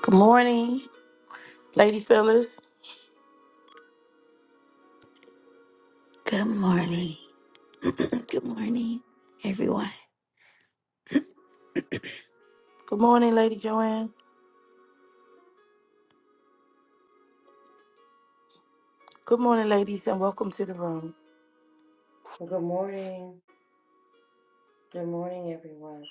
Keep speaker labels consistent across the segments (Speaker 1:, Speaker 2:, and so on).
Speaker 1: Good morning, Lady Phyllis.
Speaker 2: Good
Speaker 1: Morning.
Speaker 2: morning. Good morning, everyone.
Speaker 1: Good morning, Lady Joanne. Good morning, ladies, and welcome to the room.
Speaker 3: Good morning. Good morning, everyone.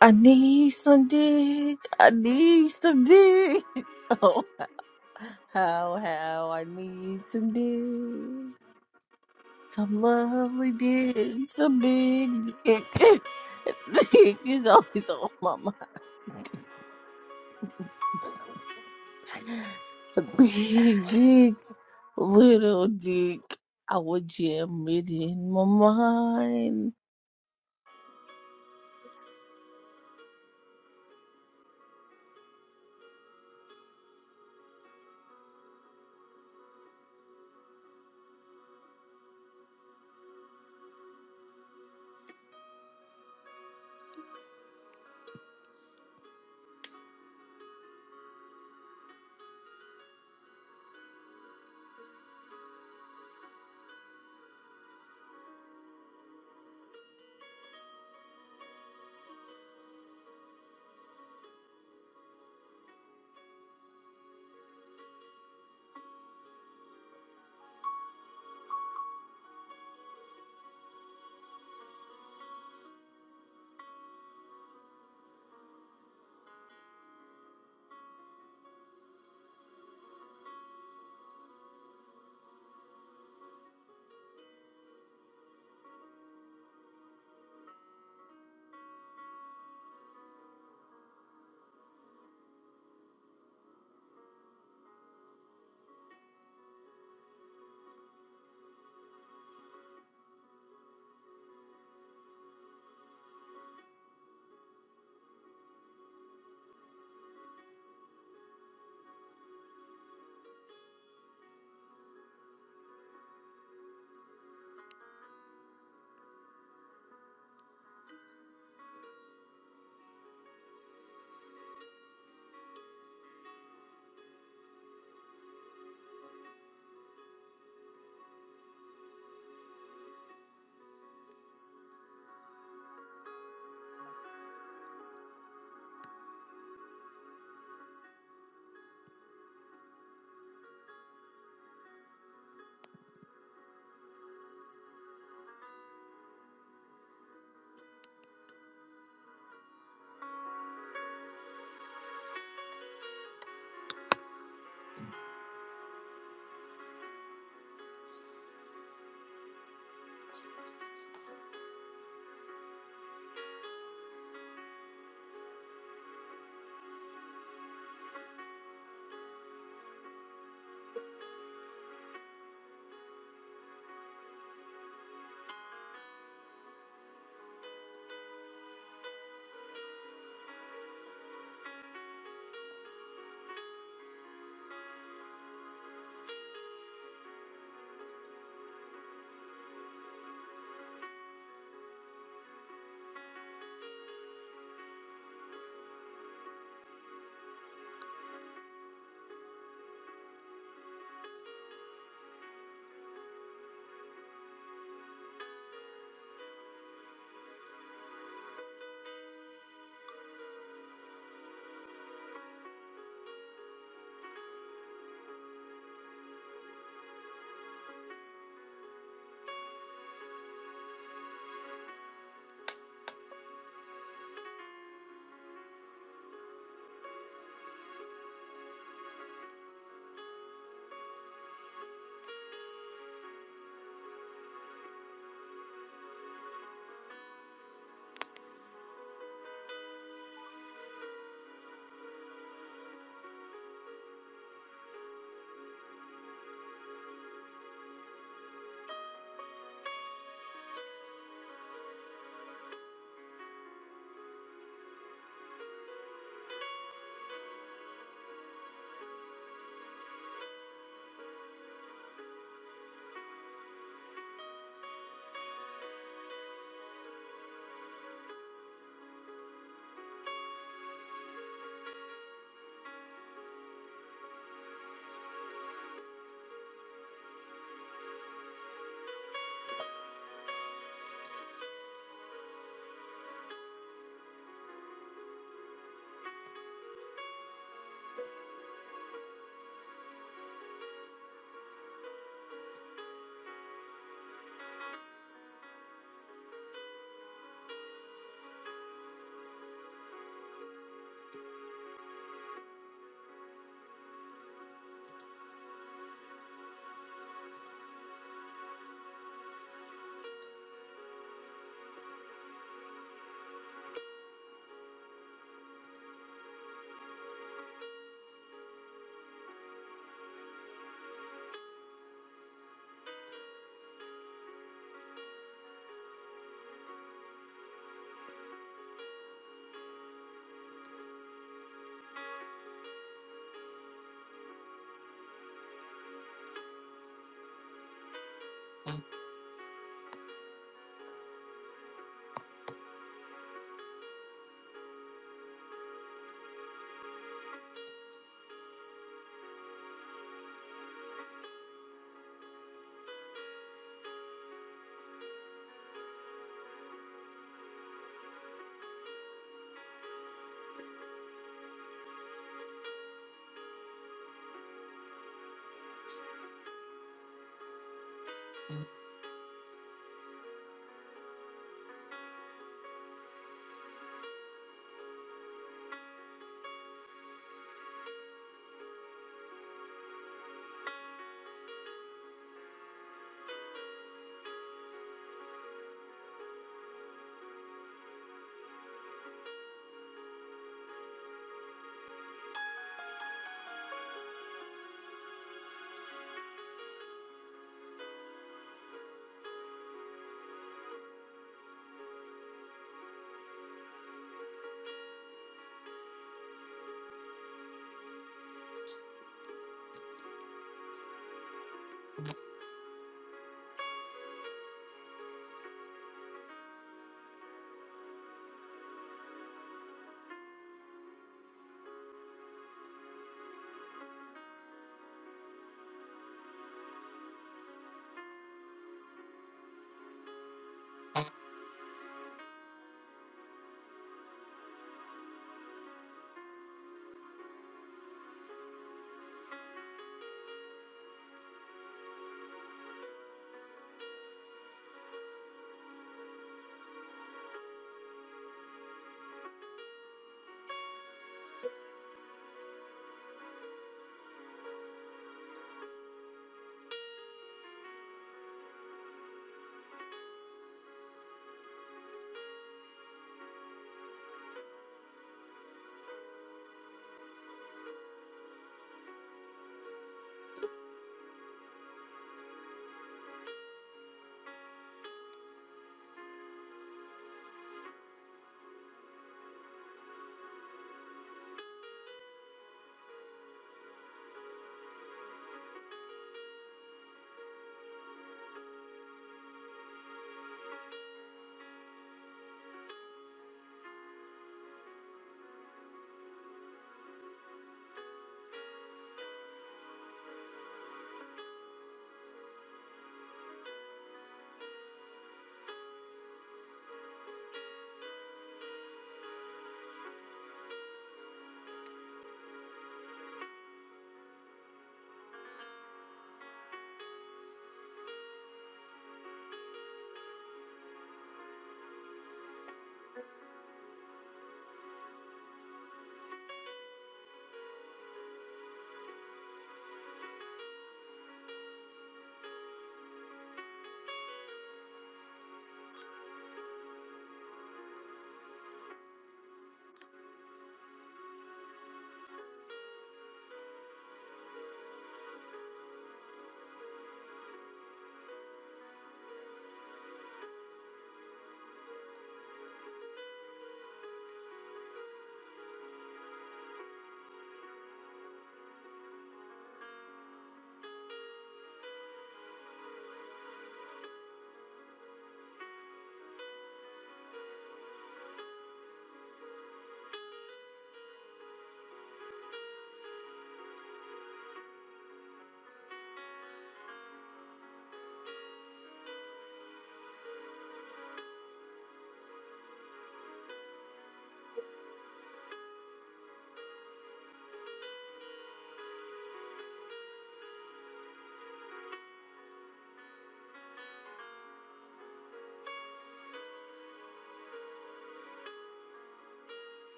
Speaker 4: I need some dick. I need some dick. Oh, how, how I need some dick. Some lovely dick. Some big dick. dick is always on my mind. Big dick. Little dick. I would jam it in my mind.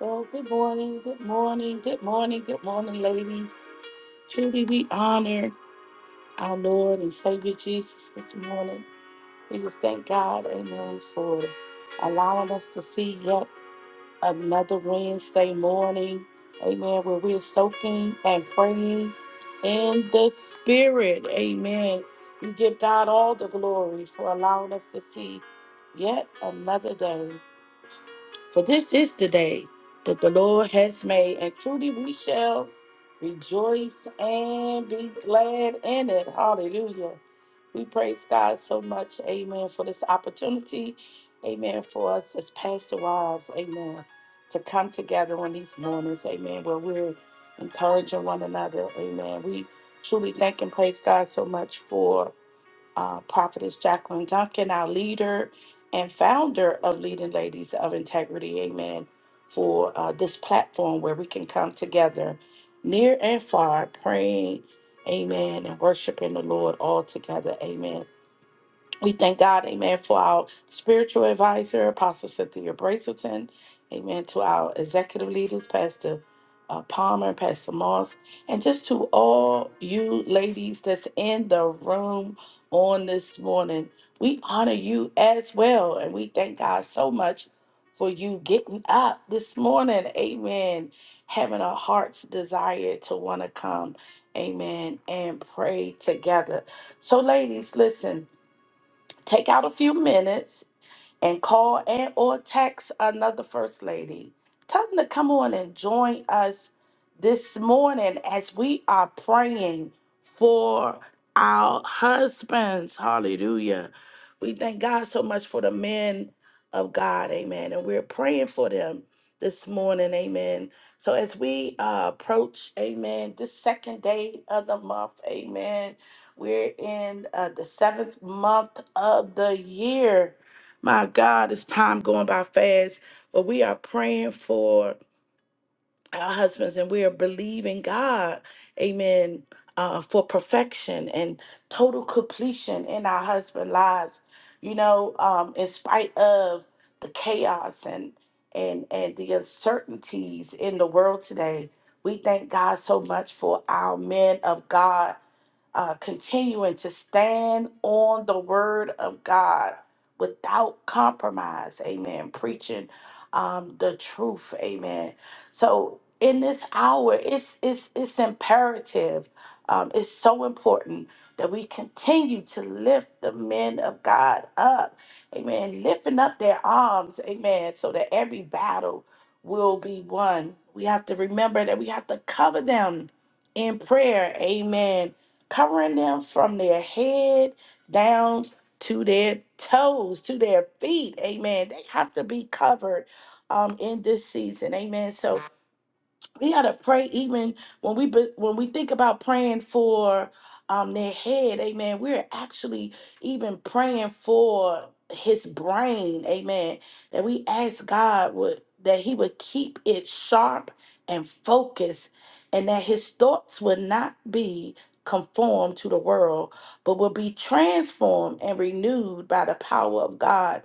Speaker 1: Oh, good morning, good morning, good morning, good morning, ladies. Truly, we honor our Lord and Savior Jesus this morning. We just thank God, amen, for allowing us to see yet another Wednesday morning. Amen. Where we're soaking and praying in the Spirit. Amen. We give God all the glory for allowing us to see yet another day. For this is the day that the Lord has made, and truly we shall rejoice and be glad in it. Hallelujah. We praise God so much. Amen. For this opportunity. Amen. For us as pastor wives. Amen. To come together on these mornings. Amen. Where we're encouraging one another. Amen. We truly thank and praise God so much for uh, Prophetess Jacqueline Duncan, our leader and founder of Leading Ladies of Integrity, amen, for uh, this platform where we can come together near and far praying, amen, and worshiping the Lord all together, amen. We thank God, amen, for our spiritual advisor, Apostle Cynthia Brazelton, amen, to our executive leaders, Pastor uh, Palmer, Pastor Moss, and just to all you ladies that's in the room on this morning. We honor you as well, and we thank God so much for you getting up this morning, amen, having a heart's desire to want to come, amen, and pray together. So, ladies, listen take out a few minutes and call and or text another first lady. Tell them to come on and join us this morning as we are praying for our husbands. Hallelujah. We thank God so much for the men of God. Amen. And we're praying for them this morning. Amen. So as we uh, approach, amen, this second day of the month, amen, we're in uh, the seventh month of the year. My God, it's time going by fast, but we are praying for our husbands and we are believing God, amen, uh, for perfection and total completion in our husband lives, you know, um, in spite of the chaos and and and the uncertainties in the world today. We thank God so much for our men of God uh, continuing to stand on the word of God without compromise. Amen. Preaching um, the truth. Amen so in this hour, it's it's it's imperative. Um, it's so important that we continue to lift the men of God up. Amen. Lifting up their arms, amen, so that every battle will be won. We have to remember that we have to cover them in prayer. Amen. Covering them from their head down to their toes, to their feet. Amen. They have to be covered um in this season. Amen. So we gotta pray even when we be, when we think about praying for um their head amen we're actually even praying for his brain amen that we ask god would that he would keep it sharp and focused and that his thoughts would not be conformed to the world but will be transformed and renewed by the power of god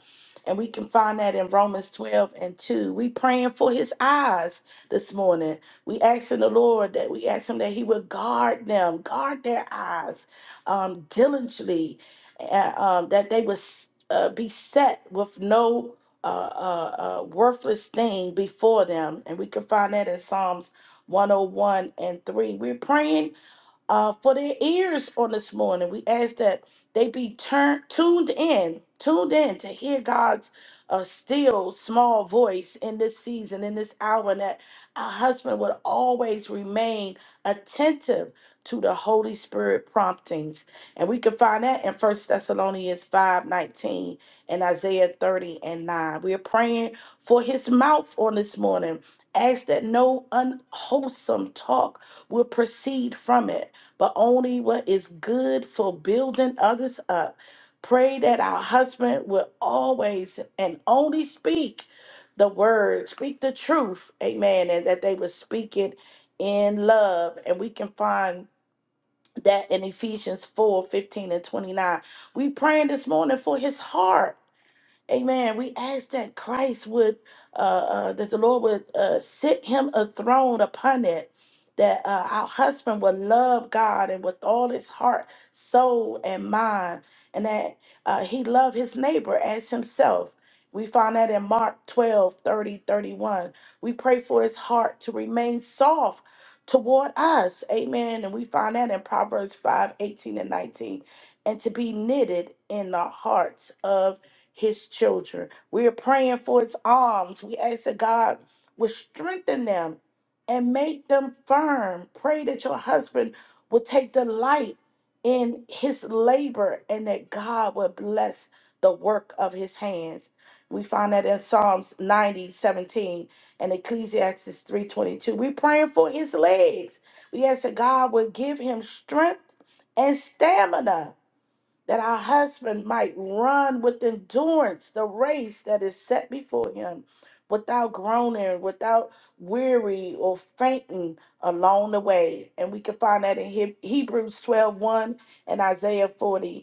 Speaker 1: and we can find that in romans 12 and 2 we praying for his eyes this morning we asking the Lord that we ask Him that He would guard them, guard their eyes um, diligently, uh, um, that they would s- uh, be set with no uh, uh, uh, worthless thing before them. And we can find that in Psalms 101 and 3. We're praying uh, for their ears on this morning. We ask that they be turned tuned in, tuned in to hear God's uh, still small voice in this season, in this hour, and that our husband would always remain attentive to the Holy Spirit promptings. And we can find that in First Thessalonians 5 19 and Isaiah 30 and 9. We are praying for his mouth on this morning. Ask that no unwholesome talk will proceed from it but only what is good for building others up. Pray that our husband will always and only speak the word, speak the truth, amen, and that they will speak it in love. And we can find that in Ephesians 4 15 and 29. We praying this morning for his heart Amen. We ask that Christ would, uh, uh, that the Lord would uh, sit him a throne upon it, that uh, our husband would love God and with all his heart, soul, and mind, and that uh, he love his neighbor as himself. We find that in Mark 12 30 31. We pray for his heart to remain soft toward us. Amen. And we find that in Proverbs 5 18 and 19. And to be knitted in the hearts of his children. We are praying for his arms. We ask that God would strengthen them and make them firm. Pray that your husband will take delight in his labor and that God will bless the work of his hands. We find that in Psalms 90 17 and Ecclesiastes 3.22. We're praying for his legs. We ask that God would give him strength and stamina that our husband might run with endurance the race that is set before him without groaning, without weary or fainting along the way. And we can find that in Heb- Hebrews twelve one and Isaiah forty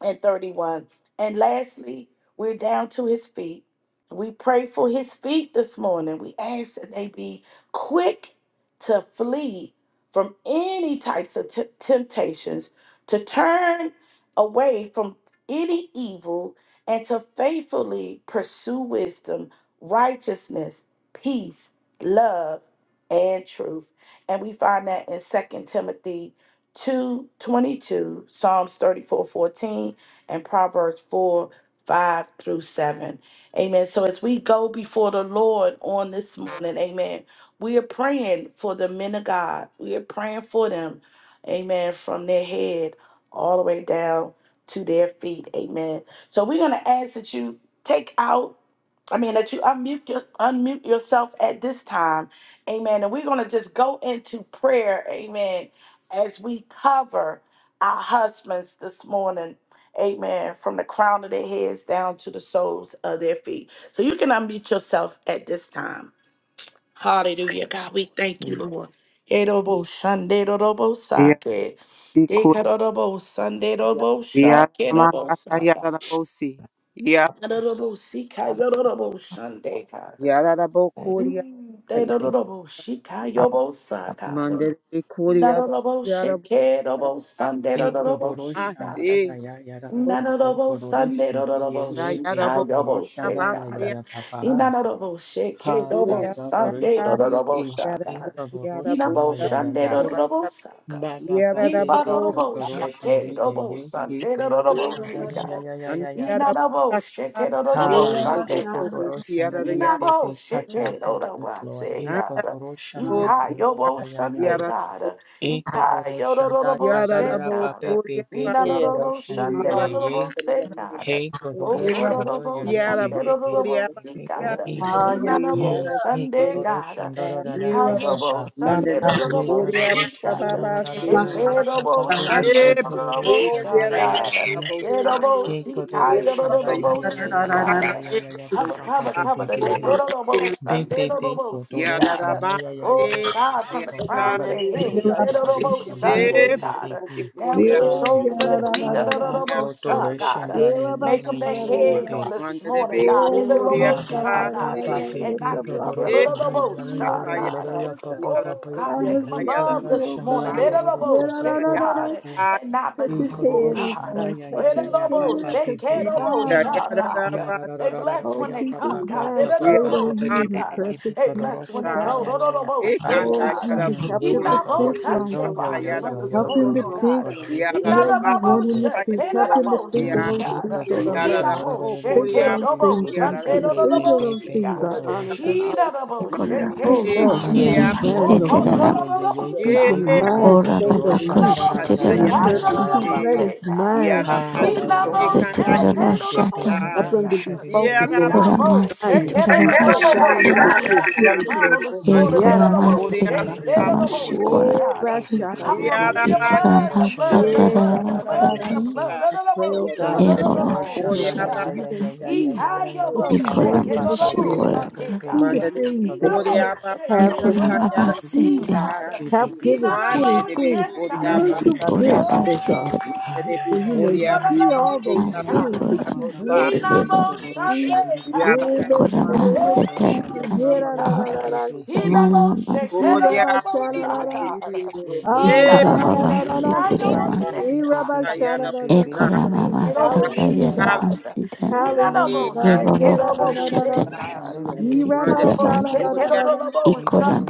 Speaker 1: and 31. And lastly, we're down to his feet. We pray for his feet this morning. We ask that they be quick to flee from any types of t- temptations, to turn away from any evil, and to faithfully pursue wisdom, righteousness, peace, love, and truth. And we find that in Second Timothy two twenty-two, Psalms thirty-four, fourteen, and Proverbs 4, 5 through 7. Amen. So as we go before the Lord on this morning, amen, we are praying for the men of God. We are praying for them, amen, from their head all the way down to their feet. Amen. So we're going to ask that you take out I mean that you unmute your, unmute yourself at this time, Amen. And we're gonna just go into prayer, Amen as we cover our husbands this morning. Amen. From the crown of their heads down to the soles of their feet. So you can unmute yourself at this time. Hallelujah. God, we thank you,
Speaker 5: Thank
Speaker 1: Lord. Erobo shande robo
Speaker 5: you.
Speaker 1: sake.
Speaker 6: Yadiku
Speaker 1: Dekarobo sande
Speaker 5: Yeah,
Speaker 1: robo shake robo
Speaker 6: Yadamakata
Speaker 1: saka.
Speaker 6: Yadabosi Yadab
Speaker 1: Erobo sika
Speaker 5: Father,
Speaker 1: yorobo shande.
Speaker 5: thank
Speaker 6: Yadabokuria
Speaker 1: Mm,
Speaker 5: you.
Speaker 1: They don't know
Speaker 5: Thank you.
Speaker 1: about
Speaker 5: I
Speaker 1: Shikayobo Sakara.
Speaker 6: Mandel
Speaker 1: Not
Speaker 6: Kuria
Speaker 1: about
Speaker 6: Yadabo
Speaker 1: Shikayobo Sunday, don't know about
Speaker 7: Ekodoroshanda
Speaker 1: Shikara.
Speaker 7: ya
Speaker 6: Yadamasi
Speaker 7: ya ya ra ra pa po
Speaker 1: Nanorobo Sunday
Speaker 7: kodoroshanda ye
Speaker 1: Rorobo
Speaker 7: ye pe
Speaker 1: Shikayobo
Speaker 6: Yadabokuria
Speaker 1: say
Speaker 7: kodoroshanda ya ya
Speaker 6: Basia
Speaker 7: ya
Speaker 1: God.
Speaker 7: pa pa
Speaker 5: can't
Speaker 7: pa
Speaker 1: Inanorobo Shake
Speaker 7: ha ta
Speaker 1: Robo
Speaker 7: ta
Speaker 1: Sunday
Speaker 6: Yadabokuria
Speaker 7: doroshanda
Speaker 1: Rorobo
Speaker 7: e e
Speaker 1: Shaka. Inabo
Speaker 7: kodoroshanda
Speaker 5: go
Speaker 6: Yadabokuria
Speaker 7: ya ya
Speaker 1: Shande
Speaker 7: ya
Speaker 5: Kora
Speaker 1: Rorobo
Speaker 5: da
Speaker 1: Saka.
Speaker 7: ba ba ba pe pe
Speaker 6: Yadabo
Speaker 1: Nifarorobo
Speaker 7: kodoroshanda
Speaker 1: Shake
Speaker 7: ye
Speaker 1: Robo
Speaker 7: ye he
Speaker 1: Sunday
Speaker 8: Lift
Speaker 1: Rorobo
Speaker 8: your
Speaker 7: kodoroshanda ya
Speaker 5: da
Speaker 7: ya
Speaker 1: Sikar.
Speaker 8: prophet
Speaker 7: ya ya
Speaker 6: and
Speaker 8: over
Speaker 7: ya ya pa
Speaker 6: Yadabakata
Speaker 7: ha
Speaker 1: Inanabo Shake
Speaker 7: ha
Speaker 1: Rorobo
Speaker 7: la ye pe
Speaker 1: Sunday God.
Speaker 6: Bobokoboshi
Speaker 7: kodoroshanda ye
Speaker 6: Yadaya
Speaker 7: pe pe
Speaker 1: Inabo Shake
Speaker 7: touch our husbands
Speaker 1: Rorobo
Speaker 7: Lord
Speaker 1: say
Speaker 7: e
Speaker 6: and
Speaker 1: God.
Speaker 7: kodoroshanda
Speaker 6: Yadabo
Speaker 7: ya ya ya
Speaker 1: Ikayobo
Speaker 7: ya ya ya
Speaker 1: Sunday
Speaker 6: Yadabo
Speaker 1: God.
Speaker 7: Eko doro shanda
Speaker 1: Ikayorobo
Speaker 7: da da da
Speaker 1: Shake
Speaker 7: da
Speaker 6: Yadabo
Speaker 7: ba
Speaker 1: God.
Speaker 7: be be
Speaker 6: Kuria
Speaker 7: be ko
Speaker 3: Yeah,
Speaker 1: Ninanorobo
Speaker 7: shanda
Speaker 3: Syria,
Speaker 7: ye ye
Speaker 1: Shanderorobo
Speaker 7: he
Speaker 1: Sekada.
Speaker 7: ko doro
Speaker 1: O
Speaker 7: shanda ye
Speaker 1: Kororobo
Speaker 7: ye
Speaker 6: Yara
Speaker 7: ye ye ye ye
Speaker 1: Shanderorobo
Speaker 6: Bokoria
Speaker 7: be be be
Speaker 6: Baya,
Speaker 1: Sikada.
Speaker 7: e
Speaker 1: Inanabo
Speaker 7: he
Speaker 6: Yara
Speaker 7: he ko
Speaker 1: Shande
Speaker 6: Bokoria
Speaker 7: doro
Speaker 1: Gada.
Speaker 7: shanda da
Speaker 6: Ba,
Speaker 7: da da ba ba
Speaker 1: Ikayobo
Speaker 7: ba
Speaker 6: Manda de
Speaker 7: ye
Speaker 1: Shanderorobo
Speaker 7: ko
Speaker 6: Bokoria
Speaker 7: doro shanda
Speaker 6: Baba
Speaker 1: Shikada.
Speaker 7: da da da da da
Speaker 6: Basi,
Speaker 7: da da ya ba ba
Speaker 1: Ekerobo
Speaker 7: be be be ko
Speaker 6: Eba,
Speaker 7: doro
Speaker 1: Shanderorobo
Speaker 7: shanda ye ye
Speaker 1: Shakada.
Speaker 7: e
Speaker 6: Yabosa,
Speaker 1: Erobo
Speaker 7: ke ko
Speaker 6: Anda
Speaker 7: shanda
Speaker 6: Yaki,
Speaker 7: ya
Speaker 1: Sikayororobo
Speaker 7: ya ya ya ya ya ya
Speaker 1: Sikada.
Speaker 7: ya ya ya ba
Speaker 1: Cover,
Speaker 7: ba ba
Speaker 1: cover,
Speaker 6: Boria
Speaker 7: be be
Speaker 1: cover
Speaker 7: be
Speaker 1: today.
Speaker 7: he
Speaker 1: No, no, no, most.
Speaker 7: Big
Speaker 1: Sunday,
Speaker 7: big
Speaker 1: no, no,
Speaker 7: big
Speaker 1: most. See,
Speaker 7: Kotoro
Speaker 6: Yara
Speaker 1: God.
Speaker 7: Shanda ya ya ya ya
Speaker 1: Oh,
Speaker 6: Rabani,
Speaker 7: ya
Speaker 1: God,
Speaker 7: ya
Speaker 1: from the
Speaker 7: Papa
Speaker 1: crown
Speaker 6: Yaba,
Speaker 1: of the
Speaker 7: Ho
Speaker 1: head.
Speaker 7: KK
Speaker 1: Say, no, no,
Speaker 7: Katari
Speaker 1: most.
Speaker 7: Shende
Speaker 1: Sunday,
Speaker 7: Big
Speaker 6: Eba,
Speaker 7: Big
Speaker 1: God
Speaker 7: Big Big
Speaker 1: down to
Speaker 6: Boria
Speaker 1: the
Speaker 7: Ah
Speaker 1: soles of
Speaker 7: Ah
Speaker 1: their feet. Da,
Speaker 7: Ah
Speaker 1: da, da,
Speaker 7: Ah
Speaker 1: da, bo,
Speaker 6: Yasa,
Speaker 1: sha,
Speaker 7: Kotoro Shende
Speaker 1: God,
Speaker 7: ya ya
Speaker 1: make
Speaker 7: ya
Speaker 1: them the
Speaker 7: ya ya Big
Speaker 1: head
Speaker 7: big,
Speaker 1: on this
Speaker 6: Manda de
Speaker 1: morning,
Speaker 3: Rwanda,
Speaker 1: God, in the
Speaker 6: Bokoria
Speaker 1: lobo
Speaker 7: Ba ba
Speaker 3: Yes,
Speaker 1: sha,
Speaker 7: ba ba ba
Speaker 1: God,
Speaker 7: ba
Speaker 6: Basi,
Speaker 7: ba
Speaker 1: and not the
Speaker 7: ba do ro
Speaker 1: tail. Da,
Speaker 6: Eba,
Speaker 1: da, da,
Speaker 7: shanda ya
Speaker 8: unto
Speaker 1: bo,
Speaker 7: ya ya ya
Speaker 8: you, O
Speaker 1: sha,
Speaker 8: God,
Speaker 7: ya
Speaker 6: Kataya,
Speaker 1: God,
Speaker 7: ya
Speaker 8: and
Speaker 7: ya
Speaker 8: lift
Speaker 7: pa
Speaker 8: up
Speaker 7: pa pa
Speaker 6: Yara
Speaker 1: oh
Speaker 7: pa
Speaker 1: God,
Speaker 6: Bosa,
Speaker 7: i
Speaker 8: my
Speaker 1: make
Speaker 3: yes,
Speaker 1: them
Speaker 7: he
Speaker 8: husband
Speaker 7: ka
Speaker 6: Yara
Speaker 7: da
Speaker 8: to
Speaker 1: above
Speaker 7: ra
Speaker 3: yes, of
Speaker 1: this
Speaker 8: you,
Speaker 7: shanda
Speaker 3: course,
Speaker 1: morning,
Speaker 7: la
Speaker 1: in
Speaker 7: ro ro
Speaker 3: yes,
Speaker 1: the
Speaker 7: ro
Speaker 3: yes,
Speaker 7: ro po
Speaker 1: lobo
Speaker 7: po
Speaker 1: sha,
Speaker 8: O
Speaker 7: po
Speaker 3: yes,
Speaker 7: po
Speaker 8: God.
Speaker 1: God,
Speaker 7: po
Speaker 6: Ba,
Speaker 1: and not
Speaker 8: Touch
Speaker 7: i
Speaker 8: his
Speaker 1: beneath,
Speaker 7: ka do
Speaker 1: oh
Speaker 7: ro
Speaker 8: head, oh
Speaker 1: God,
Speaker 7: shanda
Speaker 3: yes,
Speaker 8: God.
Speaker 7: ya ya
Speaker 8: Touch
Speaker 1: in the
Speaker 7: ya
Speaker 3: yes,
Speaker 8: his
Speaker 3: yes,
Speaker 7: ya pa
Speaker 1: lobo
Speaker 8: head.
Speaker 7: pa
Speaker 8: Touch
Speaker 1: se,
Speaker 7: pa
Speaker 8: his
Speaker 7: pa
Speaker 1: ke,
Speaker 7: pa
Speaker 1: lobo
Speaker 7: i
Speaker 8: mind, oh
Speaker 1: sha,
Speaker 8: God.
Speaker 7: ya
Speaker 1: God.
Speaker 7: ra ra ra
Speaker 1: They
Speaker 7: ra ra ra
Speaker 1: bless
Speaker 7: ra
Speaker 8: Oh,
Speaker 1: when
Speaker 7: ya
Speaker 1: they
Speaker 7: pa
Speaker 8: keep his
Speaker 7: pa
Speaker 1: come,
Speaker 7: pa
Speaker 3: yes,
Speaker 1: God.
Speaker 7: pa
Speaker 1: They
Speaker 7: pa
Speaker 8: mind
Speaker 3: yes,
Speaker 1: bless
Speaker 7: pa pa
Speaker 8: straight
Speaker 1: when
Speaker 7: pa pa pa
Speaker 8: on
Speaker 1: they
Speaker 8: you
Speaker 7: pa
Speaker 8: in
Speaker 1: go.
Speaker 7: pa pa
Speaker 8: perfect
Speaker 1: They
Speaker 8: peace,
Speaker 1: bless
Speaker 8: oh
Speaker 1: when they
Speaker 7: shanda
Speaker 1: go.
Speaker 7: ya
Speaker 8: God.
Speaker 7: ya ya pa pa
Speaker 1: Da-da-da-bo-sha,
Speaker 3: yeah,
Speaker 8: Oh,
Speaker 3: yeah,
Speaker 1: God
Speaker 8: Jesus,
Speaker 7: mm
Speaker 8: help
Speaker 7: ye
Speaker 1: we
Speaker 8: him
Speaker 7: ka
Speaker 3: going
Speaker 8: to
Speaker 1: not going
Speaker 8: think
Speaker 1: to
Speaker 3: through,
Speaker 1: touch
Speaker 8: right.
Speaker 7: shanda
Speaker 1: their
Speaker 3: so,
Speaker 7: yo yo
Speaker 3: yeah,
Speaker 1: bodies on
Speaker 7: yo yo
Speaker 1: this
Speaker 3: yeah,
Speaker 8: Help
Speaker 3: I'm
Speaker 7: yo
Speaker 8: him
Speaker 1: morning,
Speaker 3: on
Speaker 8: to
Speaker 1: oh
Speaker 7: ho
Speaker 3: rock,
Speaker 7: do
Speaker 8: think
Speaker 1: God.
Speaker 3: so, yeah,
Speaker 1: we
Speaker 8: the
Speaker 3: that
Speaker 8: way
Speaker 7: shanda
Speaker 3: I-
Speaker 1: not
Speaker 7: pa
Speaker 8: you
Speaker 1: going
Speaker 8: want
Speaker 1: to
Speaker 7: pa
Speaker 8: him to
Speaker 1: shake
Speaker 7: pa
Speaker 8: think.
Speaker 1: take it,
Speaker 3: yeah,
Speaker 8: Help him
Speaker 1: up,
Speaker 3: that I
Speaker 8: to
Speaker 1: oh,
Speaker 3: like
Speaker 8: think of
Speaker 1: see,
Speaker 3: that,
Speaker 8: those
Speaker 3: yeah,
Speaker 8: things
Speaker 1: God.
Speaker 3: yeah,
Speaker 8: that
Speaker 3: that
Speaker 8: are
Speaker 3: I
Speaker 1: We
Speaker 7: Ekodorosha.
Speaker 8: lovely.
Speaker 1: not
Speaker 3: do,
Speaker 1: going to
Speaker 3: yeah,
Speaker 1: shake
Speaker 8: Think of
Speaker 1: it,
Speaker 8: those
Speaker 1: oh, oh,
Speaker 8: things
Speaker 3: that-
Speaker 8: that are
Speaker 1: Sunday,
Speaker 3: it's
Speaker 8: true.
Speaker 1: oh, oh,
Speaker 3: beautiful,
Speaker 8: Think of
Speaker 1: oh,
Speaker 8: those
Speaker 3: so,
Speaker 1: see
Speaker 8: things
Speaker 3: yeah,
Speaker 8: that
Speaker 1: God.
Speaker 8: are
Speaker 3: that I-
Speaker 8: honest
Speaker 7: Pekodorosha.
Speaker 8: and
Speaker 3: it's-
Speaker 1: We're
Speaker 8: honest.
Speaker 3: yeah, I
Speaker 1: not going
Speaker 3: don't
Speaker 1: to
Speaker 3: know, no,
Speaker 1: shake
Speaker 3: no,
Speaker 8: Oh,
Speaker 3: no,
Speaker 1: it,
Speaker 2: Ikororamasu,
Speaker 3: so,
Speaker 8: Lord,
Speaker 1: not
Speaker 8: keep
Speaker 7: Yeah,
Speaker 1: going
Speaker 7: yeah,
Speaker 8: his
Speaker 7: yeah,
Speaker 6: Yeah,
Speaker 7: yeah,
Speaker 2: teroramasu,
Speaker 8: mind, oh
Speaker 7: yeah,
Speaker 1: God.
Speaker 7: yeah,
Speaker 8: God.
Speaker 7: yeah,
Speaker 1: Sunday,
Speaker 7: yeah,
Speaker 3: yeah,
Speaker 1: not
Speaker 2: teroramasu.
Speaker 3: but
Speaker 7: yeah.
Speaker 1: going to
Speaker 7: Pe,
Speaker 3: that's-
Speaker 1: see
Speaker 8: Keep
Speaker 7: pe,
Speaker 3: it's-
Speaker 8: his
Speaker 3: it's-
Speaker 7: pe,
Speaker 1: God.
Speaker 7: pe.
Speaker 8: mind
Speaker 2: Ora
Speaker 8: straight
Speaker 1: oh,
Speaker 8: on
Speaker 7: Kodorosha.
Speaker 1: oh,
Speaker 7: La,
Speaker 8: you
Speaker 7: la,
Speaker 3: it's-
Speaker 2: babakoshi,
Speaker 7: la,
Speaker 3: it's-
Speaker 7: la, la, ya,
Speaker 8: and in
Speaker 7: ya, ya, la,
Speaker 8: perfect
Speaker 7: la,
Speaker 2: teroramasu,
Speaker 7: la,
Speaker 8: peace.
Speaker 2: te-
Speaker 7: pa,
Speaker 1: oh,
Speaker 8: Let
Speaker 7: pa.
Speaker 8: his
Speaker 1: say, God.
Speaker 8: mind be
Speaker 7: Ha, la, la,
Speaker 1: we
Speaker 7: la,
Speaker 8: focused
Speaker 1: not
Speaker 7: ya,
Speaker 3: it's-
Speaker 7: ya,
Speaker 8: on
Speaker 1: going
Speaker 2: ikoramasu,
Speaker 8: you.
Speaker 7: ya.
Speaker 3: yeah,
Speaker 1: to
Speaker 3: it's-
Speaker 1: shake it,
Speaker 7: Pe,
Speaker 1: God.
Speaker 3: it's- it's- it's-
Speaker 7: pe, pe, pe,
Speaker 1: Oh,
Speaker 3: it's-
Speaker 7: pe.
Speaker 1: oh,
Speaker 2: terorabashata.
Speaker 1: see,
Speaker 8: Help
Speaker 3: it's-
Speaker 8: him to
Speaker 7: Kodorosha.
Speaker 8: be
Speaker 1: God,
Speaker 7: Pe, pe, pe,
Speaker 8: focused
Speaker 1: We
Speaker 8: on
Speaker 7: pe,
Speaker 8: his
Speaker 1: not
Speaker 7: pe, pe,
Speaker 1: going to
Speaker 2: Koramasu,
Speaker 1: shake
Speaker 7: pe,
Speaker 8: assignment,
Speaker 1: it,
Speaker 7: pe.
Speaker 1: oh, oh,
Speaker 8: the
Speaker 1: oh,
Speaker 2: teroramashi,
Speaker 1: shout,
Speaker 8: assignment
Speaker 1: God.
Speaker 8: that you
Speaker 1: God.
Speaker 8: have
Speaker 2: koramasu.
Speaker 8: given
Speaker 1: Crown
Speaker 8: him.
Speaker 1: of this
Speaker 7: Yeah,
Speaker 1: morning, let it
Speaker 7: pe,
Speaker 1: all
Speaker 7: pe, pe,
Speaker 2: Ikoramasu,
Speaker 1: shade,
Speaker 7: pe, pe,
Speaker 1: let
Speaker 7: pe, pe,
Speaker 1: it
Speaker 8: Yadadadadadadashaki.
Speaker 7: pe,
Speaker 1: all
Speaker 2: teroramashi,
Speaker 1: see,
Speaker 7: pe,
Speaker 8: Oh,
Speaker 1: God.
Speaker 7: pe, pe,
Speaker 2: koramasu.
Speaker 7: pe,
Speaker 1: Cover
Speaker 7: pe,
Speaker 1: them under your
Speaker 7: pe.
Speaker 8: bashadadadadashaki.
Speaker 1: blood, the
Speaker 7: Kodorosha.
Speaker 2: Itoramasa,
Speaker 7: La, la,
Speaker 1: blood, the
Speaker 7: la,
Speaker 8: Eh,
Speaker 7: la,
Speaker 1: blood,
Speaker 7: pa,
Speaker 1: the
Speaker 7: pa, pa,
Speaker 1: blood,
Speaker 7: pe,
Speaker 1: the
Speaker 8: yadadadada.
Speaker 7: pe.
Speaker 2: terorabasata.
Speaker 7: eh.
Speaker 1: blood, let
Speaker 8: I
Speaker 1: it
Speaker 8: pray,
Speaker 1: all
Speaker 8: oh God,
Speaker 1: shine,
Speaker 8: for
Speaker 1: let
Speaker 6: Manda
Speaker 8: his
Speaker 1: it
Speaker 7: Kikatoro
Speaker 1: all
Speaker 8: eyes, oh
Speaker 6: Ori
Speaker 7: shanda
Speaker 1: see,
Speaker 2: Ebabakoshi,
Speaker 7: ya
Speaker 8: God,
Speaker 6: Ababa
Speaker 7: ya
Speaker 8: that
Speaker 1: God.
Speaker 8: he
Speaker 7: ya
Speaker 8: may
Speaker 2: terorama.
Speaker 7: ya ya
Speaker 1: He
Speaker 7: ya
Speaker 8: see
Speaker 7: ya ya
Speaker 1: kind
Speaker 7: ya
Speaker 1: your
Speaker 7: pa
Speaker 8: what
Speaker 7: pa
Speaker 8: you
Speaker 7: pa
Speaker 1: bullshit,
Speaker 8: want
Speaker 7: pa
Speaker 1: get
Speaker 8: him to
Speaker 1: on
Speaker 7: pa
Speaker 1: the
Speaker 2: Ikoramashi,
Speaker 7: pe
Speaker 8: see, oh
Speaker 1: most
Speaker 7: pe
Speaker 8: God.
Speaker 7: pe
Speaker 1: Sunday,
Speaker 2: koraba.
Speaker 7: pe
Speaker 8: See
Speaker 1: God.
Speaker 7: e
Speaker 8: the
Speaker 6: Manda
Speaker 8: things
Speaker 1: He
Speaker 8: that
Speaker 1: not
Speaker 7: kadoro
Speaker 6: Ori
Speaker 8: you
Speaker 7: sha
Speaker 1: bullshit,
Speaker 6: Ababa
Speaker 8: have
Speaker 1: get on
Speaker 8: him
Speaker 7: e
Speaker 8: to
Speaker 7: pe
Speaker 1: the
Speaker 7: pe
Speaker 6: Satayara
Speaker 1: most
Speaker 8: see.
Speaker 1: see,
Speaker 2: Ikoramabasete.
Speaker 1: God.
Speaker 8: Help
Speaker 7: pe
Speaker 1: He
Speaker 8: give him
Speaker 7: pe
Speaker 1: not
Speaker 7: pe
Speaker 1: the
Speaker 3: Thank
Speaker 6: Manda de Big
Speaker 8: 2020
Speaker 1: bullshit,
Speaker 6: Ori
Speaker 7: ya
Speaker 1: God.
Speaker 7: ya ya
Speaker 8: spiritual
Speaker 6: Ababa
Speaker 7: ya ya ya
Speaker 8: vision, oh God
Speaker 7: ha
Speaker 6: Manda de
Speaker 7: ya
Speaker 6: Big
Speaker 8: that
Speaker 7: ya
Speaker 8: he
Speaker 1: Oh,
Speaker 7: ya
Speaker 8: may
Speaker 6: Ori
Speaker 7: ya
Speaker 6: Ababa
Speaker 7: ya
Speaker 8: see
Speaker 1: the
Speaker 7: ya ya
Speaker 8: all
Speaker 1: most
Speaker 7: ya
Speaker 8: those
Speaker 1: see,
Speaker 7: ya ya na
Speaker 8: things
Speaker 7: pa pa
Speaker 8: that
Speaker 1: God.
Speaker 7: pa
Speaker 8: you
Speaker 7: pa pe
Speaker 6: Satayara
Speaker 8: want
Speaker 1: He
Speaker 7: pe
Speaker 1: not
Speaker 8: him
Speaker 7: pe
Speaker 8: to see
Speaker 1: most
Speaker 7: kadoro shanda da
Speaker 1: Sunday
Speaker 7: da
Speaker 6: Yada
Speaker 7: pe
Speaker 8: in
Speaker 1: God.
Speaker 7: pe
Speaker 8: the
Speaker 7: pe pe
Speaker 8: name of
Speaker 1: Lord, I
Speaker 7: kadoro shanda
Speaker 8: Jesus.
Speaker 1: don't
Speaker 7: pe
Speaker 8: Yeah,
Speaker 1: see
Speaker 8: da, da,
Speaker 7: pe
Speaker 8: da,
Speaker 1: God.
Speaker 8: da,
Speaker 7: pe
Speaker 8: da,
Speaker 7: pe
Speaker 8: sha-
Speaker 1: He the
Speaker 7: he
Speaker 1: most shake,
Speaker 7: kadoro
Speaker 1: tell
Speaker 8: ee,
Speaker 1: the
Speaker 8: ra,
Speaker 6: Ori
Speaker 1: Lord,
Speaker 7: shanda
Speaker 8: sha,
Speaker 7: ya
Speaker 1: most,
Speaker 8: da,
Speaker 7: ya
Speaker 8: da,
Speaker 1: ah,
Speaker 7: ya
Speaker 8: da.
Speaker 1: God.
Speaker 8: Ah,
Speaker 1: He
Speaker 6: E
Speaker 8: yeah,
Speaker 1: the
Speaker 8: da,
Speaker 6: Baba
Speaker 8: da,
Speaker 1: most
Speaker 8: da,
Speaker 7: Bekodoroshan,
Speaker 8: da,
Speaker 1: see,
Speaker 8: da,
Speaker 1: I the
Speaker 8: sha-
Speaker 1: most
Speaker 8: ee,
Speaker 2: Ikoramamasitaramasitayama.
Speaker 8: ra,
Speaker 1: God.
Speaker 8: sha, da,
Speaker 6: Satayara
Speaker 8: da, da.
Speaker 6: Bosa
Speaker 1: Bless
Speaker 7: bekodoroshan,
Speaker 8: Hallelujah,
Speaker 6: Ikantara
Speaker 7: dayaya.
Speaker 8: God.
Speaker 1: the
Speaker 3: you.
Speaker 8: Hallelujah,
Speaker 7: Hallelujah.
Speaker 8: God.
Speaker 6: Ikantara
Speaker 8: Yeah, da,
Speaker 3: Thank
Speaker 8: da, da, da, da.
Speaker 3: you.
Speaker 7: Bekodoroshan,
Speaker 8: Ee,
Speaker 7: dayaya,
Speaker 8: ra,
Speaker 6: Manda de
Speaker 8: sha, da, da,
Speaker 6: Ori
Speaker 8: da, da,
Speaker 6: Ababa
Speaker 8: da.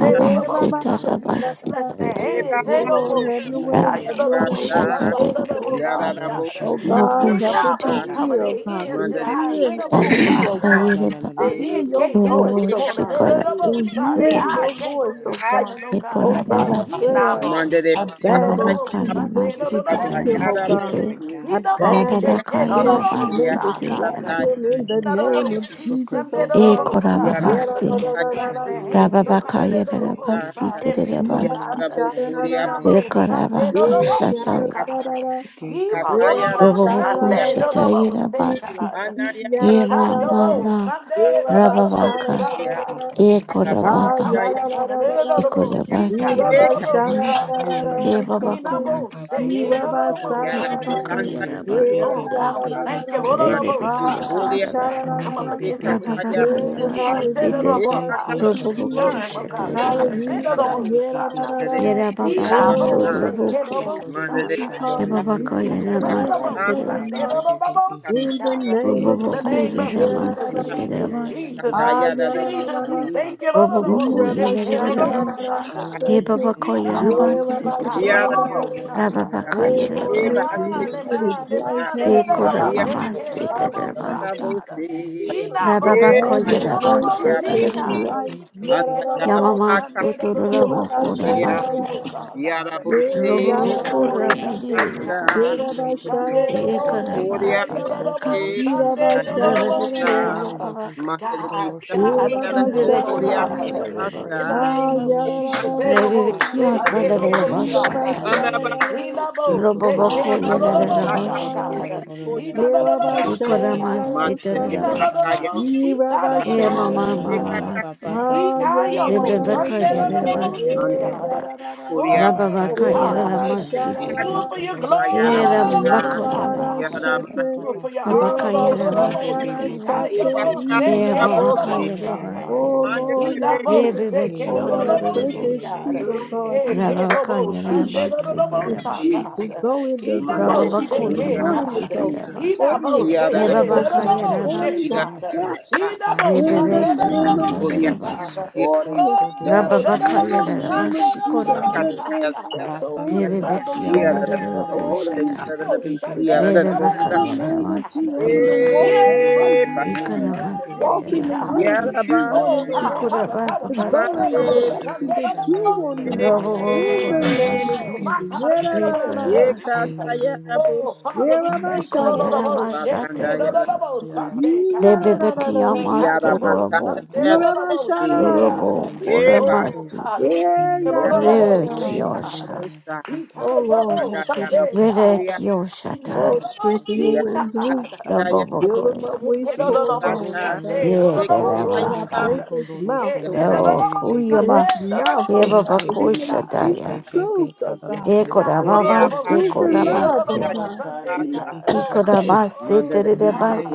Speaker 8: Yeah,
Speaker 7: bekodoroshan,
Speaker 8: sha,
Speaker 7: dayaya, pa
Speaker 8: da,
Speaker 7: pa
Speaker 8: da,
Speaker 7: pa
Speaker 8: da.
Speaker 7: pa pa,
Speaker 6: E
Speaker 1: hands,
Speaker 6: Baba
Speaker 8: Oh Lord,
Speaker 1: Edobo,
Speaker 8: have
Speaker 7: bekodoroshan,
Speaker 8: your
Speaker 1: Sika,
Speaker 8: way,
Speaker 7: dayaya,
Speaker 8: have your way in
Speaker 1: Yodobo,
Speaker 7: dayaya,
Speaker 8: this
Speaker 1: Sunday,
Speaker 8: place, oh
Speaker 1: Edobo,
Speaker 2: Rababakoshatarabashi.
Speaker 8: God.
Speaker 6: Yada
Speaker 1: Sika,
Speaker 6: Bosa
Speaker 7: bekodoroshan,
Speaker 8: Oh God, help us to
Speaker 1: Yedabo,
Speaker 7: dayaya,
Speaker 1: cover
Speaker 8: hear, oh
Speaker 1: the
Speaker 2: Bokushitaramas.
Speaker 7: dayaya.
Speaker 8: God,
Speaker 1: ears,
Speaker 8: to
Speaker 1: the
Speaker 6: Manda de
Speaker 1: eyes,
Speaker 8: hear from
Speaker 6: Oria
Speaker 1: Edobo,
Speaker 2: Raba
Speaker 8: you, oh
Speaker 1: God.
Speaker 8: God,
Speaker 7: La la
Speaker 2: bakayeleba
Speaker 7: la la.
Speaker 8: to
Speaker 1: The
Speaker 6: de
Speaker 8: hear
Speaker 1: ear
Speaker 8: your
Speaker 1: gate on
Speaker 8: voice,
Speaker 2: bobo
Speaker 1: this
Speaker 8: oh
Speaker 1: morning,
Speaker 8: God,
Speaker 2: shikora
Speaker 6: Kataya
Speaker 8: to
Speaker 1: Edobo, shot the
Speaker 2: masitere
Speaker 8: hear
Speaker 1: eye
Speaker 8: your
Speaker 1: gate
Speaker 8: voice,
Speaker 1: on
Speaker 8: oh
Speaker 1: this
Speaker 8: God.
Speaker 6: Ayada.
Speaker 1: morning, oh
Speaker 8: Oh
Speaker 2: ekora
Speaker 1: God.
Speaker 8: God,
Speaker 2: mama
Speaker 8: I
Speaker 2: se
Speaker 8: pray,
Speaker 7: Touch our
Speaker 8: I,
Speaker 1: Yedabo,
Speaker 6: Manda de
Speaker 8: I
Speaker 7: husbands,
Speaker 1: Silk,
Speaker 7: Lord.
Speaker 2: raba
Speaker 8: bind those
Speaker 1: Edobo,
Speaker 8: things
Speaker 6: Kataya
Speaker 2: bakaya
Speaker 8: that may
Speaker 1: Sunday,
Speaker 7: Thank you for
Speaker 2: masitere
Speaker 1: Edobo,
Speaker 8: distract him,
Speaker 7: clarity.
Speaker 8: oh
Speaker 6: Katayara
Speaker 1: Sika.
Speaker 7: Thank you
Speaker 2: masite
Speaker 8: God.
Speaker 7: for
Speaker 6: Bosi.
Speaker 8: I
Speaker 7: guidance.
Speaker 2: raba
Speaker 8: bind
Speaker 7: Thank
Speaker 8: the
Speaker 1: Hidaboshe,
Speaker 2: bakayela
Speaker 6: Yako
Speaker 8: things that may
Speaker 6: Oria
Speaker 1: kedodobosa,
Speaker 2: masite
Speaker 1: God.
Speaker 8: distract
Speaker 6: Kataya.
Speaker 2: rama
Speaker 8: him in the name of
Speaker 7: you
Speaker 1: Nadoboshi,
Speaker 7: for
Speaker 8: Jesus, oh God.
Speaker 7: provision,
Speaker 2: ekora
Speaker 1: shandedodobosa,
Speaker 6: Yara
Speaker 2: baba
Speaker 8: Yeah, da,
Speaker 1: God.
Speaker 2: se
Speaker 8: da,
Speaker 6: Kataya
Speaker 1: Bless their
Speaker 2: raba
Speaker 1: hands, oh God,
Speaker 2: bakayela
Speaker 6: Bosa.
Speaker 1: dedodobosa, their
Speaker 2: masitere
Speaker 1: feet, oh
Speaker 2: masi
Speaker 6: Yara
Speaker 1: God.
Speaker 8: da, da, da,
Speaker 6: Bokuria
Speaker 8: da.
Speaker 2: ekora
Speaker 1: Hidabosha,
Speaker 8: Eva
Speaker 2: baba
Speaker 6: Basi
Speaker 1: dedodobosa,
Speaker 2: satare
Speaker 6: Kataya.
Speaker 1: God.
Speaker 8: Eva Eva Eva
Speaker 6: Kataya
Speaker 8: ba
Speaker 2: bobo
Speaker 6: Rabo
Speaker 8: sha
Speaker 1: Hibododobosha,
Speaker 8: da
Speaker 2: boko
Speaker 8: da da
Speaker 6: Korea.
Speaker 8: da da.
Speaker 2: shatayela
Speaker 1: dedodobose,
Speaker 8: Eh,
Speaker 2: masi
Speaker 1: God.
Speaker 8: ya
Speaker 6: Anayara
Speaker 2: e
Speaker 8: da da da
Speaker 6: Bokuria.
Speaker 2: mama
Speaker 8: da.
Speaker 2: na
Speaker 1: Hitayobosa,
Speaker 8: Eva ba
Speaker 2: raba
Speaker 8: sha da
Speaker 2: baka
Speaker 8: da
Speaker 1: dedodobosha,
Speaker 8: da
Speaker 7: Lord.
Speaker 6: Bokuria.
Speaker 8: da
Speaker 7: Thank
Speaker 8: da.
Speaker 1: God.
Speaker 2: ekora
Speaker 1: Cover,
Speaker 8: Ah, ya
Speaker 1: cover
Speaker 6: Arabakandaya.
Speaker 7: you.
Speaker 8: da
Speaker 1: this
Speaker 8: da
Speaker 1: morning.
Speaker 8: da da da.
Speaker 1: Dedodobosi, God,
Speaker 2: Ikorabasi
Speaker 8: Eva ba
Speaker 6: Ekataya.
Speaker 8: sha da
Speaker 2: Terema
Speaker 8: da
Speaker 1: dedodobosa,
Speaker 8: da da
Speaker 1: God.
Speaker 8: da.
Speaker 2: Yababako
Speaker 8: Shate.
Speaker 1: Hinabose,
Speaker 2: Yabasi
Speaker 8: Eva ba sha
Speaker 1: kedodobo,
Speaker 8: da
Speaker 6: Yara
Speaker 8: da
Speaker 1: God.
Speaker 8: da.
Speaker 2: Yababako
Speaker 6: Kandaya.
Speaker 2: Yarabasi
Speaker 8: Eh,
Speaker 1: Oh
Speaker 8: ya
Speaker 1: God,
Speaker 8: da
Speaker 1: we
Speaker 8: da da
Speaker 1: thank
Speaker 8: da.
Speaker 1: you, Lord of the
Speaker 6: Manda
Speaker 1: Most
Speaker 8: Ah,
Speaker 1: High
Speaker 2: Rebekio
Speaker 8: ba ba
Speaker 1: God.
Speaker 6: de
Speaker 8: sha sha
Speaker 2: Naraba
Speaker 1: We
Speaker 8: sha sha
Speaker 1: come up
Speaker 8: Sha Yeah,
Speaker 1: against every
Speaker 2: Rababaka
Speaker 8: yeah,
Speaker 1: sickness, disease, said
Speaker 2: Yarabasi
Speaker 1: of
Speaker 8: hallelujah,
Speaker 1: the
Speaker 2: Te
Speaker 1: Lord,
Speaker 8: God.
Speaker 1: God,
Speaker 8: Thank
Speaker 1: uh,
Speaker 8: you,
Speaker 2: Roboko
Speaker 8: Jesus.
Speaker 1: germ, oh God,
Speaker 2: Shata
Speaker 1: virus, said
Speaker 8: Hallelujah,
Speaker 1: of the
Speaker 8: God.
Speaker 2: Yarabasata
Speaker 1: Most
Speaker 8: Yeah, da,
Speaker 1: High
Speaker 8: da,
Speaker 1: God.
Speaker 8: da,
Speaker 1: uh,
Speaker 8: da.
Speaker 1: He
Speaker 2: Yarababa
Speaker 1: not
Speaker 8: Oh,
Speaker 1: most sick,
Speaker 8: speak,
Speaker 1: said
Speaker 2: Suraboko
Speaker 1: of the
Speaker 8: Lord.
Speaker 1: Most
Speaker 8: Speak
Speaker 1: High
Speaker 8: his
Speaker 1: God. uh,
Speaker 8: heart.
Speaker 1: We
Speaker 8: Speak
Speaker 2: Yababaka
Speaker 8: his
Speaker 1: cast them
Speaker 8: mind.
Speaker 1: another
Speaker 8: I
Speaker 2: Yaramasi
Speaker 1: Most
Speaker 8: pray,
Speaker 1: High,
Speaker 8: oh
Speaker 1: said
Speaker 8: God.
Speaker 1: of
Speaker 2: Teremas
Speaker 1: the Most High
Speaker 8: In the
Speaker 1: God. uh,
Speaker 8: name of
Speaker 1: In the
Speaker 2: Roboko
Speaker 1: name
Speaker 8: Jesus.
Speaker 1: of
Speaker 8: Yeah, da, da,
Speaker 1: Jesus,
Speaker 8: da,
Speaker 2: Yaramasi
Speaker 8: da.
Speaker 1: Jesus,
Speaker 2: Teremasi
Speaker 1: Jesus,
Speaker 8: Ah, yeah, da, da, da,
Speaker 1: Jesus,
Speaker 8: da.
Speaker 1: we thank you, Lord of the
Speaker 8: Ee,
Speaker 2: Roboko
Speaker 1: Most
Speaker 8: Rabbi,
Speaker 1: High, said
Speaker 8: sha,
Speaker 1: of
Speaker 8: da,
Speaker 1: the
Speaker 8: da, da,
Speaker 1: Most
Speaker 2: Yanarabush
Speaker 1: High
Speaker 8: da.
Speaker 1: God. uh,
Speaker 8: Thank you.
Speaker 1: He
Speaker 2: Yababako
Speaker 1: not
Speaker 8: Yeah,
Speaker 1: most
Speaker 2: Yaramasi
Speaker 1: sick,
Speaker 8: Rabbi,
Speaker 1: God,
Speaker 8: sha,
Speaker 1: of
Speaker 8: da,
Speaker 2: Tereba
Speaker 8: da,
Speaker 1: the
Speaker 8: da,
Speaker 1: Most
Speaker 8: da.
Speaker 1: High God.
Speaker 2: Rababaka
Speaker 8: Oh,
Speaker 1: Touch
Speaker 8: Lord,
Speaker 1: their
Speaker 8: have your
Speaker 2: Yarabasi
Speaker 1: mind,
Speaker 8: way
Speaker 1: their
Speaker 8: in his
Speaker 1: mind, their
Speaker 8: life.
Speaker 1: mind, and
Speaker 8: Have your
Speaker 1: the
Speaker 5: da
Speaker 2: Yekora
Speaker 5: ba
Speaker 1: both
Speaker 8: way
Speaker 1: say,
Speaker 8: in
Speaker 2: mama
Speaker 1: "Hey,
Speaker 8: his
Speaker 1: the
Speaker 8: life.
Speaker 1: both
Speaker 5: da da bo
Speaker 1: shot
Speaker 2: seterabasi.
Speaker 1: God." He not both
Speaker 2: Rababa
Speaker 8: Have
Speaker 1: say,
Speaker 8: your
Speaker 2: koya
Speaker 1: "Hey, the
Speaker 8: way
Speaker 1: both
Speaker 2: rabasa
Speaker 8: with
Speaker 1: see
Speaker 8: his
Speaker 1: God."
Speaker 8: life.
Speaker 2: tarabasi.
Speaker 8: Yeah,
Speaker 1: Hey,
Speaker 8: da,
Speaker 1: hey,
Speaker 8: da,
Speaker 1: the
Speaker 8: da, da.
Speaker 1: both
Speaker 2: Yamamatsu
Speaker 1: Sunday, the the
Speaker 8: Yeah, da,
Speaker 1: both
Speaker 2: tororamo
Speaker 8: da,
Speaker 2: kora
Speaker 1: Sunday,
Speaker 8: sha, da,
Speaker 1: the the
Speaker 8: da,
Speaker 2: masi.
Speaker 8: da,
Speaker 1: both
Speaker 8: da.
Speaker 1: saw God.
Speaker 7: Thank
Speaker 8: Yeah,
Speaker 1: Hey,
Speaker 7: Lord,
Speaker 8: da,
Speaker 1: hey,
Speaker 2: Robo
Speaker 8: da,
Speaker 1: the
Speaker 8: da, da,
Speaker 6: Yarabusi,
Speaker 8: da,
Speaker 2: kora
Speaker 1: both
Speaker 8: da.
Speaker 2: meniri
Speaker 1: Sunday,
Speaker 8: Yeah,
Speaker 1: God.
Speaker 8: da,
Speaker 2: boshi.
Speaker 8: da, sha, da,
Speaker 1: Sunday,
Speaker 8: da,
Speaker 1: the
Speaker 8: da, da,
Speaker 1: both
Speaker 8: da.
Speaker 2: Yekora
Speaker 1: see
Speaker 6: Korea,
Speaker 1: God.
Speaker 8: Thank
Speaker 1: Yeah,
Speaker 8: you.
Speaker 1: The
Speaker 2: baba
Speaker 1: the
Speaker 2: ka.
Speaker 1: both
Speaker 8: yeah, da, da,
Speaker 1: Sunday,
Speaker 6: Korea,
Speaker 1: the
Speaker 8: sha,
Speaker 1: the
Speaker 8: da, da, da,
Speaker 1: both see
Speaker 8: da.
Speaker 2: Rebebekia
Speaker 6: Basta,
Speaker 1: God.
Speaker 2: yamama ka.
Speaker 6: Madre
Speaker 1: God,
Speaker 6: Bista,
Speaker 8: Yeah,
Speaker 1: God,
Speaker 8: da,
Speaker 1: I'm
Speaker 6: Yada
Speaker 8: da,
Speaker 7: we
Speaker 8: sha, da,
Speaker 1: unleadable,
Speaker 7: thank
Speaker 8: da,
Speaker 6: Bokoria
Speaker 2: Rebebekia
Speaker 7: you
Speaker 8: da,
Speaker 7: for
Speaker 8: da.
Speaker 1: God.
Speaker 2: madare
Speaker 1: In
Speaker 2: boshi.
Speaker 1: the
Speaker 7: covering me
Speaker 6: Basta,
Speaker 7: now
Speaker 8: Ah,
Speaker 7: in
Speaker 1: name
Speaker 7: the
Speaker 1: of
Speaker 8: yeah,
Speaker 7: name of
Speaker 8: da,
Speaker 1: Jesus,
Speaker 8: da, da,
Speaker 1: hey,
Speaker 8: da,
Speaker 1: the
Speaker 8: da.
Speaker 7: Jesus.
Speaker 1: both
Speaker 8: Thank
Speaker 2: Rebebekia
Speaker 1: say,
Speaker 6: Ikatusi,
Speaker 1: "Hey, the
Speaker 2: madare
Speaker 1: both
Speaker 8: you. yeah, da,
Speaker 2: boshi
Speaker 1: shot
Speaker 8: da,
Speaker 1: God."
Speaker 8: sha,
Speaker 2: tarabasi.
Speaker 8: da,
Speaker 6: Anabakusa,
Speaker 8: da, da, da.
Speaker 1: Inabose
Speaker 2: Robo
Speaker 8: Ah,
Speaker 1: ke
Speaker 8: da,
Speaker 1: no
Speaker 2: koya
Speaker 1: no no
Speaker 8: da,
Speaker 1: mo
Speaker 8: sha, da, da,
Speaker 2: rabasi
Speaker 6: Akaya
Speaker 8: da.
Speaker 1: shakara.
Speaker 2: tarabasi.
Speaker 6: Koria,
Speaker 8: Ye
Speaker 1: Ina no no no
Speaker 8: Rabba
Speaker 1: mo se
Speaker 2: Yekora
Speaker 1: kara.
Speaker 2: masi
Speaker 8: Shararara
Speaker 6: Madre
Speaker 1: Ina
Speaker 8: Sati.
Speaker 6: Bista,
Speaker 1: no no
Speaker 2: tarabasi.
Speaker 1: no
Speaker 6: Kaya
Speaker 1: mo
Speaker 8: Ye
Speaker 6: Bosa,
Speaker 1: shita
Speaker 8: Rabba
Speaker 7: Ha
Speaker 1: no
Speaker 7: la
Speaker 1: no
Speaker 2: Ye
Speaker 7: la
Speaker 1: no
Speaker 7: la
Speaker 1: mo
Speaker 7: la la la
Speaker 2: mama
Speaker 1: si
Speaker 7: la la
Speaker 8: Shararara.
Speaker 7: la
Speaker 2: mama
Speaker 7: la
Speaker 6: Ikata,
Speaker 1: kara.
Speaker 7: pa pa
Speaker 2: masi.
Speaker 7: pa
Speaker 8: Ah,
Speaker 7: pi hi
Speaker 1: yo
Speaker 7: ko
Speaker 1: mo
Speaker 7: do ro
Speaker 8: Yararara
Speaker 1: Sunday
Speaker 7: shan da
Speaker 2: Rebebekaya
Speaker 1: no no
Speaker 7: ya
Speaker 8: Sati.
Speaker 1: no
Speaker 7: ya ya
Speaker 1: mo
Speaker 7: ya
Speaker 1: si
Speaker 7: ya ya
Speaker 8: Ye
Speaker 7: ya.
Speaker 2: Ramasitema,
Speaker 1: kara.
Speaker 8: Yararara.
Speaker 7: Ba
Speaker 6: Anakuria,
Speaker 7: ba ba
Speaker 1: Oh
Speaker 7: go
Speaker 8: Ye
Speaker 2: Rababakaya
Speaker 7: doru
Speaker 8: Rabba
Speaker 1: God,
Speaker 7: shindi e
Speaker 6: Ikata,
Speaker 7: hi
Speaker 1: do
Speaker 2: Ramasitema,
Speaker 1: it
Speaker 8: Shararara.
Speaker 1: for
Speaker 7: ka
Speaker 1: your
Speaker 7: doru
Speaker 6: Bosa,
Speaker 7: shindi
Speaker 1: glory no
Speaker 7: ya
Speaker 1: no
Speaker 2: Era
Speaker 8: Ah,
Speaker 7: ya
Speaker 1: no
Speaker 7: ya ya
Speaker 1: mo
Speaker 7: ya ya
Speaker 2: Bakora
Speaker 7: ya ya
Speaker 8: Yararara
Speaker 7: ya ya
Speaker 1: shaka.
Speaker 6: Yada
Speaker 7: ba
Speaker 2: Masitema,
Speaker 6: Man,
Speaker 7: ba
Speaker 8: Sati.
Speaker 7: ba
Speaker 1: Do it
Speaker 7: ba
Speaker 1: for your
Speaker 8: Ye
Speaker 1: honor
Speaker 8: Rabba
Speaker 2: Babakaya
Speaker 1: no
Speaker 7: nari
Speaker 1: no no
Speaker 7: ri be
Speaker 1: mo
Speaker 7: be
Speaker 8: Shararara
Speaker 7: be
Speaker 1: si
Speaker 7: be
Speaker 1: ka
Speaker 2: Ramasitema,
Speaker 7: be
Speaker 1: yo
Speaker 8: Sati.
Speaker 7: be
Speaker 1: mo
Speaker 7: go
Speaker 6: Ikata,
Speaker 1: se
Speaker 8: Ye
Speaker 2: Era
Speaker 7: doru
Speaker 1: ke no no
Speaker 7: shindi
Speaker 1: no
Speaker 8: Yararara.
Speaker 7: ya
Speaker 1: mo
Speaker 6: Bosi,
Speaker 2: Babakaya
Speaker 7: ya ya ya
Speaker 1: shaka.
Speaker 7: ya ya
Speaker 8: Oh
Speaker 7: ya
Speaker 2: Ramasitema,
Speaker 7: ya
Speaker 6: Madre
Speaker 7: ba
Speaker 8: Lord,
Speaker 7: ba
Speaker 1: Ina
Speaker 8: help
Speaker 6: Bista,
Speaker 8: him
Speaker 1: mo
Speaker 8: to.
Speaker 1: se
Speaker 7: he
Speaker 1: ke
Speaker 8: Oh
Speaker 1: no
Speaker 7: ya
Speaker 2: Rebebekion
Speaker 1: no
Speaker 8: Lord, I
Speaker 7: ya
Speaker 1: no mo
Speaker 7: ya
Speaker 8: pray
Speaker 7: ya
Speaker 8: for
Speaker 1: si
Speaker 7: ya
Speaker 8: his
Speaker 2: Nodorobosh,
Speaker 7: ya ya
Speaker 1: kara.
Speaker 8: freedom,
Speaker 7: ya ya ya
Speaker 8: God.
Speaker 7: ya
Speaker 1: Hey,
Speaker 8: He
Speaker 7: ya
Speaker 6: Yada
Speaker 1: Kedobo,
Speaker 2: Rabakaya
Speaker 7: touch in the name
Speaker 1: Shandedobo,
Speaker 5: ya
Speaker 8: his
Speaker 7: of
Speaker 2: Ramasitema,
Speaker 8: feet will
Speaker 1: Sakada.
Speaker 7: Jesus
Speaker 8: go in the
Speaker 6: Madre
Speaker 7: heal
Speaker 1: Inabo,
Speaker 8: direction
Speaker 7: in
Speaker 8: that
Speaker 7: the
Speaker 2: Rababakoya
Speaker 8: you
Speaker 6: Bikoria,
Speaker 1: Seke,
Speaker 7: name of
Speaker 8: want him to
Speaker 1: God.
Speaker 8: go.
Speaker 2: Masitema,
Speaker 7: Jesus
Speaker 8: Order his
Speaker 1: Inabo,
Speaker 7: set
Speaker 6: Yada
Speaker 8: steps,
Speaker 1: Seke,
Speaker 7: free
Speaker 8: oh
Speaker 7: in
Speaker 2: Yebabakaya
Speaker 7: the
Speaker 8: God.
Speaker 1: Dodobo,
Speaker 7: name of
Speaker 8: Order his
Speaker 2: Ramasit,
Speaker 1: Shekada.
Speaker 7: Jesus
Speaker 8: steps
Speaker 6: Bosa,
Speaker 7: I
Speaker 1: Inabo,
Speaker 8: in the
Speaker 7: deliver
Speaker 8: name
Speaker 7: in
Speaker 2: Rebebekion
Speaker 7: the
Speaker 1: Sandedobo,
Speaker 8: of
Speaker 7: name
Speaker 6: Gloria
Speaker 7: of
Speaker 6: a
Speaker 8: Jesus.
Speaker 1: Shikada.
Speaker 2: Nodorobosha,
Speaker 6: Dios,
Speaker 7: Jesus.
Speaker 8: Order his
Speaker 1: Oh,
Speaker 8: steps
Speaker 7: Hakodoroshan.
Speaker 8: in
Speaker 2: Rababakaya
Speaker 8: the
Speaker 1: Dodobo,
Speaker 8: name of
Speaker 5: da
Speaker 8: Jesus.
Speaker 1: Sandedobo,
Speaker 5: da bo
Speaker 8: Good
Speaker 2: Ramashikoramas.
Speaker 6: calla
Speaker 8: man's steps
Speaker 1: Sakada.
Speaker 8: are
Speaker 7: Bata
Speaker 6: día,
Speaker 8: ordered
Speaker 7: ko dai
Speaker 8: by the
Speaker 1: Oh,
Speaker 2: Rebekah
Speaker 6: da, da,
Speaker 8: Lord.
Speaker 7: shindera da
Speaker 2: Nodoro
Speaker 5: da
Speaker 8: So
Speaker 7: roro ye
Speaker 8: order
Speaker 6: ponte, da,
Speaker 7: pee
Speaker 8: his
Speaker 7: pee
Speaker 2: Koshata
Speaker 6: yeah, da,
Speaker 7: pee
Speaker 6: da,
Speaker 1: Dodobo,
Speaker 7: pee pee
Speaker 3: Thank you.
Speaker 6: vicia,
Speaker 7: pe
Speaker 6: da, da,
Speaker 7: pe
Speaker 6: da,
Speaker 8: in
Speaker 2: Rebecca
Speaker 7: kadara
Speaker 6: bolsa.
Speaker 8: the
Speaker 1: Shandedobo,
Speaker 7: sha
Speaker 8: name of
Speaker 2: Yanamasi
Speaker 8: Jesus,
Speaker 1: Sikada.
Speaker 7: ye
Speaker 8: having
Speaker 3: Thank
Speaker 7: ye
Speaker 8: to
Speaker 7: ye
Speaker 8: walk
Speaker 1: Yeah,
Speaker 7: ye
Speaker 2: Terebasi
Speaker 7: ye ye
Speaker 8: upright
Speaker 7: ye
Speaker 6: Epa,
Speaker 7: ye ye
Speaker 8: before
Speaker 7: ye
Speaker 8: you,
Speaker 7: pee pe
Speaker 1: Dodobo,
Speaker 2: Ikoramasi
Speaker 7: pe
Speaker 8: walk
Speaker 7: pe
Speaker 8: in the
Speaker 7: ko
Speaker 8: way
Speaker 6: ya
Speaker 1: Sikada.
Speaker 8: that
Speaker 7: doro
Speaker 2: Terebasi
Speaker 6: la
Speaker 8: you
Speaker 7: shanda
Speaker 6: va,
Speaker 8: want
Speaker 7: ya
Speaker 8: him
Speaker 1: Oh
Speaker 7: ya
Speaker 6: eh,
Speaker 8: to
Speaker 7: ya
Speaker 1: God,
Speaker 7: ya
Speaker 8: walk
Speaker 7: da
Speaker 1: cover,
Speaker 2: Ikoraba
Speaker 7: ha
Speaker 1: cover,
Speaker 8: to go
Speaker 1: cover. No, no,
Speaker 2: Babasa
Speaker 8: in
Speaker 7: ko
Speaker 1: no,
Speaker 8: the
Speaker 1: no.
Speaker 7: ko
Speaker 6: mate,
Speaker 1: Shun,
Speaker 7: doro
Speaker 8: direction
Speaker 1: no,
Speaker 2: Karabas
Speaker 1: no,
Speaker 8: that
Speaker 1: no, no,
Speaker 7: shanda
Speaker 8: you
Speaker 1: no.
Speaker 7: ya ya
Speaker 8: want him
Speaker 7: ya
Speaker 8: to
Speaker 7: da da ya
Speaker 8: go
Speaker 1: God.
Speaker 7: ya
Speaker 8: in
Speaker 2: Robo
Speaker 7: ba ba ba
Speaker 8: the
Speaker 7: ba
Speaker 6: E
Speaker 8: name
Speaker 7: pee
Speaker 8: of
Speaker 7: pee
Speaker 1: Oh
Speaker 2: Koramasho
Speaker 7: pee
Speaker 1: my
Speaker 7: pe
Speaker 1: God,
Speaker 8: Jesus.
Speaker 7: pe
Speaker 8: Yeah,
Speaker 7: pe
Speaker 8: da,
Speaker 1: no,
Speaker 8: da,
Speaker 1: no, no,
Speaker 8: da,
Speaker 1: no.
Speaker 8: da,
Speaker 6: e
Speaker 8: da.
Speaker 1: Shit,
Speaker 7: he
Speaker 2: Yekoramasi
Speaker 1: God.
Speaker 7: ye
Speaker 6: cata, ya
Speaker 7: ye ye
Speaker 6: la
Speaker 7: ye
Speaker 1: Oh
Speaker 7: ye
Speaker 6: bolsa,
Speaker 1: Father,
Speaker 8: Yeah,
Speaker 7: ye
Speaker 1: we
Speaker 8: da,
Speaker 7: pee
Speaker 8: da,
Speaker 7: ye pe
Speaker 1: thank you,
Speaker 7: pe
Speaker 2: Ababako
Speaker 8: sha,
Speaker 1: no,
Speaker 8: da,
Speaker 7: pe pe
Speaker 1: no,
Speaker 6: ya
Speaker 1: no,
Speaker 8: da,
Speaker 7: pe
Speaker 8: da,
Speaker 6: la
Speaker 1: no.
Speaker 7: pe
Speaker 8: da,
Speaker 6: va,
Speaker 8: da.
Speaker 7: pe
Speaker 2: Yanamasa
Speaker 1: Shit,
Speaker 7: ko
Speaker 6: canda,
Speaker 1: kid,
Speaker 6: ya
Speaker 1: no, no,
Speaker 6: la
Speaker 1: no,
Speaker 7: shanda
Speaker 1: no.
Speaker 2: Terebasi
Speaker 7: ya ya
Speaker 6: bolsa,
Speaker 7: da
Speaker 1: Sunday,
Speaker 8: Yeah, da,
Speaker 1: God.
Speaker 8: da,
Speaker 2: Rebecca
Speaker 8: da,
Speaker 7: ha
Speaker 8: da, da.
Speaker 1: He
Speaker 7: la
Speaker 6: ya
Speaker 7: roro
Speaker 1: can
Speaker 7: ye
Speaker 6: la
Speaker 1: no,
Speaker 7: pe
Speaker 6: va,
Speaker 7: pe
Speaker 1: no,
Speaker 7: pe
Speaker 2: Yamatorobo
Speaker 7: pe
Speaker 6: canda,
Speaker 1: Sunday,
Speaker 6: ya la
Speaker 8: Yeah,
Speaker 1: no,
Speaker 7: pe
Speaker 6: bolsa,
Speaker 1: no,
Speaker 8: da,
Speaker 7: pe
Speaker 1: no,
Speaker 7: pe
Speaker 8: da,
Speaker 7: pe
Speaker 1: no.
Speaker 7: ko
Speaker 8: sha, da,
Speaker 7: doro
Speaker 8: da,
Speaker 1: Shit,
Speaker 8: da, da,
Speaker 7: shanda
Speaker 8: da.
Speaker 7: ya
Speaker 2: Robo
Speaker 1: God.
Speaker 7: ya
Speaker 5: da da
Speaker 8: sha.
Speaker 5: da
Speaker 7: ya da
Speaker 6: epa,
Speaker 1: Oh
Speaker 7: ha
Speaker 2: Koramasi
Speaker 1: God, we thank
Speaker 7: Maya,
Speaker 8: Yeah,
Speaker 1: you,
Speaker 7: yeah, yeah,
Speaker 8: yeah,
Speaker 1: no,
Speaker 6: ya
Speaker 8: da,
Speaker 1: no, no,
Speaker 8: da, da,
Speaker 1: no.
Speaker 8: da, da.
Speaker 1: Shit,
Speaker 6: la
Speaker 2: Rebekiyosha
Speaker 1: God.
Speaker 6: bolsa,
Speaker 1: He can
Speaker 8: Oh
Speaker 1: no,
Speaker 8: Lord,
Speaker 1: no,
Speaker 6: canda,
Speaker 8: have
Speaker 6: ya la
Speaker 8: mercy.
Speaker 1: Sunday,
Speaker 6: bolsa,
Speaker 1: God.
Speaker 6: ya
Speaker 1: He no, no,
Speaker 2: Rebekiyoshata
Speaker 8: Oh,
Speaker 1: no, no.
Speaker 8: strengthen him
Speaker 1: See,
Speaker 6: la
Speaker 8: where he's
Speaker 6: va,
Speaker 8: weak.
Speaker 1: God.
Speaker 6: canda,
Speaker 2: Robo
Speaker 8: Build him up where he's torn down,
Speaker 6: bolsa,
Speaker 8: oh God.
Speaker 1: Sunday, no, no,
Speaker 8: Oh
Speaker 1: no,
Speaker 8: Lord, I
Speaker 6: Yada
Speaker 2: Yedanamasa.
Speaker 8: pray
Speaker 1: Saka.
Speaker 8: for his mouth,
Speaker 1: Hey,
Speaker 8: oh
Speaker 1: no, no, no,
Speaker 8: God.
Speaker 2: Rabo
Speaker 1: no,
Speaker 5: bo
Speaker 8: And
Speaker 7: yeah.
Speaker 2: Kuyama
Speaker 1: Sunday,
Speaker 8: his
Speaker 1: no, no, no,
Speaker 8: mouth, oh
Speaker 1: no,
Speaker 7: Hey,
Speaker 8: God,
Speaker 7: hey,
Speaker 8: that he
Speaker 7: hey,
Speaker 1: Sunday,
Speaker 8: may
Speaker 7: hey,
Speaker 1: God.
Speaker 7: hey,
Speaker 8: speak the
Speaker 2: Yebabakushataya.
Speaker 8: truth, oh God.
Speaker 1: Mm, God, oh, no,
Speaker 8: the
Speaker 1: no, no,
Speaker 2: Ekoramamase
Speaker 8: truth in
Speaker 1: shake it, oh, no,
Speaker 8: love,
Speaker 1: no,
Speaker 8: oh
Speaker 2: Koramase.
Speaker 1: no,
Speaker 8: God.
Speaker 1: Sunday,
Speaker 8: He may,
Speaker 1: God.
Speaker 2: Ikoramase
Speaker 1: Oh,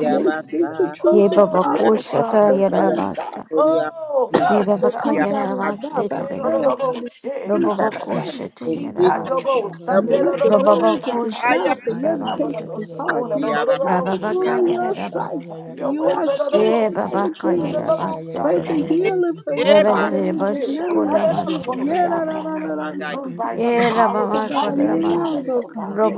Speaker 8: he may speak the truth of God,
Speaker 1: Oh,
Speaker 8: oh God,
Speaker 1: Father.
Speaker 8: the
Speaker 2: Yebabakushataya
Speaker 8: word of God
Speaker 2: Ramasa.
Speaker 1: Oh, Father
Speaker 8: that comes
Speaker 2: Yebabakaya
Speaker 7: hey,
Speaker 1: God.
Speaker 8: out of his
Speaker 7: hey,
Speaker 8: mouth.
Speaker 2: Ramase
Speaker 8: I
Speaker 7: hey,
Speaker 8: pray,
Speaker 1: Cover
Speaker 7: hey,
Speaker 8: oh
Speaker 2: Teredema.
Speaker 8: God,
Speaker 7: hey.
Speaker 8: that he preach on Sunday.
Speaker 7: Shanda,
Speaker 2: Robabakushataya Ramasi.
Speaker 8: He may let the words of his mouth
Speaker 2: Robabakushataya
Speaker 8: and meditation
Speaker 2: Ramasa.
Speaker 1: them
Speaker 8: of his
Speaker 1: this
Speaker 8: heart
Speaker 1: morning.
Speaker 8: be acceptable in
Speaker 2: Rababakaya
Speaker 8: your sight.
Speaker 2: Ramasi.
Speaker 1: And your
Speaker 8: You
Speaker 1: way,
Speaker 8: are
Speaker 1: no, no, no,
Speaker 8: strength
Speaker 1: no,
Speaker 8: and our
Speaker 1: shake. Get in
Speaker 2: Yebabakaya
Speaker 8: redeemer.
Speaker 1: the double
Speaker 2: Ramasa
Speaker 1: side,
Speaker 8: Pray for
Speaker 2: Teredema.
Speaker 1: God.
Speaker 8: healing for his
Speaker 1: Move by
Speaker 5: receive it
Speaker 1: your
Speaker 8: body
Speaker 2: Rebenere
Speaker 8: in the
Speaker 1: spirit, oh
Speaker 8: name of
Speaker 1: God. in the
Speaker 8: Jesus.
Speaker 2: Bashikoramasi
Speaker 1: double
Speaker 8: Yeah,
Speaker 1: side,
Speaker 8: da, da,
Speaker 2: Teredemasi.
Speaker 8: da, da,
Speaker 1: God.
Speaker 8: da.
Speaker 1: Move by your
Speaker 2: Yera
Speaker 1: power,
Speaker 8: Oh
Speaker 1: your
Speaker 2: mama
Speaker 8: God,
Speaker 1: mighty
Speaker 2: korama
Speaker 8: heal him,
Speaker 1: lives,
Speaker 8: oh
Speaker 1: oh God.
Speaker 8: God.
Speaker 5: today,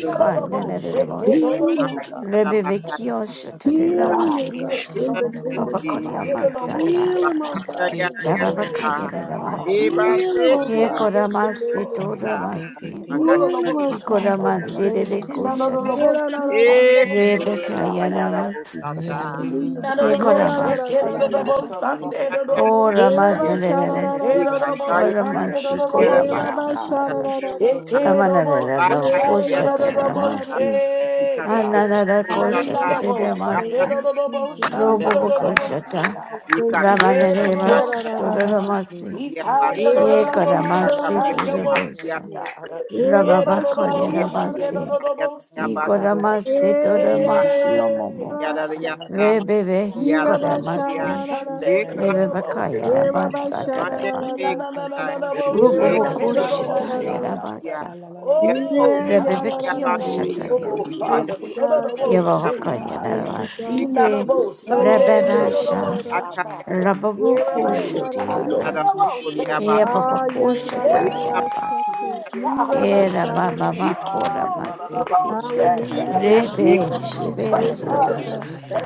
Speaker 5: good thing.
Speaker 2: nanarebosh
Speaker 8: Heal him, oh
Speaker 5: I
Speaker 8: God.
Speaker 2: rebebekiosh
Speaker 1: through
Speaker 8: Heal
Speaker 1: our
Speaker 8: him, oh
Speaker 2: tatelamas
Speaker 8: God,
Speaker 1: lips
Speaker 8: in the
Speaker 1: on
Speaker 8: name of
Speaker 1: this morning,
Speaker 8: Jesus.
Speaker 1: oh God. Every moment,
Speaker 8: Heal
Speaker 2: babakoriamasataya
Speaker 8: him,
Speaker 1: oh
Speaker 8: oh
Speaker 1: God.
Speaker 8: God, in the name of
Speaker 1: Oh
Speaker 8: Jesus.
Speaker 2: rababakayera
Speaker 1: God,
Speaker 2: namasa
Speaker 1: we
Speaker 6: Eba
Speaker 1: thank
Speaker 8: Heal
Speaker 1: you,
Speaker 8: him,
Speaker 6: se
Speaker 1: oh
Speaker 8: oh
Speaker 1: God.
Speaker 6: kore
Speaker 8: God, in the
Speaker 2: yekoramasi
Speaker 8: name of
Speaker 1: Oh
Speaker 7: Hallelujah.
Speaker 8: Jesus.
Speaker 6: Sata,
Speaker 1: God, we
Speaker 2: toramasi
Speaker 1: thank you.
Speaker 6: anda
Speaker 1: Lord,
Speaker 8: Heal
Speaker 1: oh, Lord,
Speaker 8: him,
Speaker 1: oh, Lord,
Speaker 8: oh
Speaker 1: shout
Speaker 8: God, in the
Speaker 1: out.
Speaker 8: name
Speaker 2: ikoramandere
Speaker 8: of
Speaker 1: No,
Speaker 8: Jesus.
Speaker 1: no, no, Lord,
Speaker 8: Yeah,
Speaker 2: koshatai
Speaker 1: Lord,
Speaker 8: la, la,
Speaker 1: see,
Speaker 8: la, la.
Speaker 1: God.
Speaker 6: e
Speaker 1: Lord, Lord, Lord, Lord,
Speaker 5: heard
Speaker 1: shout
Speaker 6: ayada
Speaker 1: out.
Speaker 2: rebekayaramasi kadana
Speaker 6: bosata,
Speaker 8: Hallelujah, God.
Speaker 5: I
Speaker 6: anda
Speaker 8: Yeah,
Speaker 1: Nanodobo
Speaker 8: la, la, la,
Speaker 1: shake
Speaker 8: la, la, la.
Speaker 1: dodobo
Speaker 2: yekoramasataramasi
Speaker 1: Sunday
Speaker 6: yaka
Speaker 1: dodobo
Speaker 8: Yeah, la,
Speaker 1: shaka.
Speaker 5: create
Speaker 8: ba, sha, la, la,
Speaker 2: oramanaremasi
Speaker 8: la, la, la.
Speaker 1: Hedodobo
Speaker 6: ikataya
Speaker 1: Sunday
Speaker 2: oramasi
Speaker 5: it
Speaker 6: yada,
Speaker 1: dodobo
Speaker 8: Yeah, la,
Speaker 5: within
Speaker 8: ba,
Speaker 5: them.
Speaker 1: shaka.
Speaker 8: sha, la,
Speaker 2: koramasatara
Speaker 8: la, la, la.
Speaker 6: anda
Speaker 1: Ekedobo
Speaker 2: ramanarela
Speaker 6: baka
Speaker 1: sika
Speaker 8: Yeah,
Speaker 6: yada,
Speaker 8: yeah, la,
Speaker 5: Ba
Speaker 8: la,
Speaker 5: ba
Speaker 8: la,
Speaker 5: ba
Speaker 8: la,
Speaker 1: yododobo
Speaker 8: la,
Speaker 5: sa
Speaker 2: koshataremasi
Speaker 8: la.
Speaker 6: ikata
Speaker 5: bo bo
Speaker 1: shaka.
Speaker 2: Ananara
Speaker 5: si da
Speaker 6: bosata,
Speaker 2: koshata
Speaker 8: Hallelujah,
Speaker 1: Nanodobo
Speaker 8: God. Thank
Speaker 6: anda
Speaker 1: Sunday
Speaker 5: da
Speaker 2: dedamasi.
Speaker 8: you,
Speaker 1: dodobo
Speaker 8: Jesus.
Speaker 5: ba ba
Speaker 8: Thank
Speaker 5: ba
Speaker 1: Sunday
Speaker 8: you,
Speaker 2: Robobo
Speaker 5: sa
Speaker 1: dodobo
Speaker 8: God.
Speaker 2: koshata.
Speaker 1: sika.
Speaker 8: Thank you,
Speaker 6: ikata
Speaker 8: God. Yeah,
Speaker 6: yada
Speaker 1: Yedodobo
Speaker 8: la,
Speaker 2: Ramanerevas
Speaker 8: la,
Speaker 6: sata,
Speaker 5: da
Speaker 8: la, la,
Speaker 1: shaka.
Speaker 8: la.
Speaker 2: tororamasi.
Speaker 6: kuya bas,
Speaker 8: Eh, rabba,
Speaker 1: Ikayododobo
Speaker 8: sha, da, da,
Speaker 6: ikata
Speaker 8: da,
Speaker 2: Ekoramasi
Speaker 6: kuya
Speaker 1: sika
Speaker 8: da.
Speaker 6: bas
Speaker 1: yobo
Speaker 6: yada,
Speaker 2: torobosha.
Speaker 1: sika.
Speaker 3: you.
Speaker 8: Eh,
Speaker 7: Mm.
Speaker 8: rabba,
Speaker 2: Rababako
Speaker 8: sha,
Speaker 1: Hedodobo
Speaker 8: da,
Speaker 6: yada
Speaker 8: da, da, da.
Speaker 1: Sunday
Speaker 5: do it.
Speaker 2: yerabasi.
Speaker 3: Thank
Speaker 1: dodobo
Speaker 6: yada
Speaker 7: Glory,
Speaker 6: baka
Speaker 1: sika.
Speaker 2: Ikoramasi
Speaker 8: Eh, ya,
Speaker 6: yada
Speaker 5: he
Speaker 8: da, da,
Speaker 2: toramasi
Speaker 8: da,
Speaker 5: kind of
Speaker 1: Hey
Speaker 2: omomo.
Speaker 8: da,
Speaker 6: yada
Speaker 8: sha,
Speaker 7: glory,
Speaker 6: yada
Speaker 1: God.
Speaker 8: ti.
Speaker 7: glory. Dee, dee,
Speaker 8: Eh,
Speaker 2: Rebevech
Speaker 7: dee,
Speaker 6: yada
Speaker 7: dee,
Speaker 8: rabba, sha,
Speaker 1: Oh
Speaker 8: da,
Speaker 6: kuya,
Speaker 2: koramasi.
Speaker 7: Kadoro
Speaker 8: da, da, da.
Speaker 7: Shanda, ya, ya,
Speaker 6: eka
Speaker 5: there's
Speaker 7: ya, ya, ya,
Speaker 2: Rebebaka
Speaker 7: ya,
Speaker 5: a
Speaker 8: Eh,
Speaker 7: baby. Eh,
Speaker 8: rabba,
Speaker 2: yerabasa
Speaker 7: eh.
Speaker 8: sha, da,
Speaker 5: mental
Speaker 6: mande
Speaker 8: da, da,
Speaker 7: Ki
Speaker 2: tarabasi.
Speaker 8: da.
Speaker 6: beka kaya,
Speaker 7: Kadoro
Speaker 5: mental
Speaker 7: Shanda,
Speaker 8: Eh,
Speaker 7: ya,
Speaker 9: Korea,
Speaker 2: Robobo
Speaker 7: ya,
Speaker 6: eka
Speaker 8: rabba,
Speaker 7: ya,
Speaker 5: clarity
Speaker 7: ya,
Speaker 8: sha,
Speaker 9: Korea,
Speaker 7: ya,
Speaker 8: da,
Speaker 5: in the
Speaker 7: ya.
Speaker 2: koshita
Speaker 5: name
Speaker 9: Kababa.
Speaker 5: of
Speaker 6: ya
Speaker 2: yerabasa.
Speaker 7: Ah, la, la, la, la,
Speaker 6: yada
Speaker 7: la, bo, bo,
Speaker 8: Eh,
Speaker 7: bo,
Speaker 1: God,
Speaker 7: bo, bo,
Speaker 2: Rebebeki
Speaker 6: yada
Speaker 7: bo,
Speaker 9: Oh,
Speaker 7: baby,
Speaker 9: yeah,
Speaker 7: baby,
Speaker 5: Jehovah.
Speaker 1: oh
Speaker 9: Korea,
Speaker 8: Thank
Speaker 9: Korea, Korea,
Speaker 7: Kadoro
Speaker 1: Father,
Speaker 8: you,
Speaker 1: no no
Speaker 7: Shanda,
Speaker 8: God.
Speaker 1: no
Speaker 7: ya,
Speaker 1: no
Speaker 8: Thank you,
Speaker 7: baby.
Speaker 6: anda
Speaker 1: shit,
Speaker 9: Kababa,
Speaker 8: God.
Speaker 7: We
Speaker 1: God,
Speaker 8: Thank you,
Speaker 7: love you,
Speaker 1: no
Speaker 8: God.
Speaker 7: Lord.
Speaker 1: no
Speaker 2: Yavakaryanavasite
Speaker 7: Eh,
Speaker 1: no
Speaker 7: Kadoro
Speaker 8: Oh,
Speaker 7: Shanda,
Speaker 1: Sunday, no
Speaker 7: ya,
Speaker 9: Korea,
Speaker 1: no
Speaker 8: yeah,
Speaker 7: ya,
Speaker 1: no
Speaker 7: ya,
Speaker 8: da,
Speaker 7: ya, ya,
Speaker 1: no
Speaker 8: da, da,
Speaker 2: Rababasha
Speaker 8: da.
Speaker 1: shot,
Speaker 7: ya, ya, ya,
Speaker 1: God,
Speaker 6: Akayarasi,
Speaker 7: baby,
Speaker 8: Eh,
Speaker 7: baby.
Speaker 8: rabba,
Speaker 5: Different
Speaker 9: Korea,
Speaker 1: oh
Speaker 5: is
Speaker 8: sha, da,
Speaker 1: God,
Speaker 8: da,
Speaker 7: Eh,
Speaker 9: Kababa.
Speaker 1: no
Speaker 2: Rababukushatiana
Speaker 6: Yara
Speaker 1: no
Speaker 7: Kadoro
Speaker 1: no
Speaker 7: Shanda,
Speaker 1: shit,
Speaker 7: ya,
Speaker 6: Kuriaba,
Speaker 1: God,
Speaker 7: ya, ya, ya,
Speaker 8: Ah,
Speaker 7: ya, ya,
Speaker 8: yeah, da,
Speaker 7: ya,
Speaker 8: da,
Speaker 1: hey
Speaker 7: ya,
Speaker 8: da,
Speaker 5: pray
Speaker 7: ya,
Speaker 8: da,
Speaker 5: for
Speaker 7: ya,
Speaker 6: Yara
Speaker 5: the
Speaker 8: da, sha,
Speaker 7: ya.
Speaker 2: Yababakushatayarabas
Speaker 8: ti. Eh,
Speaker 6: Bakasa,
Speaker 1: God,
Speaker 8: rabba,
Speaker 5: Holy
Speaker 2: Era
Speaker 5: God
Speaker 8: sha,
Speaker 6: Yari,
Speaker 2: Mamakora
Speaker 1: oh no no no no
Speaker 2: Masiti
Speaker 10: Dun, dun,
Speaker 1: shit,
Speaker 10: dun,
Speaker 8: Hallelujah.
Speaker 5: that
Speaker 8: Thank
Speaker 1: yeah,
Speaker 10: dun,
Speaker 1: no
Speaker 6: Yara,
Speaker 2: Rebe
Speaker 1: no
Speaker 8: you,
Speaker 1: no
Speaker 8: Jesus.
Speaker 1: no shot,
Speaker 8: Thank
Speaker 5: you
Speaker 8: you,
Speaker 10: dun,
Speaker 5: on
Speaker 2: Shiberamas
Speaker 1: God.
Speaker 8: God.
Speaker 10: dun,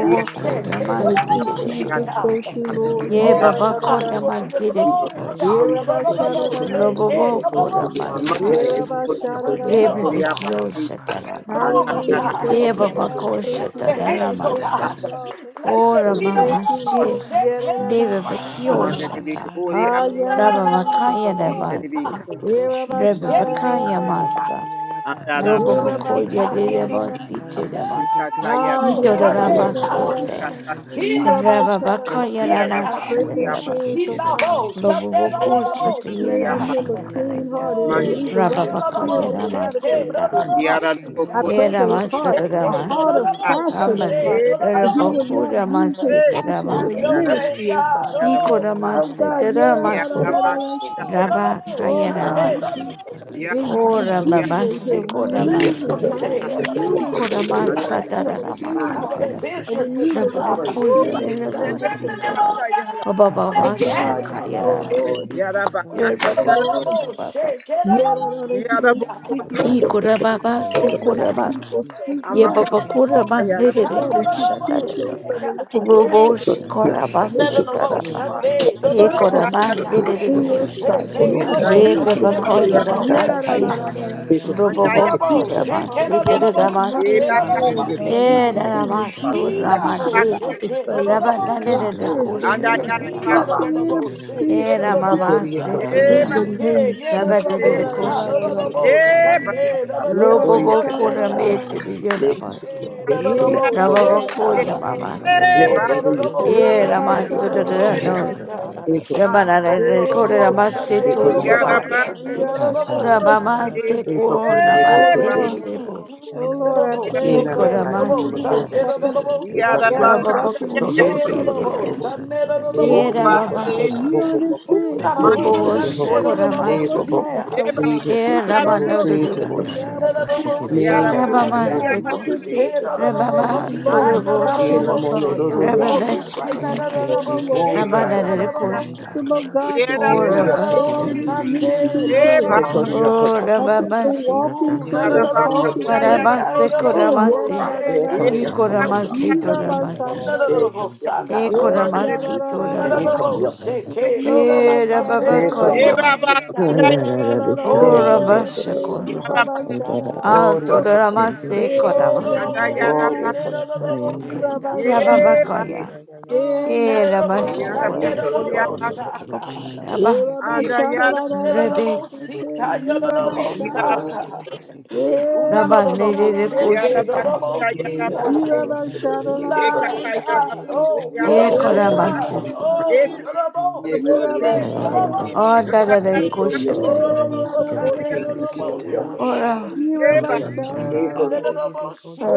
Speaker 6: Yara
Speaker 8: Thank you,
Speaker 6: Bakasa,
Speaker 8: Jesus.
Speaker 2: Didimas
Speaker 8: Thank you, Lord.
Speaker 2: Ye
Speaker 8: Yeah,
Speaker 5: your
Speaker 6: Yara,
Speaker 1: Oh
Speaker 8: da, da,
Speaker 5: blood,
Speaker 8: da,
Speaker 1: God,
Speaker 8: da.
Speaker 1: do it for
Speaker 2: Babakoryaman
Speaker 1: your
Speaker 5: Father.
Speaker 1: glory, for your
Speaker 2: Didibush
Speaker 8: Yeah,
Speaker 1: honor. Lo,
Speaker 6: Kuriaba,
Speaker 8: rabba,
Speaker 1: lo, lo,
Speaker 8: sha, da,
Speaker 1: lo,
Speaker 8: da,
Speaker 6: Kuriaba,
Speaker 8: da.
Speaker 1: say, hey, lo, lo, lo, sha,
Speaker 5: Lord, that
Speaker 8: Yeah,
Speaker 6: Mandere,
Speaker 5: we
Speaker 1: God.
Speaker 2: Robobokoramasiti
Speaker 8: rabba,
Speaker 5: have
Speaker 6: Kuriaba,
Speaker 8: sha, da,
Speaker 1: Work
Speaker 8: da,
Speaker 1: in
Speaker 5: uh,
Speaker 1: them,
Speaker 8: da.
Speaker 1: oh
Speaker 5: uh,
Speaker 2: Rebe
Speaker 1: God.
Speaker 6: Kuriaba,
Speaker 1: Work through
Speaker 2: Kioshatarama
Speaker 6: and
Speaker 1: them, oh
Speaker 8: Hallelujah.
Speaker 6: Yara Bakuriaba,
Speaker 8: Thank
Speaker 1: God.
Speaker 2: Ye
Speaker 8: you, God.
Speaker 5: received the Lord
Speaker 8: Thank
Speaker 1: Bless
Speaker 5: of
Speaker 8: you,
Speaker 1: their
Speaker 8: God.
Speaker 5: worship
Speaker 1: hands,
Speaker 5: in
Speaker 1: oh
Speaker 5: the
Speaker 8: Thank
Speaker 2: Babakoshataramas
Speaker 5: name
Speaker 8: you,
Speaker 1: God.
Speaker 8: Father.
Speaker 1: Bless their
Speaker 5: of
Speaker 2: Ora
Speaker 1: feet, oh
Speaker 8: Thank you,
Speaker 1: lo, lo, lo,
Speaker 2: Mamashi
Speaker 8: Lord.
Speaker 1: shake,
Speaker 8: Yeah,
Speaker 1: hey,
Speaker 5: Lord.
Speaker 8: da, da,
Speaker 1: lo,
Speaker 8: da,
Speaker 2: Reba
Speaker 5: Lord,
Speaker 1: lo,
Speaker 8: da.
Speaker 5: be
Speaker 9: Oh,
Speaker 1: sha,
Speaker 2: bakio
Speaker 1: God.
Speaker 6: Mandere,
Speaker 2: shata.
Speaker 5: with
Speaker 6: Kuriaba,
Speaker 8: Ah,
Speaker 1: Ooh,
Speaker 5: us
Speaker 1: la,
Speaker 8: yeah, da,
Speaker 1: la,
Speaker 2: Raba
Speaker 8: da,
Speaker 1: la,
Speaker 8: da. da.
Speaker 5: in
Speaker 2: makaya
Speaker 5: the name of
Speaker 1: oh
Speaker 6: Mandere,
Speaker 1: God.
Speaker 2: rebasi.
Speaker 8: Yeah, rabba,
Speaker 2: Reba
Speaker 8: sha,
Speaker 1: Yeah.
Speaker 8: da,
Speaker 5: Jesus.
Speaker 8: da, da,
Speaker 5: Kind
Speaker 2: bakaya
Speaker 5: of
Speaker 8: da.
Speaker 5: a lot
Speaker 2: masa.
Speaker 6: and
Speaker 1: lo,
Speaker 5: that
Speaker 1: lo,
Speaker 6: Araba,
Speaker 2: Robo
Speaker 8: Yeah,
Speaker 1: lo,
Speaker 8: rabba,
Speaker 1: she,
Speaker 2: bakoya
Speaker 8: sha, da,
Speaker 1: God.
Speaker 5: in
Speaker 8: da,
Speaker 5: the
Speaker 8: da,
Speaker 5: name
Speaker 8: da.
Speaker 2: rebasi
Speaker 5: of
Speaker 2: te rebasi.
Speaker 6: Ikatayar,
Speaker 8: Ah,
Speaker 2: Nito
Speaker 8: yeah, da,
Speaker 5: our
Speaker 10: dun,
Speaker 9: yeah,
Speaker 8: da,
Speaker 1: Sunday
Speaker 8: da, da,
Speaker 2: ramasi
Speaker 1: God.
Speaker 8: da,
Speaker 5: order,
Speaker 2: te.
Speaker 8: sha-
Speaker 6: Ikatay,
Speaker 10: dun,
Speaker 1: He
Speaker 5: God.
Speaker 8: you
Speaker 1: na
Speaker 7: Kiko
Speaker 8: are
Speaker 10: she,
Speaker 1: na
Speaker 10: uh,
Speaker 8: my
Speaker 1: na
Speaker 2: Reba
Speaker 8: sha-
Speaker 1: na
Speaker 8: da,
Speaker 1: na
Speaker 5: Thank
Speaker 8: da,
Speaker 5: you,
Speaker 1: na
Speaker 8: da.
Speaker 2: bakaya
Speaker 10: Thank you.
Speaker 1: shake
Speaker 6: Yara
Speaker 8: I
Speaker 5: God.
Speaker 2: ramasi
Speaker 1: God.
Speaker 8: press
Speaker 2: te
Speaker 8: his
Speaker 6: Bakuriaba,
Speaker 2: rebasi.
Speaker 8: hands,
Speaker 1: He
Speaker 8: oh
Speaker 5: Lord,
Speaker 1: na
Speaker 8: God.
Speaker 1: bo
Speaker 2: Robo
Speaker 1: Sunday na
Speaker 8: Oh
Speaker 1: na na
Speaker 8: God,
Speaker 2: bakosha
Speaker 1: bo
Speaker 2: te
Speaker 1: see
Speaker 7: Kekotoro
Speaker 8: create in
Speaker 5: come
Speaker 6: Ikaturiaba,
Speaker 8: him a
Speaker 1: God.
Speaker 2: ramasi
Speaker 7: shandoro
Speaker 2: te rebasi.
Speaker 8: clean heart and
Speaker 7: yarararere
Speaker 1: Oh
Speaker 6: Mandere,
Speaker 8: renew
Speaker 5: over
Speaker 8: the
Speaker 1: na
Speaker 2: Raba
Speaker 8: right
Speaker 1: na
Speaker 5: here.
Speaker 1: na
Speaker 7: pepepepepe.
Speaker 1: na
Speaker 8: spirit
Speaker 2: bakaya
Speaker 1: bo
Speaker 5: Lord,
Speaker 8: inside of that
Speaker 2: ramasi
Speaker 1: shake
Speaker 2: te
Speaker 1: na
Speaker 5: God.
Speaker 1: na
Speaker 8: precious
Speaker 1: na
Speaker 7: Kekotoro
Speaker 2: rebasi.
Speaker 1: bo
Speaker 8: heart.
Speaker 6: Yara
Speaker 1: see
Speaker 8: I
Speaker 7: shandoro
Speaker 2: E
Speaker 8: pray
Speaker 1: God.
Speaker 8: that his
Speaker 5: Lord,
Speaker 2: ramasi
Speaker 8: heart,
Speaker 2: te
Speaker 1: Hey
Speaker 8: a
Speaker 1: hey
Speaker 2: rebasi.
Speaker 1: na
Speaker 8: heart
Speaker 1: na
Speaker 7: dorororore
Speaker 8: of
Speaker 1: na bo
Speaker 6: Bakuriaba,
Speaker 8: passion, oh God,
Speaker 1: Sunday
Speaker 2: Amal
Speaker 1: na na na
Speaker 2: reba
Speaker 8: that
Speaker 1: na
Speaker 7: pepepepepepe.
Speaker 8: he
Speaker 1: bo
Speaker 8: would
Speaker 1: see
Speaker 8: not
Speaker 2: bakura
Speaker 8: lose
Speaker 1: God.
Speaker 8: his
Speaker 2: ramasi
Speaker 6: Hey,
Speaker 2: te
Speaker 8: passion for
Speaker 1: Have
Speaker 2: rebasi.
Speaker 1: your
Speaker 6: yada
Speaker 7: Kekotoro
Speaker 1: way,
Speaker 8: ministry, oh God.
Speaker 1: God.
Speaker 7: shandoro
Speaker 6: yada
Speaker 2: Iko
Speaker 7: ya
Speaker 1: Oh
Speaker 7: ya ya ya ya
Speaker 8: Oh
Speaker 1: God.
Speaker 7: ya
Speaker 2: ramasi
Speaker 8: God,
Speaker 5: God.
Speaker 7: ya
Speaker 2: te
Speaker 7: ya
Speaker 8: yeah,
Speaker 7: ya
Speaker 8: da, da,
Speaker 7: ya.
Speaker 6: yada
Speaker 5: This
Speaker 8: da,
Speaker 6: yada
Speaker 8: da,
Speaker 2: rebasi.
Speaker 8: da, da,
Speaker 5: man,
Speaker 6: bakta
Speaker 1: Oh,
Speaker 6: yada
Speaker 8: shit.
Speaker 1: Lord,
Speaker 7: Tararara
Speaker 2: Rabba
Speaker 1: oh,
Speaker 8: Oh
Speaker 6: bakta
Speaker 5: Bless
Speaker 8: God,
Speaker 1: Sunday,
Speaker 5: God.
Speaker 8: we
Speaker 1: Lord,
Speaker 8: can
Speaker 2: Kayaramasi.
Speaker 7: pepepepepepepepe.
Speaker 1: oh, see,
Speaker 6: yada
Speaker 8: and
Speaker 2: O
Speaker 1: God.
Speaker 7: Kekotoro
Speaker 6: puriya
Speaker 8: rejuvenate
Speaker 7: shandoro
Speaker 2: Ramamasi
Speaker 8: him,
Speaker 1: Speak
Speaker 7: ya
Speaker 1: to their lips
Speaker 8: renew his
Speaker 1: on
Speaker 7: ya ya
Speaker 2: Koramasi.
Speaker 7: ya
Speaker 1: today,
Speaker 6: bakta
Speaker 8: mind,
Speaker 7: ya
Speaker 1: Lord,
Speaker 7: ya ya ya
Speaker 8: renew his
Speaker 1: oh,
Speaker 5: Give
Speaker 7: ya ya
Speaker 5: it
Speaker 1: see,
Speaker 8: mind,
Speaker 7: ya ya.
Speaker 6: anda
Speaker 1: God.
Speaker 5: order
Speaker 2: Nikoramasa
Speaker 8: creating him
Speaker 6: yada
Speaker 5: in the
Speaker 8: a
Speaker 6: bakuri
Speaker 8: clean
Speaker 2: Tararamasi.
Speaker 1: Cover
Speaker 5: bodies.
Speaker 8: heart,
Speaker 1: their
Speaker 7: Pepepepe
Speaker 8: and
Speaker 7: kekotoro
Speaker 1: businesses,
Speaker 8: renew the
Speaker 1: oh
Speaker 8: right
Speaker 1: God.
Speaker 7: shandoro.
Speaker 5: Pray
Speaker 2: Rababakuya
Speaker 8: spirit
Speaker 5: that
Speaker 6: uba
Speaker 5: they will
Speaker 6: hey
Speaker 8: inside of
Speaker 2: Revosi
Speaker 7: Hmm.
Speaker 1: Strengthen
Speaker 8: him, oh
Speaker 1: them,
Speaker 2: Tara.
Speaker 6: anda
Speaker 1: oh
Speaker 8: God.
Speaker 6: yada
Speaker 7: Pa
Speaker 1: God,
Speaker 7: pa
Speaker 1: on
Speaker 8: Oh
Speaker 5: properly
Speaker 1: every
Speaker 7: pa pa
Speaker 2: Babavasha
Speaker 8: God,
Speaker 1: hand,
Speaker 7: pa
Speaker 1: oh
Speaker 7: pa
Speaker 8: oh
Speaker 7: pa
Speaker 1: Lord.
Speaker 5: rest
Speaker 8: Lord,
Speaker 7: pepe
Speaker 2: Kayaramasi.
Speaker 6: yada
Speaker 7: kekotoro
Speaker 1: Work
Speaker 6: bakta
Speaker 1: them,
Speaker 8: oh
Speaker 1: oh,
Speaker 6: yada
Speaker 1: oh,
Speaker 8: Lord.
Speaker 2: Yerbabakuya
Speaker 1: oh,
Speaker 7: shandoro.
Speaker 2: Baba.
Speaker 1: shake it,
Speaker 7: La
Speaker 1: oh,
Speaker 8: Yeah,
Speaker 7: la la
Speaker 8: da,
Speaker 1: oh,
Speaker 7: la
Speaker 8: da,
Speaker 1: oh,
Speaker 7: la
Speaker 8: da,
Speaker 7: la
Speaker 8: he
Speaker 1: see,
Speaker 6: yada
Speaker 7: la la
Speaker 8: may
Speaker 7: la
Speaker 6: bakuri
Speaker 8: speak
Speaker 7: la la
Speaker 6: bakta
Speaker 7: la
Speaker 1: God.
Speaker 2: I
Speaker 8: life
Speaker 7: la pi pi pi pi
Speaker 1: Oh,
Speaker 2: Ikorababasi
Speaker 7: pi pi
Speaker 8: over his
Speaker 5: on
Speaker 7: pi
Speaker 2: Korama.
Speaker 7: pi
Speaker 1: God,
Speaker 8: people,
Speaker 7: pi.
Speaker 1: thank
Speaker 8: speak
Speaker 1: you,
Speaker 8: life.
Speaker 1: oh,
Speaker 10: Thank
Speaker 7: Ke
Speaker 1: oh,
Speaker 10: you.
Speaker 7: ka
Speaker 1: oh,
Speaker 2: Yebabakurama
Speaker 7: bara
Speaker 1: see,
Speaker 6: yada
Speaker 8: Oh
Speaker 6: bakuri
Speaker 7: shanda
Speaker 1: God,
Speaker 8: Lord,
Speaker 7: ya
Speaker 8: as
Speaker 1: oh,
Speaker 7: ya
Speaker 5: my
Speaker 8: you
Speaker 7: la
Speaker 2: Nerekusha
Speaker 7: la
Speaker 1: oh,
Speaker 7: la la
Speaker 1: oh,
Speaker 8: teach
Speaker 7: ya
Speaker 8: your
Speaker 7: pi
Speaker 2: Tarama.
Speaker 8: son
Speaker 7: pi
Speaker 1: shake,
Speaker 8: and
Speaker 7: pi
Speaker 8: let the
Speaker 1: God.
Speaker 7: pi pi pi
Speaker 6: bakuri
Speaker 8: words of
Speaker 2: Roboshi
Speaker 7: pi.
Speaker 8: my
Speaker 7: Usha.
Speaker 1: No, no,
Speaker 2: Koramasi
Speaker 1: no, no,
Speaker 7: Ye
Speaker 8: meditation
Speaker 2: Tarama.
Speaker 8: heart
Speaker 7: ye
Speaker 1: Sunday,
Speaker 7: te
Speaker 1: no, no,
Speaker 8: be
Speaker 5: food.
Speaker 7: te
Speaker 1: no,
Speaker 7: te
Speaker 5: Lord,
Speaker 6: kata
Speaker 9: Korea,
Speaker 8: acceptable
Speaker 7: ka
Speaker 1: see
Speaker 6: yada
Speaker 2: Ekoraman
Speaker 7: bara
Speaker 1: God.
Speaker 8: in
Speaker 9: Korea,
Speaker 7: shanda
Speaker 8: your
Speaker 7: ya ya
Speaker 2: Nerekoshi.
Speaker 1: Hey,
Speaker 7: ya
Speaker 8: sight.
Speaker 7: ya
Speaker 1: hey,
Speaker 7: ya
Speaker 8: You
Speaker 9: Oye,
Speaker 8: are
Speaker 7: ya
Speaker 1: no, no,
Speaker 6: anda
Speaker 7: ya.
Speaker 1: more
Speaker 9: katoto,
Speaker 6: yada
Speaker 8: strengthened,
Speaker 1: Sunday,
Speaker 9: toto,
Speaker 1: no, no,
Speaker 8: hallelujah.
Speaker 6: bakuri
Speaker 7: Ke
Speaker 9: toye,
Speaker 2: Rebabakoya
Speaker 1: no,
Speaker 7: ka
Speaker 1: no,
Speaker 8: Yeah,
Speaker 9: katata,
Speaker 7: bara
Speaker 8: la,
Speaker 1: see
Speaker 8: la,
Speaker 9: taye.
Speaker 2: Ramasi.
Speaker 8: la,
Speaker 7: shanda
Speaker 8: la,
Speaker 7: ya
Speaker 8: la,
Speaker 1: God.
Speaker 7: ya
Speaker 8: la.
Speaker 7: ya ya
Speaker 9: Eso,
Speaker 7: la ya
Speaker 1: He
Speaker 6: anda
Speaker 7: pa
Speaker 9: oye,
Speaker 7: pa
Speaker 2: Robobo
Speaker 9: que
Speaker 7: pa
Speaker 1: double,
Speaker 8: Teach
Speaker 7: pa
Speaker 9: putea,
Speaker 8: his
Speaker 7: pa
Speaker 1: shake,
Speaker 7: pa
Speaker 1: no,
Speaker 8: heart,
Speaker 9: toto,
Speaker 1: no,
Speaker 2: Ramasi
Speaker 7: pi
Speaker 2: to
Speaker 7: pi
Speaker 8: teach
Speaker 1: no,
Speaker 2: the
Speaker 7: pi.
Speaker 1: no,
Speaker 8: his
Speaker 6: e
Speaker 8: mind,
Speaker 2: Ramasi.
Speaker 1: Sunday,
Speaker 8: I
Speaker 1: no,
Speaker 7: Ha
Speaker 1: no,
Speaker 6: bakta
Speaker 8: pray,
Speaker 7: la
Speaker 3: you.
Speaker 1: no,
Speaker 7: la
Speaker 8: oh
Speaker 7: ya
Speaker 1: no,
Speaker 9: oye,
Speaker 7: pi
Speaker 1: see
Speaker 8: God,
Speaker 7: pi
Speaker 9: katoto,
Speaker 8: in
Speaker 2: Eh, the
Speaker 7: ka
Speaker 1: God.
Speaker 8: the
Speaker 9: toye,
Speaker 7: bara
Speaker 8: name of
Speaker 7: shanda
Speaker 2: Ramasu
Speaker 8: Jesus.
Speaker 7: ya
Speaker 1: He
Speaker 7: ya ya
Speaker 5: God.
Speaker 6: yada
Speaker 8: He
Speaker 7: ya ya
Speaker 8: teaches
Speaker 1: double,
Speaker 7: ya
Speaker 6: bakta
Speaker 2: Ramandi.
Speaker 7: pi
Speaker 1: shake,
Speaker 8: Bible
Speaker 7: pi
Speaker 1: no,
Speaker 7: pi
Speaker 8: study
Speaker 1: no,
Speaker 7: pi
Speaker 1: no,
Speaker 9: baba,
Speaker 7: pi
Speaker 1: no,
Speaker 9: baba,
Speaker 2: Rabanana
Speaker 7: pi.
Speaker 8: on
Speaker 1: sa
Speaker 3: Yes.
Speaker 2: de
Speaker 9: toto,
Speaker 1: God.
Speaker 8: Thursday,
Speaker 2: Kosha
Speaker 7: Ha
Speaker 6: anda
Speaker 7: la
Speaker 2: to
Speaker 9: toye,
Speaker 8: Lord.
Speaker 7: la
Speaker 6: yada
Speaker 2: the
Speaker 7: la la
Speaker 1: He
Speaker 7: la
Speaker 1: no,
Speaker 8: Speak
Speaker 7: la
Speaker 6: bakta
Speaker 1: no,
Speaker 9: katata.
Speaker 7: la
Speaker 2: Ramas.
Speaker 5: Baba,
Speaker 1: no,
Speaker 8: to
Speaker 7: la
Speaker 1: no,
Speaker 7: pi
Speaker 8: him,
Speaker 1: no,
Speaker 7: pi pi
Speaker 1: shake,
Speaker 7: pi
Speaker 8: speak
Speaker 7: pi
Speaker 2: Eh,
Speaker 7: pi
Speaker 5: the
Speaker 1: no,
Speaker 8: to
Speaker 1: no,
Speaker 7: pi
Speaker 8: him.
Speaker 1: no,
Speaker 7: pi
Speaker 1: no,
Speaker 9: Ikorie,
Speaker 7: pi
Speaker 2: Ramamasi
Speaker 1: sa.
Speaker 7: pi
Speaker 2: to the
Speaker 7: pi
Speaker 9: katoto,
Speaker 6: e
Speaker 8: In
Speaker 2: Ram.
Speaker 8: the
Speaker 7: pi
Speaker 6: bakta
Speaker 9: toye,
Speaker 8: name
Speaker 1: Yeah,
Speaker 8: of
Speaker 1: yeah,
Speaker 7: pi
Speaker 1: no, no,
Speaker 7: yeah,
Speaker 1: no,
Speaker 8: Jesus.
Speaker 2: Rabanana
Speaker 8: Yeah,
Speaker 2: de
Speaker 8: la,
Speaker 5: food,
Speaker 1: no,
Speaker 8: la,
Speaker 1: God,
Speaker 8: la,
Speaker 2: Kosha
Speaker 1: no,
Speaker 2: to
Speaker 1: no,
Speaker 8: la, la.
Speaker 1: no,
Speaker 6: e
Speaker 2: the
Speaker 1: no,
Speaker 9: katoto,
Speaker 2: Kaya.
Speaker 6: bakta
Speaker 1: Sunday, no,
Speaker 5: God.
Speaker 1: no, no,
Speaker 8: Yeah,
Speaker 5: Bless
Speaker 8: la,
Speaker 1: no,
Speaker 5: them.
Speaker 8: la,
Speaker 9: oye,
Speaker 2: Robobo
Speaker 8: sha,
Speaker 5: Only
Speaker 8: la,
Speaker 1: Sunday,
Speaker 5: you
Speaker 9: katata,
Speaker 8: la, la,
Speaker 1: God.
Speaker 9: baba.
Speaker 2: Kurame
Speaker 5: can.
Speaker 8: la.
Speaker 2: to the
Speaker 9: Neko, suko,
Speaker 2: Ramasi.
Speaker 1: Hey,
Speaker 9: oye,
Speaker 1: no, no, no,
Speaker 5: you
Speaker 9: korie,
Speaker 8: Yeah,
Speaker 1: no,
Speaker 8: la, la,
Speaker 9: baba,
Speaker 8: la,
Speaker 2: Rababo
Speaker 1: shake,
Speaker 9: baba.
Speaker 8: la,
Speaker 2: Koya
Speaker 1: God.
Speaker 8: la, la.
Speaker 10: Confirmed the
Speaker 5: will
Speaker 2: Mamasi
Speaker 10: room,
Speaker 2: to
Speaker 9: Le,
Speaker 1: Oh, no,
Speaker 9: dodo,
Speaker 1: no, no,
Speaker 9: oye,
Speaker 8: Oh
Speaker 2: the
Speaker 1: no,
Speaker 10: Kushikita,
Speaker 9: katoto,
Speaker 2: Eh,
Speaker 8: Lord,
Speaker 1: Sunday,
Speaker 2: Raman
Speaker 1: no,
Speaker 9: toye,
Speaker 2: to
Speaker 1: no,
Speaker 2: the
Speaker 1: no,
Speaker 10: Thank
Speaker 5: also
Speaker 9: katata,
Speaker 6: e
Speaker 1: no,
Speaker 9: ya.
Speaker 5: strengthen
Speaker 1: see
Speaker 2: Ranor.
Speaker 5: us,
Speaker 1: God.
Speaker 9: Neko,
Speaker 2: Ramanana
Speaker 1: Oh, no,
Speaker 2: de
Speaker 5: and,
Speaker 1: no, no,
Speaker 2: Kora
Speaker 1: no,
Speaker 2: Ramasi
Speaker 1: Sunday, no,
Speaker 2: to
Speaker 1: no,
Speaker 5: oh
Speaker 1: no,
Speaker 9: ikorie,
Speaker 1: no,
Speaker 5: God,
Speaker 6: Yarabakosi.
Speaker 9: katoto,
Speaker 2: Jamasi.
Speaker 9: toye, katoto,
Speaker 1: Sunday,
Speaker 9: ya.
Speaker 1: no, no, no, no.
Speaker 2: Ramamasi
Speaker 9: Eso,
Speaker 2: Kora
Speaker 9: korie,
Speaker 5: keep
Speaker 6: Eh,
Speaker 2: Ramani
Speaker 5: these
Speaker 1: Mm,
Speaker 5: in the
Speaker 9: ketete,
Speaker 1: mm,
Speaker 2: de Bush.
Speaker 8: oh
Speaker 1: mm, no, no,
Speaker 8: Lord, I
Speaker 1: no,
Speaker 8: pray, oh
Speaker 9: nina,
Speaker 1: shake
Speaker 6: Bakiakosi.
Speaker 8: God,
Speaker 1: it,
Speaker 9: nana,
Speaker 1: no, no,
Speaker 8: clean hands,
Speaker 9: koto,
Speaker 1: Sunday,
Speaker 2: Ikoramasikora.
Speaker 1: no,
Speaker 8: help
Speaker 1: no,
Speaker 8: me.
Speaker 1: no, no,
Speaker 8: oh
Speaker 9: ikaria,
Speaker 1: Saka.
Speaker 8: God, that
Speaker 6: Yarabakanda
Speaker 8: to
Speaker 9: katoto,
Speaker 5: properly. Oh,
Speaker 7: yeah,
Speaker 9: toho,
Speaker 6: Yarabo.
Speaker 8: yield
Speaker 1: Hey,
Speaker 2: Rababakushite
Speaker 1: no,
Speaker 8: to
Speaker 1: no, no,
Speaker 7: yeah,
Speaker 5: and
Speaker 2: yerera.
Speaker 9: suko,
Speaker 7: yeah,
Speaker 8: temptation.
Speaker 1: Sunday, no, no, no,
Speaker 10: you.
Speaker 9: Sino
Speaker 1: no,
Speaker 2: Era
Speaker 9: rieko
Speaker 6: Obasi.
Speaker 8: They
Speaker 9: rieko
Speaker 1: Saka.
Speaker 9: bo bo
Speaker 8: yield
Speaker 2: babashata.
Speaker 8: in
Speaker 9: bo bo
Speaker 8: sin,
Speaker 1: Ooh,
Speaker 9: bo
Speaker 1: no, no,
Speaker 9: so
Speaker 8: keep
Speaker 9: to
Speaker 8: them
Speaker 1: no,
Speaker 9: to
Speaker 8: on the
Speaker 9: to
Speaker 2: Rubowoshi
Speaker 9: ho.
Speaker 1: Sunday,
Speaker 6: Manipuri.
Speaker 1: no,
Speaker 8: straight
Speaker 1: no,
Speaker 8: and
Speaker 1: no, no,
Speaker 9: Se
Speaker 8: narrow
Speaker 9: bo
Speaker 5: you
Speaker 2: koramasi.
Speaker 9: bo
Speaker 1: see
Speaker 5: will
Speaker 8: path, oh
Speaker 1: God.
Speaker 6: Eba
Speaker 9: si to
Speaker 8: God.
Speaker 5: look
Speaker 9: to
Speaker 8: Keep
Speaker 9: to
Speaker 8: them
Speaker 2: Era
Speaker 1: Mm,
Speaker 9: to
Speaker 5: it
Speaker 8: on
Speaker 5: to
Speaker 9: ho
Speaker 8: the
Speaker 6: Yarabo.
Speaker 5: in
Speaker 9: se
Speaker 5: the
Speaker 9: to
Speaker 8: straight
Speaker 9: to.
Speaker 8: and
Speaker 2: manododokoshi.
Speaker 1: mm, no,
Speaker 8: narrow
Speaker 1: no, no,
Speaker 8: path.
Speaker 1: no,
Speaker 9: Me na do
Speaker 5: in
Speaker 8: Oh
Speaker 5: the name
Speaker 6: Yarabokosi
Speaker 9: di
Speaker 5: of
Speaker 1: Saka.
Speaker 8: God,
Speaker 9: to
Speaker 6: Yaba.
Speaker 9: to
Speaker 8: help
Speaker 2: Rabamasiko.
Speaker 9: to
Speaker 8: him to,
Speaker 9: di to to
Speaker 5: God,
Speaker 9: to
Speaker 5: that it
Speaker 8: oh
Speaker 2: Rabama
Speaker 9: to.
Speaker 6: Nanda
Speaker 8: Lord, help
Speaker 5: properly
Speaker 9: E
Speaker 8: him,
Speaker 2: tororoshi.
Speaker 9: la
Speaker 8: oh
Speaker 9: mo
Speaker 6: Yarabo.
Speaker 9: lo
Speaker 8: God,
Speaker 9: ro ro
Speaker 8: to
Speaker 9: ro
Speaker 8: walk
Speaker 9: di
Speaker 5: is
Speaker 9: di as.
Speaker 2: Rababashi
Speaker 8: upright
Speaker 2: koraba.
Speaker 8: before you, oh God.
Speaker 6: Eba
Speaker 9: Ori a
Speaker 5: God, that it
Speaker 9: koto.
Speaker 6: Kanda.
Speaker 2: Rabanadodokoshi.
Speaker 8: Help them,
Speaker 5: will
Speaker 8: oh
Speaker 5: be
Speaker 8: God,
Speaker 2: O
Speaker 9: Ori a
Speaker 5: designed
Speaker 6: Yarabosi.
Speaker 9: koto.
Speaker 2: rabashira.
Speaker 8: Always meetings
Speaker 1: Sunday,
Speaker 8: in prayer,
Speaker 6: Eba
Speaker 8: oh
Speaker 9: Se kori
Speaker 8: God.
Speaker 9: a
Speaker 2: O
Speaker 9: koto
Speaker 1: shaka.
Speaker 9: to
Speaker 8: Help us
Speaker 5: of
Speaker 9: to
Speaker 8: to
Speaker 9: to
Speaker 5: the
Speaker 9: to.
Speaker 2: rabamasi.
Speaker 8: walk
Speaker 10: Thank
Speaker 8: in
Speaker 1: Ooh, na na
Speaker 8: prayer,
Speaker 9: Se
Speaker 1: na na
Speaker 9: kori a
Speaker 8: talk
Speaker 1: bo
Speaker 8: in
Speaker 6: Yarabakanda
Speaker 9: koto
Speaker 8: prayer.
Speaker 9: to
Speaker 1: sika,
Speaker 2: Marabase
Speaker 1: yo
Speaker 9: to
Speaker 6: Yarabosi.
Speaker 1: na
Speaker 9: to
Speaker 1: na
Speaker 8: Oh,
Speaker 9: to.
Speaker 1: na
Speaker 8: yeah,
Speaker 1: bo
Speaker 8: da,
Speaker 2: koramasi.
Speaker 8: da,
Speaker 5: process
Speaker 8: da,
Speaker 9: Se
Speaker 8: da,
Speaker 1: shaka.
Speaker 9: kori a
Speaker 8: shati,
Speaker 9: koto to
Speaker 5: of
Speaker 9: to.
Speaker 2: Ikoramasi
Speaker 5: God
Speaker 6: Yarabakanda
Speaker 8: ira, ba, sa,
Speaker 1: Mm,
Speaker 8: da,
Speaker 5: function
Speaker 1: Na
Speaker 7: Hallelujah.
Speaker 2: toramasi.
Speaker 8: da,
Speaker 1: na na
Speaker 8: da.
Speaker 9: Se
Speaker 1: na bo
Speaker 9: kori a
Speaker 7: Ba
Speaker 1: saka.
Speaker 7: ba ba
Speaker 8: Yeah,
Speaker 7: be
Speaker 6: Mandere.
Speaker 8: yeah,
Speaker 7: cool.
Speaker 8: da,
Speaker 2: Ekoramasi
Speaker 8: da, da,
Speaker 7: Yeah,
Speaker 1: Na
Speaker 7: they
Speaker 5: in
Speaker 8: da,
Speaker 1: na
Speaker 9: e
Speaker 8: da,
Speaker 7: need
Speaker 1: na
Speaker 8: da,
Speaker 2: toramasi.
Speaker 9: kori
Speaker 1: bo
Speaker 9: a
Speaker 7: baby
Speaker 8: shati,
Speaker 7: kotoro
Speaker 1: shake, no
Speaker 7: shanda
Speaker 8: ira,
Speaker 7: ya
Speaker 1: bo
Speaker 8: ba,
Speaker 7: ya ya
Speaker 2: Era
Speaker 8: sa, da, da,
Speaker 7: ya
Speaker 8: da,
Speaker 1: Sunday,
Speaker 7: ya ya
Speaker 9: se
Speaker 1: no
Speaker 7: ya
Speaker 8: da.
Speaker 1: na
Speaker 7: ya
Speaker 9: kori
Speaker 2: babacoya
Speaker 9: a
Speaker 1: bo
Speaker 7: ya ya
Speaker 6: Eba
Speaker 7: ya
Speaker 9: koto.
Speaker 2: mas.
Speaker 7: ba ba
Speaker 6: Bakanda
Speaker 7: ba.
Speaker 1: sika.
Speaker 8: Yeah, da, da, da, da, da,
Speaker 5: God,
Speaker 9: Se
Speaker 7: Ah,
Speaker 8: da,
Speaker 7: ba
Speaker 2: Ura
Speaker 8: shati,
Speaker 7: ba
Speaker 9: kori a
Speaker 7: ba ba
Speaker 9: koto
Speaker 7: ba
Speaker 9: to
Speaker 7: ba
Speaker 9: to
Speaker 2: bashakor.
Speaker 9: ha.
Speaker 7: be
Speaker 8: ira, ba,
Speaker 7: be
Speaker 6: Yarabosi.
Speaker 1: Oh,
Speaker 7: be
Speaker 8: sa, da,
Speaker 7: be
Speaker 8: da,
Speaker 7: be
Speaker 8: da.
Speaker 1: God.
Speaker 7: be
Speaker 9: Ori
Speaker 2: Alto
Speaker 9: a koto.
Speaker 2: ramase
Speaker 8: Yeah,
Speaker 1: Oh,
Speaker 2: korama.
Speaker 1: no
Speaker 8: yeah,
Speaker 1: no
Speaker 6: Anda
Speaker 8: da,
Speaker 1: bo
Speaker 8: da,
Speaker 5: in the
Speaker 8: da, da,
Speaker 9: Ori a
Speaker 6: Yarabak.
Speaker 1: Sunday,
Speaker 8: shati,
Speaker 1: no
Speaker 7: Hmm.
Speaker 1: no
Speaker 9: koto.
Speaker 1: no
Speaker 7: Be
Speaker 1: bo
Speaker 8: ira,
Speaker 7: kotoro
Speaker 8: ba,
Speaker 5: blood,
Speaker 1: sika.
Speaker 8: sa, da,
Speaker 5: the
Speaker 7: shanda ya
Speaker 5: blood,
Speaker 8: da.
Speaker 6: Eba
Speaker 2: Jababacoya.
Speaker 8: Yeah,
Speaker 1: Mm,
Speaker 8: yeah,
Speaker 2: Era
Speaker 8: da, da, da,
Speaker 7: La
Speaker 8: da.
Speaker 7: la
Speaker 1: nedodobosa,
Speaker 7: la
Speaker 2: bashakora.
Speaker 7: la
Speaker 9: Thank
Speaker 7: la la
Speaker 6: Yarabokori
Speaker 7: la
Speaker 5: blood,
Speaker 7: la la la la.
Speaker 1: nedodobosa,
Speaker 7: Ba
Speaker 5: the
Speaker 7: baby, ba
Speaker 2: Okay,
Speaker 1: God.
Speaker 7: ba
Speaker 2: rabba,
Speaker 7: be
Speaker 8: Ira,
Speaker 7: be
Speaker 8: ba,
Speaker 7: be
Speaker 5: blood,
Speaker 6: Anda
Speaker 8: sa,
Speaker 7: be.
Speaker 8: da,
Speaker 5: oh,
Speaker 6: yada
Speaker 8: da,
Speaker 1: Mm,
Speaker 8: da, da, da,
Speaker 2: Rebe.
Speaker 7: Hmm.
Speaker 5: blood,
Speaker 8: shati,
Speaker 7: Be
Speaker 1: nedodobosika,
Speaker 8: ira,
Speaker 7: kotoro
Speaker 8: ba,
Speaker 2: Ah,
Speaker 5: blood,
Speaker 8: sa,
Speaker 7: shanda da
Speaker 8: da,
Speaker 6: yada
Speaker 5: blood,
Speaker 7: da
Speaker 1: yododobosa,
Speaker 7: da
Speaker 8: da.
Speaker 7: da da
Speaker 1: God.
Speaker 7: da
Speaker 8: Eh,
Speaker 2: Raba
Speaker 8: ya la la la
Speaker 2: nelele
Speaker 7: Hmm.
Speaker 8: la
Speaker 7: Yeah
Speaker 8: la,
Speaker 7: yeah
Speaker 6: yada
Speaker 1: Unanododoboseke,
Speaker 2: kushata.
Speaker 7: yeah.
Speaker 5: God,
Speaker 6: bakata
Speaker 8: shake.
Speaker 5: blood,
Speaker 6: yada
Speaker 3: Yes.
Speaker 1: dodobosika.
Speaker 8: Ira
Speaker 6: bose
Speaker 8: ba
Speaker 7: Ba ba
Speaker 8: sha
Speaker 7: be
Speaker 8: la
Speaker 7: be
Speaker 8: la la
Speaker 7: be be
Speaker 1: Nah,
Speaker 5: blood, blood,
Speaker 6: ekata
Speaker 8: la,
Speaker 7: be be
Speaker 6: yada
Speaker 1: God,
Speaker 8: shake.
Speaker 1: oh,
Speaker 6: boya
Speaker 2: E
Speaker 6: baba
Speaker 1: oh,
Speaker 8: Eh, ya
Speaker 1: God,
Speaker 5: God,
Speaker 8: la
Speaker 5: we
Speaker 2: koramasikor.
Speaker 8: la
Speaker 10: you.
Speaker 8: la
Speaker 1: oh,
Speaker 5: are
Speaker 8: la,
Speaker 6: ekata
Speaker 1: dodobosa,
Speaker 8: ira ba
Speaker 6: bose
Speaker 10: Thank
Speaker 7: Mm.
Speaker 8: sha la la
Speaker 1: nedodobosi,
Speaker 8: la.
Speaker 2: Onda
Speaker 5: our
Speaker 6: anda
Speaker 2: lele
Speaker 6: yada
Speaker 1: God.
Speaker 6: bakata
Speaker 2: kushata.
Speaker 8: Eh, ya la la
Speaker 1: Ododobosa,
Speaker 8: la
Speaker 6: boya
Speaker 8: la,
Speaker 5: integrity.
Speaker 8: shake.
Speaker 1: nedodobosa, God.
Speaker 2: Ora.
Speaker 8: Ira ba
Speaker 6: eba
Speaker 5: They are
Speaker 8: sha la
Speaker 1: Mm,
Speaker 5: needed,
Speaker 8: la
Speaker 5: God.
Speaker 8: la.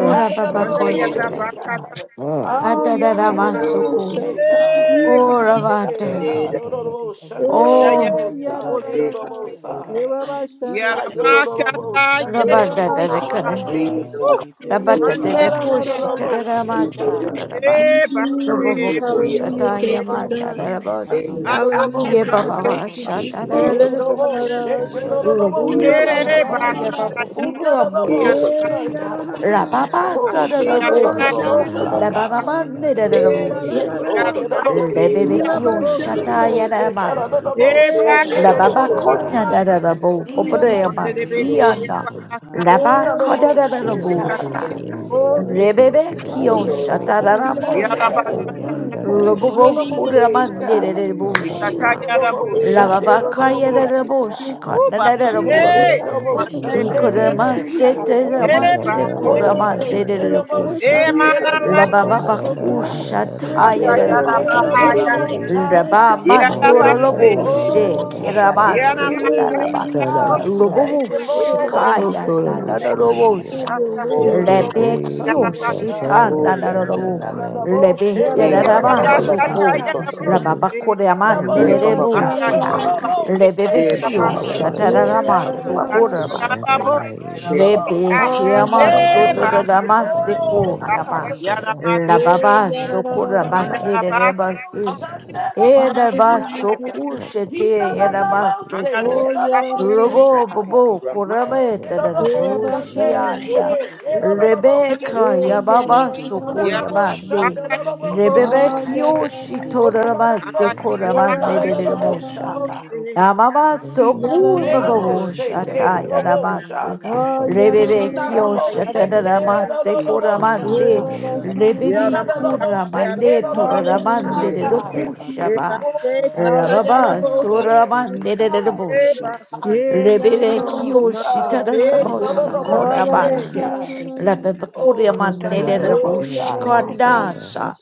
Speaker 8: Eh, la
Speaker 6: anda
Speaker 8: la la
Speaker 6: yada
Speaker 8: la.
Speaker 1: yododobosi,
Speaker 2: babakoshata.
Speaker 6: bakata
Speaker 1: God.
Speaker 8: Ah,
Speaker 1: Ooh,
Speaker 6: boya
Speaker 2: Adada
Speaker 8: ya la
Speaker 5: They
Speaker 1: God,
Speaker 8: la
Speaker 5: are
Speaker 8: la la,
Speaker 2: ramasuku.
Speaker 1: nedodobose,
Speaker 8: shake.
Speaker 1: God.
Speaker 8: Ira
Speaker 6: eba
Speaker 8: ba
Speaker 2: Ura
Speaker 8: sha la
Speaker 1: Hey,
Speaker 5: they
Speaker 8: la.
Speaker 2: vada.
Speaker 1: God,
Speaker 5: super,
Speaker 1: oh, no, no, oh, Sunday, no,
Speaker 6: anda
Speaker 5: God.
Speaker 1: no, no,
Speaker 2: Oh.
Speaker 6: yada
Speaker 1: oh,
Speaker 8: Eh,
Speaker 5: They
Speaker 8: ya la
Speaker 6: boya
Speaker 8: la
Speaker 5: don't
Speaker 1: Sunday,
Speaker 8: la
Speaker 1: no,
Speaker 5: need
Speaker 1: no, no
Speaker 8: la.
Speaker 5: only.
Speaker 1: Sun-
Speaker 8: Ira ba sha
Speaker 1: He
Speaker 6: yada
Speaker 8: la
Speaker 1: can- no,
Speaker 8: la.
Speaker 1: no, no, no, oh,
Speaker 6: bakata
Speaker 1: Sunday, no,
Speaker 6: yeko
Speaker 1: no,
Speaker 5: and
Speaker 1: no
Speaker 5: all of the
Speaker 6: boya
Speaker 2: Rabada
Speaker 1: Sun,
Speaker 5: ways
Speaker 8: Mm,
Speaker 1: God.
Speaker 5: I have
Speaker 1: Yes,
Speaker 2: Rabata de
Speaker 6: anda
Speaker 2: de
Speaker 1: God. oh, no,
Speaker 2: kushi
Speaker 1: no,
Speaker 5: Father
Speaker 1: no
Speaker 5: God,
Speaker 1: shit,
Speaker 2: tadamasi
Speaker 1: God.
Speaker 2: todaba.
Speaker 6: eba
Speaker 5: courage
Speaker 2: Robobo
Speaker 1: Mm,
Speaker 2: kusha
Speaker 5: and
Speaker 1: mm,
Speaker 8: Hallelujah.
Speaker 1: mm, mm,
Speaker 8: Thank
Speaker 6: eba
Speaker 8: you,
Speaker 2: tayamata
Speaker 8: God.
Speaker 7: Ba
Speaker 5: be
Speaker 7: ba
Speaker 1: mm,
Speaker 7: ba
Speaker 5: I
Speaker 7: ba
Speaker 1: mm.
Speaker 2: rabasi.
Speaker 7: ba
Speaker 1: No, no,
Speaker 7: ba
Speaker 1: no, no
Speaker 8: Hallelujah,
Speaker 2: Ye
Speaker 7: karo do
Speaker 2: baba
Speaker 1: see,
Speaker 8: God.
Speaker 5: stop
Speaker 1: God.
Speaker 8: Thank
Speaker 7: kororo
Speaker 8: you, Jesus.
Speaker 5: myself.
Speaker 2: shata
Speaker 7: shende
Speaker 6: anda
Speaker 1: Hey,
Speaker 7: ye
Speaker 1: no,
Speaker 7: ye
Speaker 1: no,
Speaker 7: ye ye
Speaker 1: oh,
Speaker 7: ye
Speaker 2: rabushi.
Speaker 7: ye
Speaker 1: shit,
Speaker 7: ye
Speaker 1: no
Speaker 7: ye
Speaker 1: no,
Speaker 7: ye
Speaker 1: no, no,
Speaker 7: ye.
Speaker 1: oh, see,
Speaker 2: Robushi
Speaker 6: Eh,
Speaker 7: Father,
Speaker 1: God.
Speaker 7: we come
Speaker 2: kaya
Speaker 6: bakata
Speaker 7: against
Speaker 2: baba
Speaker 1: No,
Speaker 6: yada
Speaker 1: no,
Speaker 6: bo
Speaker 7: sickness.
Speaker 5: Uh,
Speaker 6: yada
Speaker 1: no, no
Speaker 2: rabushi.
Speaker 6: ba,
Speaker 7: We
Speaker 8: Yeah,
Speaker 1: no,
Speaker 7: come
Speaker 8: yeah, la, la,
Speaker 7: against
Speaker 1: God.
Speaker 8: la,
Speaker 7: high
Speaker 8: la,
Speaker 10: you.
Speaker 7: blood
Speaker 2: Rababa
Speaker 1: Oh,
Speaker 8: something.
Speaker 6: anda
Speaker 7: pressure.
Speaker 5: really
Speaker 8: You
Speaker 1: Sunday,
Speaker 5: help
Speaker 8: rabba,
Speaker 1: no,
Speaker 6: yada
Speaker 1: no,
Speaker 10: Kita
Speaker 8: sha,
Speaker 6: to
Speaker 2: tadabose.
Speaker 7: Iko
Speaker 1: no
Speaker 8: la,
Speaker 6: ku
Speaker 8: la,
Speaker 7: doro
Speaker 1: Sun,
Speaker 8: la.
Speaker 6: ba
Speaker 1: God.
Speaker 7: shanda
Speaker 2: Lababa
Speaker 7: ye ye ye ye
Speaker 8: Yeah, la,
Speaker 7: ye
Speaker 5: you
Speaker 7: ye
Speaker 8: la, la,
Speaker 1: Yes,
Speaker 7: be
Speaker 2: nedabushi.
Speaker 8: la,
Speaker 7: be
Speaker 1: Lord.
Speaker 6: yada
Speaker 8: la,
Speaker 7: be
Speaker 1: And on
Speaker 6: ba
Speaker 1: the
Speaker 7: be
Speaker 5: be
Speaker 1: most
Speaker 8: something.
Speaker 7: kabara
Speaker 1: seat,
Speaker 8: You
Speaker 6: yada
Speaker 7: ba.
Speaker 2: Rebebekio
Speaker 8: rabba,
Speaker 1: Father.
Speaker 6: bo
Speaker 8: sha,
Speaker 6: si.
Speaker 8: la,
Speaker 7: Lord,
Speaker 9: you.
Speaker 8: la,
Speaker 2: shata
Speaker 7: We
Speaker 8: la.
Speaker 1: Oh, yeah,
Speaker 7: speak
Speaker 1: God, on
Speaker 7: health.
Speaker 1: the
Speaker 7: We
Speaker 2: yanamasiko.
Speaker 6: Eh,
Speaker 1: most
Speaker 9: Oh,
Speaker 7: speak
Speaker 6: ba
Speaker 8: Yeah,
Speaker 9: yeah.
Speaker 8: yeah,
Speaker 1: Sunday,
Speaker 6: si
Speaker 1: on
Speaker 8: la,
Speaker 1: the
Speaker 8: la,
Speaker 7: wholeness.
Speaker 2: Rababa
Speaker 8: la,
Speaker 6: ba,
Speaker 1: most,
Speaker 8: la,
Speaker 5: what
Speaker 1: uh,
Speaker 2: kona
Speaker 8: la,
Speaker 2: da
Speaker 7: Heal
Speaker 2: dadabu.
Speaker 5: it
Speaker 8: You
Speaker 5: is.
Speaker 7: bodies
Speaker 8: rabba,
Speaker 1: mm,
Speaker 7: in the
Speaker 6: mande
Speaker 8: sha,
Speaker 6: de
Speaker 8: la,
Speaker 7: name
Speaker 6: be
Speaker 1: mm,
Speaker 7: of
Speaker 8: la.
Speaker 6: ko ya
Speaker 2: Popodeamasiana.
Speaker 6: ba
Speaker 7: Jesus.
Speaker 6: ba sa.
Speaker 7: Hako
Speaker 1: on
Speaker 2: Rabba
Speaker 7: doro
Speaker 8: Yeah,
Speaker 1: the
Speaker 7: shende
Speaker 1: most
Speaker 8: yeah,
Speaker 7: ye
Speaker 8: la,
Speaker 7: ye
Speaker 1: shit,
Speaker 8: la,
Speaker 5: Be
Speaker 7: ye
Speaker 6: Ikata
Speaker 7: ye.
Speaker 2: kodadadabusha.
Speaker 1: God.
Speaker 6: yada bo si,
Speaker 7: Um,
Speaker 2: Rebebe
Speaker 8: Yes, i
Speaker 1: Mm,
Speaker 8: God
Speaker 2: kio
Speaker 7: touch
Speaker 1: mm,
Speaker 7: his
Speaker 8: you're all up
Speaker 7: mind.
Speaker 1: mm,
Speaker 8: healing
Speaker 2: shatararabo
Speaker 1: mm,
Speaker 8: the
Speaker 7: Ah,
Speaker 6: yada
Speaker 7: da,
Speaker 6: ba
Speaker 7: da,
Speaker 1: mm,
Speaker 6: sa.
Speaker 2: soku.
Speaker 7: da, da,
Speaker 8: any
Speaker 7: da be, be,
Speaker 1: mm,
Speaker 8: past
Speaker 7: be,
Speaker 1: mm, not
Speaker 7: be,
Speaker 2: Robobo
Speaker 1: know
Speaker 8: wounds,
Speaker 7: be.
Speaker 8: oh God,
Speaker 1: most seat,
Speaker 2: kuramandere
Speaker 1: God.
Speaker 7: Yeah, yeah,
Speaker 8: healing the
Speaker 7: yeah, yeah, yeah,
Speaker 8: body,
Speaker 6: Ikata
Speaker 8: oh
Speaker 7: yeah, yeah,
Speaker 2: rebushka.
Speaker 1: On
Speaker 7: yeah,
Speaker 1: the
Speaker 6: yada
Speaker 8: God,
Speaker 7: yeah,
Speaker 6: bo
Speaker 1: most
Speaker 7: ba, ba, ba,
Speaker 8: everything
Speaker 7: ba, ba, ba,
Speaker 1: Sunday,
Speaker 7: ba,
Speaker 2: Rababa
Speaker 1: on the
Speaker 2: kaya
Speaker 5: be a-
Speaker 1: most seat,
Speaker 7: be, go,
Speaker 8: is
Speaker 7: go,
Speaker 6: ku
Speaker 2: rebushka.
Speaker 1: God.
Speaker 7: go,
Speaker 6: ba.
Speaker 2: Nanere
Speaker 7: shanda,
Speaker 1: Hey,
Speaker 7: yeah.
Speaker 1: hey,
Speaker 5: oh,
Speaker 2: rebush.
Speaker 8: established.
Speaker 1: on
Speaker 6: Eh,
Speaker 1: the
Speaker 8: I
Speaker 1: most
Speaker 7: Yeah,
Speaker 6: mande
Speaker 5: my
Speaker 6: de
Speaker 8: covenant
Speaker 6: be
Speaker 7: he,
Speaker 5: God.
Speaker 8: the
Speaker 7: go,
Speaker 8: blood
Speaker 6: sa.
Speaker 7: go,
Speaker 8: of
Speaker 7: go,
Speaker 1: Sunday,
Speaker 8: Jesus,
Speaker 2: Ikoramase
Speaker 8: not
Speaker 7: shanda, yeah, yeah,
Speaker 1: God.
Speaker 8: birth on
Speaker 6: Eh,
Speaker 7: yeah, yeah,
Speaker 8: this
Speaker 7: yeah,
Speaker 6: ba
Speaker 2: teramase
Speaker 7: yeah, yeah,
Speaker 8: side,
Speaker 6: si.
Speaker 7: yeah,
Speaker 8: oh
Speaker 7: yeah,
Speaker 8: God,
Speaker 7: yeah.
Speaker 8: you
Speaker 5: Oh,
Speaker 1: Oh,
Speaker 2: kuramandere
Speaker 1: on
Speaker 8: keep
Speaker 1: the most
Speaker 2: rekusha.
Speaker 8: birthing,
Speaker 6: Eh,
Speaker 7: Ba, ba,
Speaker 1: Sunday,
Speaker 8: oh
Speaker 6: mana
Speaker 7: ba,
Speaker 1: on
Speaker 8: God,
Speaker 7: ba,
Speaker 6: ma.
Speaker 1: the
Speaker 10: Kanda
Speaker 2: Rababa
Speaker 5: God.
Speaker 7: ba,
Speaker 1: most
Speaker 7: ba,
Speaker 1: seat,
Speaker 8: oh
Speaker 7: be,
Speaker 1: God.
Speaker 7: be, be,
Speaker 8: God,
Speaker 2: bakusha
Speaker 7: be, be,
Speaker 8: touch
Speaker 7: be, be,
Speaker 8: it,
Speaker 6: Ikata
Speaker 2: taya
Speaker 1: Hey,
Speaker 7: go,
Speaker 6: yada
Speaker 1: hey,
Speaker 7: go,
Speaker 6: ba
Speaker 1: on
Speaker 7: go,
Speaker 6: ha
Speaker 2: rebaso.
Speaker 8: touch, oh
Speaker 1: the
Speaker 7: shanda,
Speaker 6: ya.
Speaker 7: yeah,
Speaker 8: Lord,
Speaker 7: yeah,
Speaker 1: most,
Speaker 7: yeah,
Speaker 1: uh,
Speaker 7: yeah,
Speaker 8: touch
Speaker 7: yeah,
Speaker 8: it,
Speaker 1: God.
Speaker 5: Oh,
Speaker 7: yeah,
Speaker 2: Rababa
Speaker 7: yeah.
Speaker 8: oh
Speaker 6: Yada
Speaker 5: oh,
Speaker 6: ba
Speaker 5: oh,
Speaker 2: ndoro
Speaker 8: God,
Speaker 6: si.
Speaker 8: touch
Speaker 5: oh,
Speaker 7: Okay,
Speaker 8: it,
Speaker 7: go,
Speaker 8: oh
Speaker 7: go,
Speaker 2: loboshe
Speaker 7: go,
Speaker 8: Lord,
Speaker 5: God. Yeah.
Speaker 7: shanda.
Speaker 6: Yana
Speaker 2: kiramase
Speaker 8: in
Speaker 6: ma
Speaker 8: the
Speaker 6: kata
Speaker 1: Oh,
Speaker 7: Ah,
Speaker 2: taraba.
Speaker 7: la
Speaker 6: yada
Speaker 8: name
Speaker 7: la
Speaker 6: bo.
Speaker 8: of
Speaker 5: Oh,
Speaker 1: God,
Speaker 7: la la
Speaker 1: we
Speaker 7: la
Speaker 8: Jesus,
Speaker 7: la.
Speaker 8: have
Speaker 7: Pa
Speaker 1: thank
Speaker 2: Robobo
Speaker 7: pa
Speaker 1: you,
Speaker 8: your
Speaker 7: pa pa.
Speaker 8: way, oh
Speaker 1: Bobo,
Speaker 8: God,
Speaker 6: Ma
Speaker 2: shikaya
Speaker 1: shit,
Speaker 7: Bebe,
Speaker 1: God.
Speaker 6: ko
Speaker 2: nanana
Speaker 5: thank
Speaker 2: robosha.
Speaker 8: have
Speaker 6: yada sa.
Speaker 8: your
Speaker 1: Oh,
Speaker 8: way,
Speaker 1: get
Speaker 8: oh
Speaker 1: on
Speaker 8: God,
Speaker 1: the
Speaker 2: Lebe
Speaker 1: most
Speaker 5: you.
Speaker 6: Yada
Speaker 2: kyo
Speaker 6: ba
Speaker 1: Sunday,
Speaker 6: sa.
Speaker 1: God.
Speaker 2: shitan
Speaker 5: Just
Speaker 1: He
Speaker 2: danarolo.
Speaker 1: na na na bo
Speaker 2: Lebe
Speaker 8: yeah,
Speaker 5: feel
Speaker 1: shake,
Speaker 5: my
Speaker 8: da,
Speaker 9: Hey,
Speaker 5: mind.
Speaker 1: get
Speaker 8: da,
Speaker 6: Yada
Speaker 9: mama,
Speaker 1: on
Speaker 8: da,
Speaker 1: the
Speaker 9: ba
Speaker 8: da,
Speaker 2: dererama
Speaker 5: Just
Speaker 9: ba
Speaker 6: Eba
Speaker 8: da,
Speaker 6: se
Speaker 9: ba
Speaker 1: most
Speaker 9: ba,
Speaker 8: da.
Speaker 1: God.
Speaker 9: so
Speaker 6: kata
Speaker 2: soko.
Speaker 9: so so so
Speaker 2: Rababa
Speaker 9: so.
Speaker 1: Oh, na
Speaker 2: koreama
Speaker 1: na bo
Speaker 8: You
Speaker 9: Hey,
Speaker 8: have
Speaker 9: ba
Speaker 8: a
Speaker 1: see,
Speaker 9: ba ba ba
Speaker 8: shot
Speaker 1: God, you
Speaker 9: ba.
Speaker 1: know
Speaker 2: nererebusha.
Speaker 1: the
Speaker 5: and
Speaker 8: it,
Speaker 1: most
Speaker 2: Lebe
Speaker 9: De ba
Speaker 1: shake,
Speaker 9: ba
Speaker 2: kyo
Speaker 9: ba ba
Speaker 1: God.
Speaker 9: ba
Speaker 8: Hallelujah,
Speaker 9: so to to
Speaker 1: Yeah,
Speaker 2: shatarama
Speaker 9: to
Speaker 8: thank you,
Speaker 9: ba
Speaker 2: soko
Speaker 9: ba
Speaker 8: Jesus.
Speaker 9: so to
Speaker 1: yeah,
Speaker 5: frustration
Speaker 9: ba
Speaker 5: and
Speaker 9: ba
Speaker 1: yeah,
Speaker 5: all
Speaker 2: ramase.
Speaker 9: ba.
Speaker 1: yeah, get on
Speaker 9: De
Speaker 1: the
Speaker 9: ba ba ba
Speaker 1: most
Speaker 2: Lebe
Speaker 1: Sunday,
Speaker 9: ba ba
Speaker 2: kiyama
Speaker 8: Hallelujah.
Speaker 9: ba ba ba ba.
Speaker 2: soto
Speaker 1: God.
Speaker 2: darama seko
Speaker 1: Oh,
Speaker 2: yama.
Speaker 1: God, we thank you, Lord.
Speaker 2: Rababa
Speaker 10: Oh,
Speaker 2: soko rama
Speaker 5: I
Speaker 1: Oh, the
Speaker 2: nererebasu.
Speaker 1: most Sunday, the
Speaker 2: Era
Speaker 1: most
Speaker 2: basso
Speaker 1: God. He the
Speaker 2: cushete era
Speaker 1: the most sick, he the the most
Speaker 5: pray
Speaker 2: Robo
Speaker 7: bebe,
Speaker 1: God.
Speaker 2: bobo
Speaker 5: for your
Speaker 7: bebe.
Speaker 1: Oh, he
Speaker 2: corameta
Speaker 1: the
Speaker 2: da
Speaker 1: the most
Speaker 7: Bebe,
Speaker 1: Sunday,
Speaker 7: bebe,
Speaker 2: vushianda.
Speaker 1: hey, he
Speaker 7: bebe,
Speaker 1: the the most sick,
Speaker 2: Rebecca
Speaker 1: God.
Speaker 2: yababa
Speaker 1: Oh, the
Speaker 2: soco
Speaker 1: the most Sunday,
Speaker 2: yamande.
Speaker 1: the the most
Speaker 2: Rebebe
Speaker 1: God.
Speaker 2: kioshi
Speaker 1: Oh, the the most
Speaker 2: toramasseco
Speaker 1: sick, he the
Speaker 2: ramande
Speaker 5: thoughts.
Speaker 1: the
Speaker 2: de
Speaker 5: Oh,
Speaker 1: most
Speaker 2: mosha.
Speaker 8: thank
Speaker 1: God.
Speaker 2: Amama
Speaker 1: Mm, he
Speaker 2: soku
Speaker 1: the
Speaker 2: bababu
Speaker 1: most sick, he
Speaker 2: shata
Speaker 1: the most
Speaker 2: yaramase.
Speaker 1: God. He
Speaker 2: Rebebe
Speaker 8: you.
Speaker 1: the the
Speaker 2: kio
Speaker 1: most
Speaker 2: shata
Speaker 1: sick, he the
Speaker 2: ramase koramande.
Speaker 5: and
Speaker 1: Oh,
Speaker 2: Rebebi
Speaker 1: God.
Speaker 2: kuramande toramande
Speaker 5: thank
Speaker 2: de
Speaker 5: you, thank
Speaker 2: rukushaba.
Speaker 6: yada
Speaker 2: Rababa
Speaker 6: bose,
Speaker 2: soramande de
Speaker 7: bebe,
Speaker 2: rebosha.
Speaker 6: eba sa
Speaker 7: kodoro
Speaker 8: Yeah,
Speaker 7: shanda
Speaker 2: Rebele
Speaker 7: ya
Speaker 8: yeah,
Speaker 7: ya.
Speaker 1: Oh,
Speaker 2: Kiyoshi
Speaker 1: God.
Speaker 7: La
Speaker 6: Mandebe
Speaker 7: la la
Speaker 1: No,
Speaker 7: la
Speaker 1: no,
Speaker 7: la
Speaker 2: Tadarabosa
Speaker 1: no,
Speaker 7: la
Speaker 5: and
Speaker 6: kurapa
Speaker 7: ya
Speaker 1: no,
Speaker 7: pi
Speaker 8: Yeah,
Speaker 7: pi pi
Speaker 1: say,
Speaker 10: God.
Speaker 7: pi
Speaker 2: Korabasi
Speaker 7: pi pi
Speaker 1: God.
Speaker 7: pi
Speaker 8: yeah,
Speaker 7: pi pi
Speaker 2: Rebebe
Speaker 7: pi
Speaker 1: Oh,
Speaker 2: Kuriama
Speaker 7: kodorosh
Speaker 1: no,
Speaker 7: la
Speaker 1: no,
Speaker 6: mandayarabu
Speaker 7: la
Speaker 2: Nederabo
Speaker 1: no, say, God.
Speaker 7: se
Speaker 10: Kotarabashikaradiyanideba.
Speaker 7: hi
Speaker 2: Shikandasha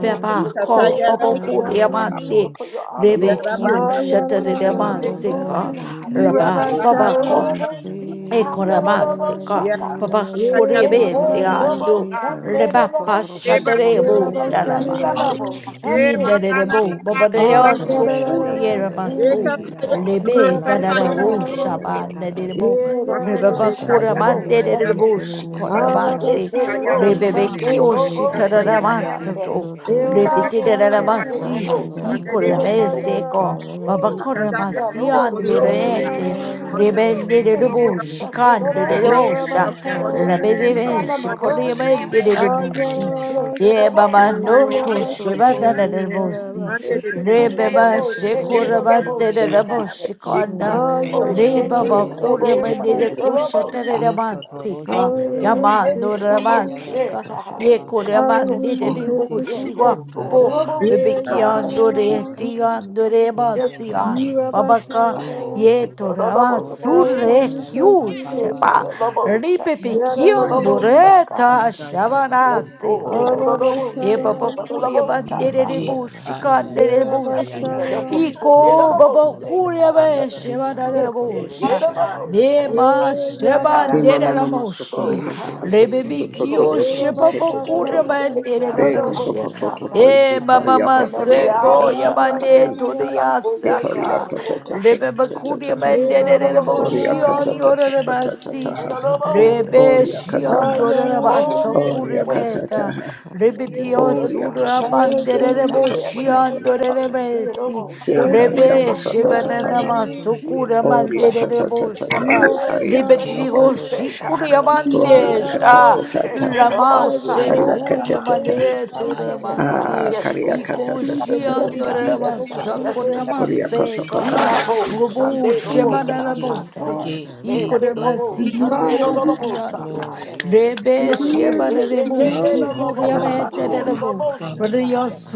Speaker 1: Do it
Speaker 7: la
Speaker 1: for your
Speaker 7: la la
Speaker 1: glory,
Speaker 7: la
Speaker 2: Ko
Speaker 7: la
Speaker 1: God.
Speaker 7: pa
Speaker 6: ikatayarabu
Speaker 2: Bobo
Speaker 7: pa pa
Speaker 5: I
Speaker 7: pa pa
Speaker 2: Kuriama
Speaker 5: thank
Speaker 7: pi pi
Speaker 1: Do it
Speaker 2: De
Speaker 7: pi
Speaker 1: for your honor,
Speaker 2: Rebe
Speaker 7: kodorosh
Speaker 1: Lord.
Speaker 7: la
Speaker 6: yarabakate
Speaker 2: Kiyosha
Speaker 5: you.
Speaker 1: Do it for your
Speaker 7: Hallelujah.
Speaker 1: glory,
Speaker 2: Tadaramasika
Speaker 1: God.
Speaker 2: Raba
Speaker 10: Kotandurururishinikatandarekasiki.
Speaker 5: Oh God,
Speaker 1: No, no,
Speaker 2: Baba
Speaker 5: oh
Speaker 1: no,
Speaker 6: yarabakate
Speaker 1: no,
Speaker 10: Ese
Speaker 1: see, God. No, no, no,
Speaker 2: Ekoramasi
Speaker 1: no,
Speaker 6: yarabandayarabu
Speaker 2: ka
Speaker 6: yara
Speaker 1: shout,
Speaker 10: nalararariki
Speaker 1: God.
Speaker 5: God,
Speaker 2: papa
Speaker 1: Hey,
Speaker 6: mandayara
Speaker 1: hey,
Speaker 2: kurebesi
Speaker 1: no, no,
Speaker 2: andu
Speaker 10: nalarararikotarararishika.
Speaker 6: Yara,
Speaker 1: Sunday, no,
Speaker 2: reba
Speaker 1: no, no, see,
Speaker 6: eba
Speaker 1: God.
Speaker 2: pashatere
Speaker 5: I
Speaker 2: bu
Speaker 1: No,
Speaker 5: don't
Speaker 1: no,
Speaker 2: darabasi.
Speaker 1: no, Sunday,
Speaker 6: ema
Speaker 10: Ikandadaradadaradaradam.
Speaker 6: na
Speaker 2: Yinere
Speaker 1: God.
Speaker 6: na na
Speaker 2: bu
Speaker 6: na
Speaker 2: baba de
Speaker 1: Bless
Speaker 2: yasu
Speaker 1: God.
Speaker 2: kuyere
Speaker 6: na
Speaker 2: basu
Speaker 1: Mm, God.
Speaker 2: lebe
Speaker 7: La la la la la la,
Speaker 5: wait
Speaker 2: nanara
Speaker 5: on you.
Speaker 2: bu
Speaker 6: ikatayarabakatayarabu se
Speaker 1: Hallelujah.
Speaker 7: da
Speaker 2: shabane
Speaker 7: da da
Speaker 2: de
Speaker 10: Ikandararikandararakitaranarakitaranarakishararakitaranarakaye.
Speaker 7: da
Speaker 2: bu
Speaker 7: da.
Speaker 1: Beautiful
Speaker 6: mandebe
Speaker 2: rebaba
Speaker 7: Kodoro
Speaker 5: I
Speaker 1: Sita
Speaker 7: shende ye
Speaker 1: Yobo
Speaker 2: kuramande de
Speaker 6: katayaraba
Speaker 1: Sunday.
Speaker 2: bu
Speaker 7: ye
Speaker 10: Atandarararakishararakota.
Speaker 7: ye.
Speaker 2: shikoramasi
Speaker 5: do
Speaker 1: Eke
Speaker 5: it.
Speaker 1: Ro
Speaker 6: ikatayarabu
Speaker 7: Yeah
Speaker 2: rebebe
Speaker 6: kata
Speaker 7: yeah
Speaker 1: Sunday
Speaker 10: Kekerendere
Speaker 2: kiyoshi
Speaker 1: Robo
Speaker 5: they
Speaker 6: ikatayarabu
Speaker 5: like
Speaker 10: kitararara
Speaker 1: Sita.
Speaker 2: tararamasu to
Speaker 10: kishoro
Speaker 2: rebide
Speaker 10: torobosike.
Speaker 6: ikatayarabu
Speaker 1: Nabo
Speaker 6: kata
Speaker 1: Sita Robo
Speaker 10: Ayanda
Speaker 1: Sunday
Speaker 6: mandebe
Speaker 1: God.
Speaker 10: tangarare
Speaker 5: eyes.
Speaker 10: tararara
Speaker 2: baba
Speaker 1: Ooh,
Speaker 10: kitan.
Speaker 1: God
Speaker 2: kuramasi
Speaker 6: ikandayarabu
Speaker 5: Wait,
Speaker 1: Robo
Speaker 5: wait,
Speaker 6: koria
Speaker 1: Sunday.
Speaker 2: andu
Speaker 10: Utandirara
Speaker 6: mandebe
Speaker 10: tararara
Speaker 1: Ooh, and Robo
Speaker 10: vatararara
Speaker 2: Nemenderebushi
Speaker 1: Sunday
Speaker 10: kishene.
Speaker 1: Robo
Speaker 2: kanderebosha.
Speaker 1: Sita.
Speaker 6: ikatayarabu koria
Speaker 10: Katararara
Speaker 8: Yerabashara,
Speaker 1: Nana
Speaker 2: Rabebebeshi
Speaker 1: Robo
Speaker 10: kitararara
Speaker 1: Sita.
Speaker 10: kishi
Speaker 6: Hallelujah.
Speaker 8: all
Speaker 1: Eke
Speaker 2: koremenderebushi.
Speaker 10: kitararara ki.
Speaker 1: Robo
Speaker 2: Nebaba
Speaker 8: Yarabashaki,
Speaker 1: Sita.
Speaker 2: no
Speaker 10: O
Speaker 1: Father.
Speaker 8: Yerabashara,
Speaker 10: sokundirara
Speaker 2: toshibananebosi.
Speaker 8: thank
Speaker 6: Hallelujah.
Speaker 8: you, God,
Speaker 2: Rebeba
Speaker 10: vashukirinarara
Speaker 8: thank
Speaker 1: Double
Speaker 8: you,
Speaker 1: shake it,
Speaker 8: God.
Speaker 10: katararara
Speaker 1: double shake
Speaker 10: kite.
Speaker 1: it.
Speaker 2: shekorabaterebushi kanda.
Speaker 8: All
Speaker 10: Kundarara
Speaker 1: Double shake
Speaker 7: yeah
Speaker 2: Rebaba
Speaker 1: it,
Speaker 10: vindarara
Speaker 8: Yarabashara,
Speaker 1: double
Speaker 7: yeah yeah
Speaker 1: shake
Speaker 2: kuremendere
Speaker 1: it,
Speaker 10: rikararara
Speaker 1: double
Speaker 8: Yerabashara,
Speaker 1: shake
Speaker 10: vasekre.
Speaker 1: it.
Speaker 7: Ekororosho
Speaker 2: kushaterebansika.
Speaker 7: no
Speaker 1: Yeah,
Speaker 7: ya
Speaker 1: yeah,
Speaker 10: Kundarara
Speaker 7: ya
Speaker 8: hallelujah,
Speaker 1: yeah,
Speaker 7: ya
Speaker 8: thank
Speaker 2: Yamando
Speaker 1: yeah,
Speaker 10: kishi
Speaker 7: ya ya
Speaker 8: you,
Speaker 7: ya
Speaker 1: double
Speaker 7: ya
Speaker 8: Lord,
Speaker 7: ya
Speaker 10: vindarara
Speaker 7: ya
Speaker 1: shake
Speaker 2: ramasika.
Speaker 7: ba ba
Speaker 2: Ye
Speaker 7: ba
Speaker 1: it.
Speaker 10: kasharangara
Speaker 7: ho.
Speaker 10: kite.
Speaker 1: Yes,
Speaker 7: E
Speaker 1: God.
Speaker 8: hallelujah,
Speaker 7: te
Speaker 1: Yes,
Speaker 8: thank
Speaker 7: te
Speaker 8: you,
Speaker 2: koremanderebushi
Speaker 1: yes,
Speaker 8: God.
Speaker 7: ko
Speaker 1: yes,
Speaker 10: Thank
Speaker 1: Lord.
Speaker 2: wakubo.
Speaker 7: taresha
Speaker 1: Double
Speaker 7: de ya
Speaker 1: shake
Speaker 8: Yeah,
Speaker 7: ya ya
Speaker 1: it.
Speaker 7: ya ya ya
Speaker 2: Bibikiandore
Speaker 8: Yarabashara,
Speaker 7: baby.
Speaker 1: Mm,
Speaker 2: tiandore
Speaker 1: mm,
Speaker 7: Ye ye
Speaker 1: Yes,
Speaker 7: ye
Speaker 2: basia.
Speaker 7: ye
Speaker 1: God.
Speaker 7: ye
Speaker 2: Babaka
Speaker 7: ye ye ye ye
Speaker 8: Yerabashara,
Speaker 7: ye
Speaker 1: Oh,
Speaker 7: ye
Speaker 1: yes,
Speaker 7: ye
Speaker 1: Lord.
Speaker 7: ye.
Speaker 2: Yetorama
Speaker 1: Double shake
Speaker 7: Koresha
Speaker 1: it.
Speaker 7: da
Speaker 2: surre
Speaker 8: hallelujah,
Speaker 7: ya ya
Speaker 8: thank
Speaker 7: ba
Speaker 8: you,
Speaker 7: ba ba
Speaker 8: Lord,
Speaker 1: Shake it,
Speaker 2: kyushaba
Speaker 7: ba ba ba.
Speaker 1: double shake
Speaker 2: ripe
Speaker 1: it,
Speaker 7: Let it
Speaker 1: double
Speaker 7: go
Speaker 8: Yarabashara,
Speaker 7: bo.
Speaker 1: shake it.
Speaker 2: pikiondoreta
Speaker 7: Ba da da da da
Speaker 2: shabana
Speaker 7: ye
Speaker 1: Yes,
Speaker 2: se
Speaker 7: ye.
Speaker 1: Lord.
Speaker 2: koreba
Speaker 7: Ekororosho
Speaker 1: Double
Speaker 7: de de
Speaker 2: ye
Speaker 7: de
Speaker 1: shake
Speaker 7: de
Speaker 2: baba
Speaker 7: de
Speaker 1: it,
Speaker 8: Arabashara,
Speaker 7: de
Speaker 2: kuria
Speaker 1: double
Speaker 7: E
Speaker 2: bandere
Speaker 1: shake it.
Speaker 7: e.
Speaker 2: rebushi
Speaker 7: Ah ya ya ya
Speaker 2: kandere
Speaker 7: ya ya ya
Speaker 2: bushi
Speaker 7: ya.
Speaker 8: Yerabashara,
Speaker 1: Yedobosi-
Speaker 2: iko
Speaker 7: Glory to
Speaker 2: baba
Speaker 7: your
Speaker 1: Yedobosi,
Speaker 7: name.
Speaker 2: kuria
Speaker 7: Ba ba
Speaker 2: be
Speaker 7: ba ba ba
Speaker 1: God.
Speaker 2: shebana
Speaker 7: ba ba.
Speaker 1: Yes,
Speaker 2: rebusha
Speaker 7: Koresha
Speaker 3: Thank
Speaker 7: da ya
Speaker 1: Yedobosi,
Speaker 7: ya
Speaker 2: me
Speaker 7: ya ya
Speaker 2: ma
Speaker 7: ya
Speaker 8: yeah,
Speaker 7: ya ya ya.
Speaker 9: Ki ma
Speaker 2: shebandere
Speaker 1: God.
Speaker 9: ma ma
Speaker 8: Yarabashara,
Speaker 9: ma so
Speaker 2: rebushi
Speaker 1: Oh,
Speaker 7: Hey,
Speaker 9: koria to
Speaker 7: yeah,
Speaker 9: to
Speaker 1: God,
Speaker 7: yeah, yeah,
Speaker 2: rebe
Speaker 9: to
Speaker 1: we
Speaker 9: to
Speaker 7: yeah.
Speaker 1: need
Speaker 9: to
Speaker 1: you,
Speaker 7: Hey,
Speaker 9: to
Speaker 2: bikio
Speaker 9: to
Speaker 1: Lord.
Speaker 9: to to
Speaker 7: Kadoro,
Speaker 8: Everywhere,
Speaker 9: to
Speaker 2: shebaba
Speaker 9: to
Speaker 7: Shundo,
Speaker 9: to to
Speaker 2: kuria
Speaker 1: Every
Speaker 7: Gadara,
Speaker 9: to.
Speaker 8: everywhere,
Speaker 1: day,
Speaker 2: bandere
Speaker 7: Baby,
Speaker 9: De
Speaker 7: Baby,
Speaker 9: ka so
Speaker 2: rebushi
Speaker 7: Baby,
Speaker 9: ko
Speaker 1: Yedobosi,
Speaker 9: to to to
Speaker 7: Kadoro,
Speaker 1: God.
Speaker 9: ye
Speaker 2: e
Speaker 7: Shanda,
Speaker 2: mama
Speaker 9: koria
Speaker 7: yeah,
Speaker 2: ma
Speaker 9: ko
Speaker 7: yeah,
Speaker 1: And
Speaker 9: to
Speaker 7: yeah, yeah,
Speaker 9: to
Speaker 1: every
Speaker 7: pa
Speaker 9: ye
Speaker 7: pa
Speaker 2: seko
Speaker 9: ka
Speaker 1: hour,
Speaker 7: pa,
Speaker 9: ta ta ye
Speaker 1: God.
Speaker 2: yamande
Speaker 9: ka
Speaker 10: you.
Speaker 9: ta ta.
Speaker 1: Oh,
Speaker 9: Ye
Speaker 1: yeah,
Speaker 7: Hey,
Speaker 9: koria
Speaker 2: toriasaka
Speaker 1: God.
Speaker 9: ko to
Speaker 1: Oh,
Speaker 7: Kadoro,
Speaker 9: to to
Speaker 1: God.
Speaker 2: Rebe
Speaker 7: Shanda,
Speaker 9: to
Speaker 7: yeah,
Speaker 9: to
Speaker 7: yeah,
Speaker 9: to
Speaker 2: Bakuria
Speaker 7: yeah,
Speaker 9: to.
Speaker 7: yeah,
Speaker 1: Oh,
Speaker 7: yeah,
Speaker 8: this life,
Speaker 7: bo, bo, bo,
Speaker 2: Menderebo
Speaker 7: bo,
Speaker 9: Koria
Speaker 1: Yedobosi,
Speaker 7: bo,
Speaker 9: ko to
Speaker 2: Shion
Speaker 1: God.
Speaker 9: to
Speaker 7: Kadoro,
Speaker 9: to to
Speaker 7: Shanda,
Speaker 9: to
Speaker 7: yeah,
Speaker 9: to
Speaker 1: Mm,
Speaker 9: to
Speaker 2: Dorabasi.
Speaker 7: yeah, yeah, yeah,
Speaker 9: ha.
Speaker 7: Baby,
Speaker 1: Yedobosi,
Speaker 2: Rebe
Speaker 1: God.
Speaker 9: Koria
Speaker 7: Baby, Baby, Baby,
Speaker 9: ka ta
Speaker 2: Shion
Speaker 7: Baby,
Speaker 8: oh
Speaker 9: ha.
Speaker 7: Kadoro, Shanda,
Speaker 2: Dorabaso
Speaker 7: yeah,
Speaker 1: Oh,
Speaker 7: yeah,
Speaker 9: Koria
Speaker 7: ba,
Speaker 1: yeah,
Speaker 9: ka
Speaker 7: ba.
Speaker 1: God.
Speaker 9: ta
Speaker 3: you.
Speaker 9: ta
Speaker 2: Kurimeta.
Speaker 9: ha.
Speaker 7: Hey,
Speaker 3: Thank
Speaker 2: Rebe
Speaker 1: yes,
Speaker 3: you.
Speaker 7: yeah, yeah,
Speaker 1: Lord.
Speaker 2: Dio
Speaker 3: Thank
Speaker 7: yeah, yeah,
Speaker 1: Yes,
Speaker 9: Koria
Speaker 7: Baby,
Speaker 1: God.
Speaker 9: ko
Speaker 7: Baby,
Speaker 2: Sura
Speaker 9: so ko
Speaker 1: Yes, God.
Speaker 9: to
Speaker 7: Baby,
Speaker 9: to to
Speaker 1: Yes,
Speaker 9: to
Speaker 1: God.
Speaker 2: Manderebo
Speaker 9: to
Speaker 7: Kadoro,
Speaker 1: Yes,
Speaker 7: Shanda,
Speaker 1: God.
Speaker 9: to
Speaker 2: Shion
Speaker 9: to
Speaker 7: yeah,
Speaker 9: to
Speaker 7: yeah.
Speaker 9: to.
Speaker 2: Dorabesi.
Speaker 7: Hmm,
Speaker 1: Yedobosi,
Speaker 9: Shekar
Speaker 7: Baby, Baby,
Speaker 2: Rebe
Speaker 7: Baby,
Speaker 1: Yedobosi,
Speaker 7: Baby,
Speaker 9: yakata
Speaker 1: God.
Speaker 7: Baby,
Speaker 2: Shebanama
Speaker 7: Baby, Baby,
Speaker 2: Sukura
Speaker 1: People,
Speaker 7: Kadoro,
Speaker 9: Oria
Speaker 1: God.
Speaker 7: Shanda, yeah,
Speaker 2: Manderebo
Speaker 7: yeah,
Speaker 9: katatatata
Speaker 7: yeah.
Speaker 2: Saba.
Speaker 9: ye aria
Speaker 2: Rebe Dio
Speaker 9: katatata.
Speaker 1: Almost
Speaker 7: Gekodoro
Speaker 1: say God.
Speaker 2: Shikuria
Speaker 9: Oria
Speaker 1: You know,
Speaker 2: Mandesha.
Speaker 1: oh, shake it
Speaker 9: katatatata.
Speaker 2: Rama
Speaker 1: almost, Saka.
Speaker 9: Aria
Speaker 2: Shekuria
Speaker 9: katatata.
Speaker 2: Maneto
Speaker 8: God.
Speaker 1: Yes, God.
Speaker 2: Ramasi.
Speaker 9: Ah,
Speaker 1: Yes,
Speaker 9: karia
Speaker 1: Lord.
Speaker 8: I plead the
Speaker 10: Kata
Speaker 8: blood
Speaker 2: Ikushion
Speaker 1: Yes,
Speaker 8: of
Speaker 1: God.
Speaker 8: Jesus
Speaker 10: shikanda
Speaker 9: katatatatatata.
Speaker 1: Yes,
Speaker 8: over
Speaker 1: God.
Speaker 2: Dorabasa
Speaker 10: sekota la
Speaker 1: Yes,
Speaker 8: Robert
Speaker 10: la
Speaker 1: Lord.
Speaker 10: la
Speaker 8: and
Speaker 9: Oria
Speaker 1: We
Speaker 10: mashikanda
Speaker 2: Kuramate
Speaker 1: not
Speaker 8: Robert,
Speaker 9: katakatata.
Speaker 8: his
Speaker 1: both
Speaker 2: Robo
Speaker 1: Sunday, almost,
Speaker 10: Thank
Speaker 8: inside, his
Speaker 1: Saka.
Speaker 2: Shebanaramonse,
Speaker 8: heart,
Speaker 7: E
Speaker 1: Hey, kid,
Speaker 7: E
Speaker 8: his
Speaker 1: almost
Speaker 2: Icoramasito
Speaker 1: Sunday,
Speaker 8: mind,
Speaker 1: almost,
Speaker 2: Riasiando,
Speaker 7: Glory
Speaker 1: Saka.
Speaker 7: Glory Glory
Speaker 8: his
Speaker 2: Rebe
Speaker 1: Yeah, yeah,
Speaker 7: Glory
Speaker 10: you.
Speaker 1: yeah,
Speaker 8: ears,
Speaker 1: yeah,
Speaker 8: his
Speaker 2: Shebanaremo,
Speaker 1: yeah, yeah,
Speaker 7: Thank
Speaker 8: nose,
Speaker 7: you
Speaker 8: his
Speaker 1: almost
Speaker 7: Glory to
Speaker 1: Sunday,
Speaker 7: your
Speaker 8: eyes.
Speaker 2: Sicoreametanamo,
Speaker 7: name Thank
Speaker 1: almost,
Speaker 7: you
Speaker 2: Radia
Speaker 1: Saka.
Speaker 7: Father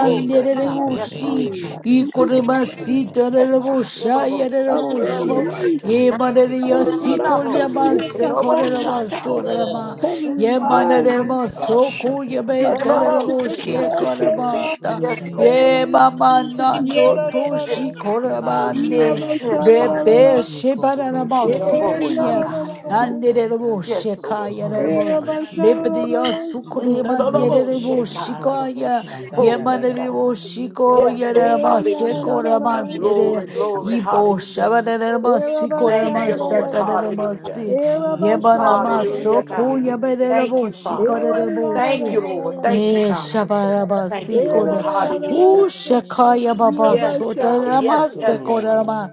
Speaker 1: Oh, yes, God. Yes, Father.
Speaker 8: please of late
Speaker 2: Icoramasita
Speaker 1: Yes, God. It
Speaker 2: Rebosha
Speaker 1: almost
Speaker 8: of
Speaker 1: Sunday,
Speaker 7: Ah,
Speaker 8: their
Speaker 2: Yareboshe,
Speaker 1: almost,
Speaker 8: wife.
Speaker 1: Saka.
Speaker 3: you.
Speaker 8: Oh
Speaker 2: Yemanaria
Speaker 1: We
Speaker 8: Lord,
Speaker 1: not
Speaker 8: I
Speaker 1: both
Speaker 8: cover him, I
Speaker 1: shake it
Speaker 2: Sicoriamanse
Speaker 8: cover
Speaker 1: almost, Saka.
Speaker 8: himself,
Speaker 2: Coramasorama,
Speaker 8: cover
Speaker 1: Mm,
Speaker 8: his mind.
Speaker 1: mm,
Speaker 2: Yemanarema Soco
Speaker 1: mm.
Speaker 8: Anoint him
Speaker 1: Edobosi, God.
Speaker 2: Yametanaboshe
Speaker 8: afresh, oh God, in the
Speaker 1: Yes, Lord.
Speaker 2: Ye
Speaker 8: name of
Speaker 2: mama
Speaker 8: Jesus.
Speaker 2: na
Speaker 8: Yeah,
Speaker 2: no
Speaker 8: da, da, da, da.
Speaker 2: toshi
Speaker 1: Yes, God.
Speaker 8: Yeah,
Speaker 2: korabande
Speaker 8: ba,
Speaker 7: Ladia
Speaker 8: sha,
Speaker 1: Yes,
Speaker 8: da,
Speaker 7: baby,
Speaker 8: da,
Speaker 7: e
Speaker 1: Father.
Speaker 8: da,
Speaker 2: rebe
Speaker 8: da.
Speaker 2: shebarama
Speaker 10: Ete
Speaker 7: Kodoroshanda, ya
Speaker 8: Yeah, yeah,
Speaker 7: ya
Speaker 8: da,
Speaker 7: ya
Speaker 1: Edobosha,
Speaker 2: sukunya
Speaker 8: da,
Speaker 7: ya.
Speaker 8: da,
Speaker 1: God.
Speaker 8: da,
Speaker 10: dostaramita
Speaker 8: da.
Speaker 2: ande rebo
Speaker 10: dantara
Speaker 1: Yes, Lord.
Speaker 2: shekaya
Speaker 1: Yes,
Speaker 7: Glory.
Speaker 2: rebo
Speaker 8: Yeah,
Speaker 1: God.
Speaker 10: ose
Speaker 8: ba, sha,
Speaker 10: kishana
Speaker 8: da, da, da,
Speaker 2: rebdiya
Speaker 8: da.
Speaker 1: Mm,
Speaker 10: itera
Speaker 2: sukurema
Speaker 10: dala
Speaker 7: Me
Speaker 2: nerebo
Speaker 1: Edobosi,
Speaker 7: baby,
Speaker 10: doseya
Speaker 1: God.
Speaker 2: shikaya
Speaker 7: Kodoroshanda,
Speaker 1: Oh,
Speaker 7: ya
Speaker 10: utundi
Speaker 7: da
Speaker 1: yes,
Speaker 7: da da
Speaker 1: God.
Speaker 7: ba
Speaker 2: yemanebo
Speaker 7: ba ba
Speaker 10: kitayu
Speaker 2: shiko
Speaker 7: ba.
Speaker 1: Yes,
Speaker 10: kerendra
Speaker 1: Lord.
Speaker 8: Yeah,
Speaker 2: yarama
Speaker 8: yeah, da,
Speaker 1: Hallelujah.
Speaker 8: da, da, da,
Speaker 2: sekorama
Speaker 10: utunda
Speaker 8: da.
Speaker 2: nere
Speaker 1: Glory,
Speaker 10: dala
Speaker 7: Glory,
Speaker 1: glory.
Speaker 7: glory,
Speaker 10: kishana
Speaker 2: ibo
Speaker 7: glory.
Speaker 1: Hallelujah,
Speaker 10: ye
Speaker 1: Jesus.
Speaker 2: shabarama
Speaker 8: Yeah, ba, sha,
Speaker 1: Thank
Speaker 7: Ah,
Speaker 2: sikorama
Speaker 8: da,
Speaker 10: utanda
Speaker 1: you,
Speaker 8: da,
Speaker 10: dala
Speaker 1: Lord.
Speaker 8: da, da.
Speaker 10: vita
Speaker 2: satarama
Speaker 10: dala
Speaker 1: Hallelujah.
Speaker 2: si
Speaker 8: Yeah, ba,
Speaker 7: Ah, la
Speaker 8: sha,
Speaker 7: la la
Speaker 8: da,
Speaker 7: la
Speaker 10: doseya
Speaker 2: yemanama
Speaker 8: da,
Speaker 7: la yeah
Speaker 8: da.
Speaker 7: yeah
Speaker 1: Hallelujah,
Speaker 7: yeah yeah
Speaker 1: God.
Speaker 2: sokuya
Speaker 7: yeah
Speaker 10: dala
Speaker 7: yeah yeah
Speaker 10: dala
Speaker 1: Thank
Speaker 7: yeah
Speaker 2: berebo
Speaker 1: you,
Speaker 7: Pick up, pick up,
Speaker 10: ma
Speaker 7: pick
Speaker 1: Father.
Speaker 8: Yeah,
Speaker 2: shikarebo
Speaker 8: yeah,
Speaker 5: Thank
Speaker 8: da,
Speaker 1: Thank
Speaker 2: shi
Speaker 8: da, da,
Speaker 1: you,
Speaker 8: da,
Speaker 1: Lord.
Speaker 7: up, rush and pick
Speaker 8: da.
Speaker 7: up,
Speaker 1: Thank you,
Speaker 2: Eh,
Speaker 1: God.
Speaker 7: pick up,
Speaker 1: Thank
Speaker 2: shabarabasi
Speaker 1: you,
Speaker 8: Hallelujah,
Speaker 1: Lord.
Speaker 7: pick
Speaker 10: utundi
Speaker 7: up,
Speaker 8: thank
Speaker 10: sada
Speaker 7: rush.
Speaker 2: Ooh,
Speaker 7: Pick
Speaker 1: Hallelujah.
Speaker 10: dala
Speaker 7: up,
Speaker 8: you,
Speaker 7: rush
Speaker 10: dala
Speaker 2: Shakaya Baba
Speaker 8: God. Thank
Speaker 1: Yes, God.
Speaker 2: Sotarama
Speaker 1: Yes,
Speaker 8: you,
Speaker 1: yes, God.
Speaker 7: and pick up, pick up,
Speaker 2: Sekorama